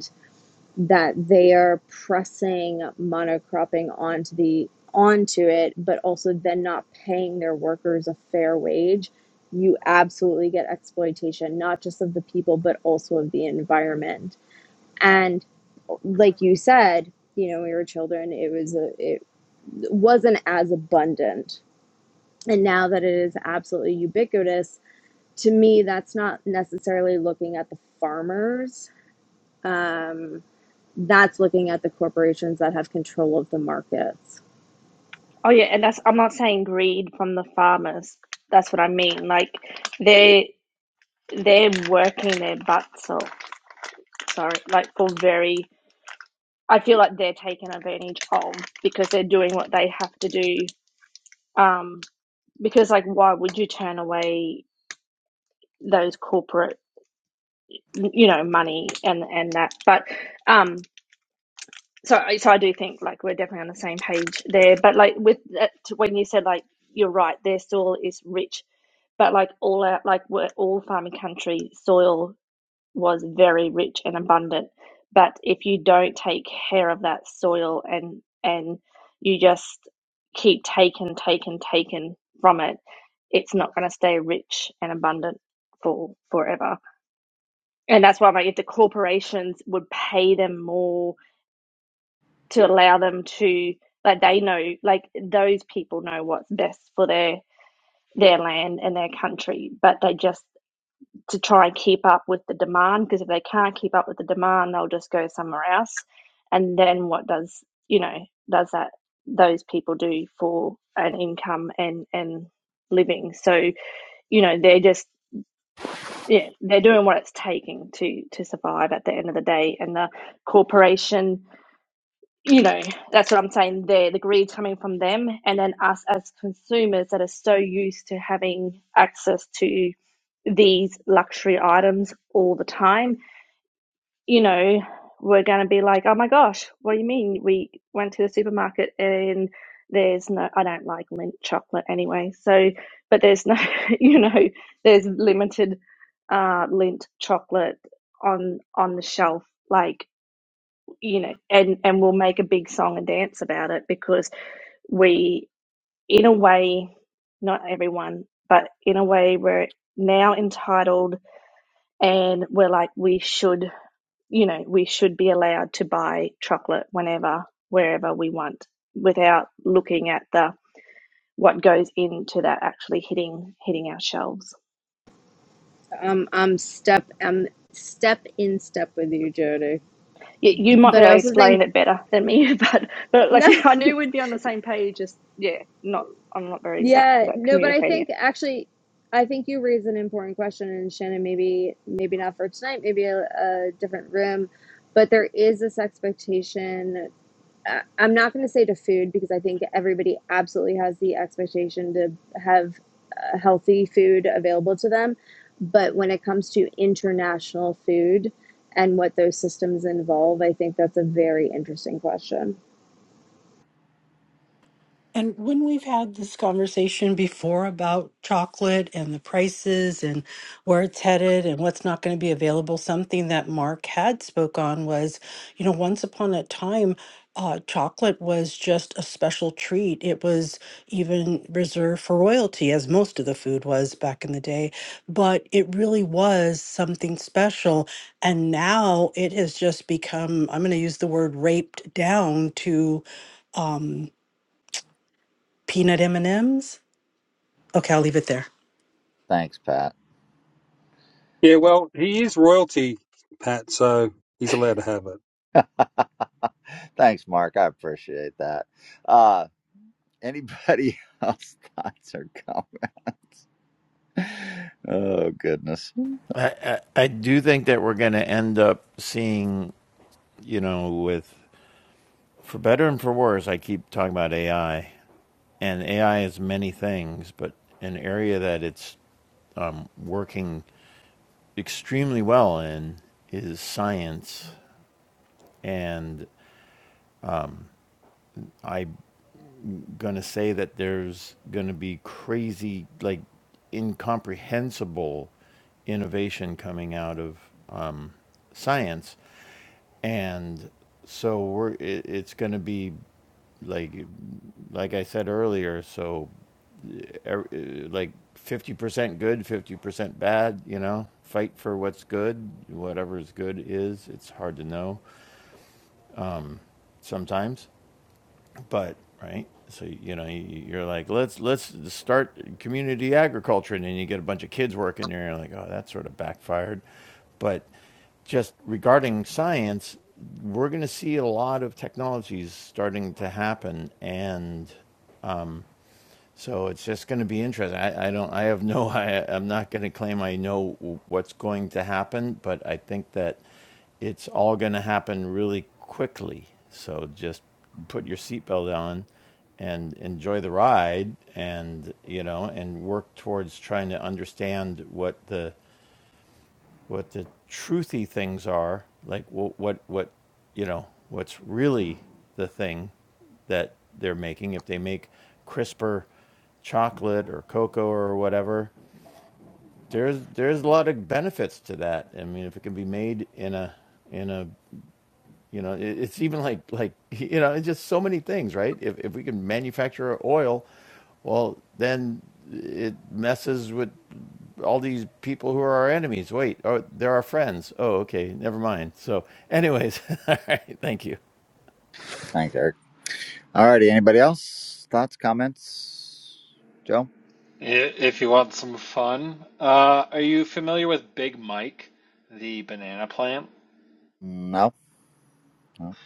that they are pressing monocropping onto the onto it but also then not paying their workers a fair wage you absolutely get exploitation not just of the people but also of the environment and like you said you know when we were children it was a, it wasn't as abundant and now that it is absolutely ubiquitous to me that's not necessarily looking at the farmers Um, that's looking at the corporations that have control of the markets.
Oh yeah, and that's I'm not saying greed from the farmers. That's what I mean. Like they are they're working their butts off. Sorry, like for very. I feel like they're taken advantage of because they're doing what they have to do. Um, because like why would you turn away those corporate you know money and and that but um so so I do think like we're definitely on the same page there but like with that, when you said like you're right their soil is rich but like all our like we're all farming country soil was very rich and abundant. But if you don't take care of that soil and and you just keep taking, taking, taking from it, it's not going to stay rich and abundant for forever. And that's why like, if the corporations would pay them more to allow them to, like they know, like those people know what's best for their their land and their country, but they just to try and keep up with the demand because if they can't keep up with the demand they'll just go somewhere else and then what does you know does that those people do for an income and and living so you know they're just yeah they're doing what it's taking to to survive at the end of the day and the corporation you know, that's what I'm saying there. The greed coming from them, and then us as consumers that are so used to having access to these luxury items all the time, you know, we're going to be like, oh my gosh, what do you mean? We went to the supermarket and there's no, I don't like mint chocolate anyway. So, but there's no, you know, there's limited uh, lint chocolate on on the shelf. Like, you know, and and we'll make a big song and dance about it because we, in a way, not everyone, but in a way, we're now entitled, and we're like we should, you know, we should be allowed to buy chocolate whenever, wherever we want, without looking at the what goes into that actually hitting hitting our shelves.
Um, I'm step I'm step in step with you, Jody.
you, you might be
But I
able to
also
explain
think
it better than me, but but like
no,
I knew we'd be on the same page. Just yeah, not I'm not very that good
yeah,
at
no. But I
communicating it.
think actually, I think you raise an important question, and Shannon, maybe maybe not for tonight, maybe a, a different room. But there is this expectation. uh, I'm not going to say to food because I think everybody absolutely has the expectation to have uh, healthy food available to them. But when it comes to international food and what those systems involve, I think that's a very interesting question.
And when we've had this conversation before about chocolate and the prices and where it's headed and what's not going to be available, something that Mark had spoke on was, you know, once upon a time, uh, chocolate was just a special treat. It was even reserved for royalty, as most of the food was back in the day. But it really was something special. And now it has just become, I'm going to use the word raped down to peanut M&Ms Okay, I'll leave it there.
Thanks, Pat.
Yeah, well, he is royalty, Pat, so he's allowed to have it.
Thanks, Mark. I appreciate that. Uh, anybody else? Thoughts or comments? Oh goodness.
I, I, I do think that we're going to end up seeing, you know, with, for better and for worse, I keep talking about AI, and AI is many things, but an area that it's um, working extremely well in is science. And I going to say that there's going to be crazy, like incomprehensible innovation coming out of um, science, and so we're it, it's going to be like like I said earlier. So er, uh, like fifty percent good, fifty percent bad. You know, fight for what's good. Whatever is good is. It's hard to know sometimes but right so you know you- are like let's let's start community agriculture and then you get a bunch of kids working there and you're like oh that sort of backfired but just regarding science we're going to see a lot of technologies starting to happen and so it's just going to be interesting i, I don't i have no I, i'm not going to claim i know what's going to happen but i think that it's all going to happen really quickly. So just put your seatbelt on and enjoy the ride and you know and work towards trying to understand what the what the truthy things are like what what, what you know what's really the thing that they're making if they make crisper chocolate or cocoa or whatever there's there's a lot of benefits to that i mean if it can be made in a in a you know, it's even like like you know, it's just so many things, right? If if we can manufacture oil, well, then it messes with all these people who are our enemies. Wait, oh, they're our friends. Oh, okay, never mind. So, anyways, all right, thank you.
Thanks, Eric. All righty. Anybody else? Thoughts, comments? Joe?
If you want some fun, uh, are you familiar with Big Mike, the banana plant?
No. no.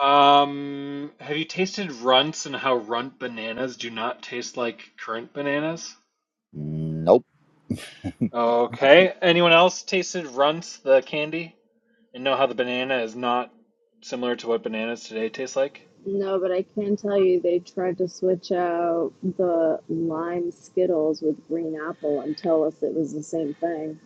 Um, have you tasted runts and how runt bananas do not taste like currant bananas?
Nope.
Okay. Anyone else tasted runts, the candy, and know how the banana is not similar to what bananas today taste like?
No, but I can tell you they tried to switch out the lime Skittles with green apple and tell us it was the same thing.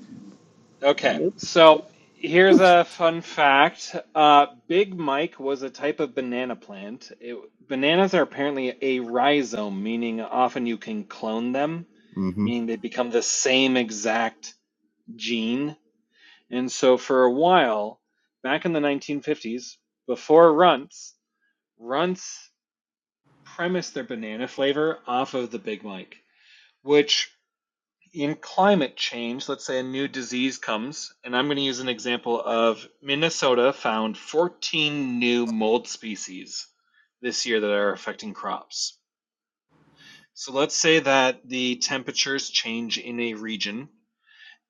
Okay,
Nope.
so here's a fun fact. Uh, Big Mike was a type of banana plant. It, bananas are apparently a rhizome, meaning often you can clone them,
Mm-hmm.
meaning they become the same exact gene. And so for a while, back in the 1950s, before runts, runts premised their banana flavor off of the Big Mike, which in climate change, let's say a new disease comes, and I'm going to use an example of Minnesota found 14 new mold species this year that are affecting crops. So let's say that the temperatures change in a region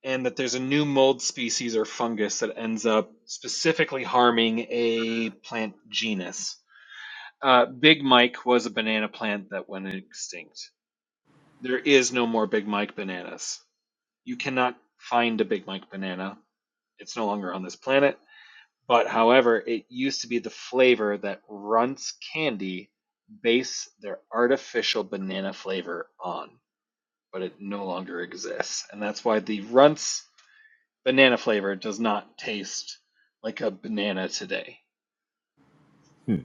and that there's a new mold species or fungus that ends up specifically harming a plant genus. Uh, Big Mike was a banana plant that went extinct. There is no more Big Mike bananas. You cannot find a Big Mike banana. It's no longer on this planet. But however, it used to be the flavor that Runts Candy base their artificial banana flavor on, but it no longer exists. And that's why the Runts banana flavor does not taste like a banana today.
Hmm.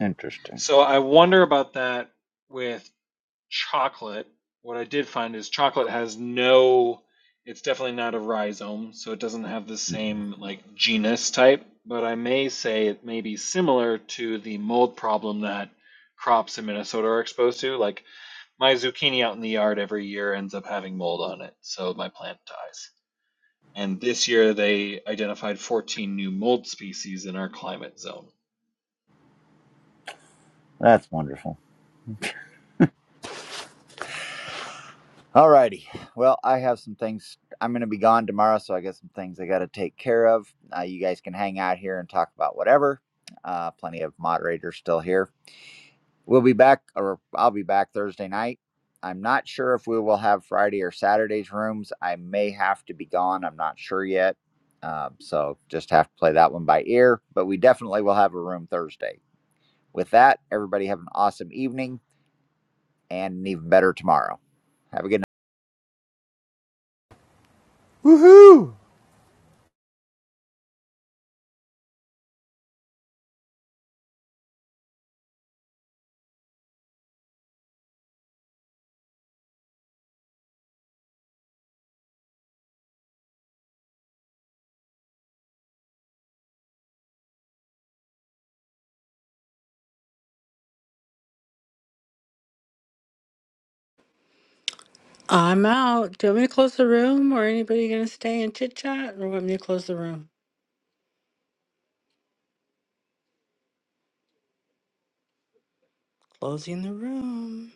Interesting.
So I wonder about that with chocolate, what I did find is chocolate has no, it's definitely not a rhizome, so it doesn't have the
Hmm,
same like genus type, but I may say it may be similar to the mold problem that crops in Minnesota are exposed to. Like my zucchini out in the yard every year ends up having mold on it, so my plant dies. And this year they identified 14 new mold species in our climate zone.
That's wonderful. Alrighty. Well, I have some things. I'm going to be gone tomorrow, so I got some things I got to take care of. Uh, you guys can hang out here and talk about whatever. Uh, plenty of moderators still here. We'll be back, or I'll be back Thursday night. I'm not sure if we will have Friday or Saturday's rooms. I may have to be gone. I'm not sure yet. Um, so just have to play that one by ear, but we definitely will have a room Thursday. With that, everybody have an awesome evening and an even better tomorrow. Have a good night.
Woohoo!
I'm out. Do you want me to close the room or anybody gonna stay and chit chat or want me to close the room? Closing the room.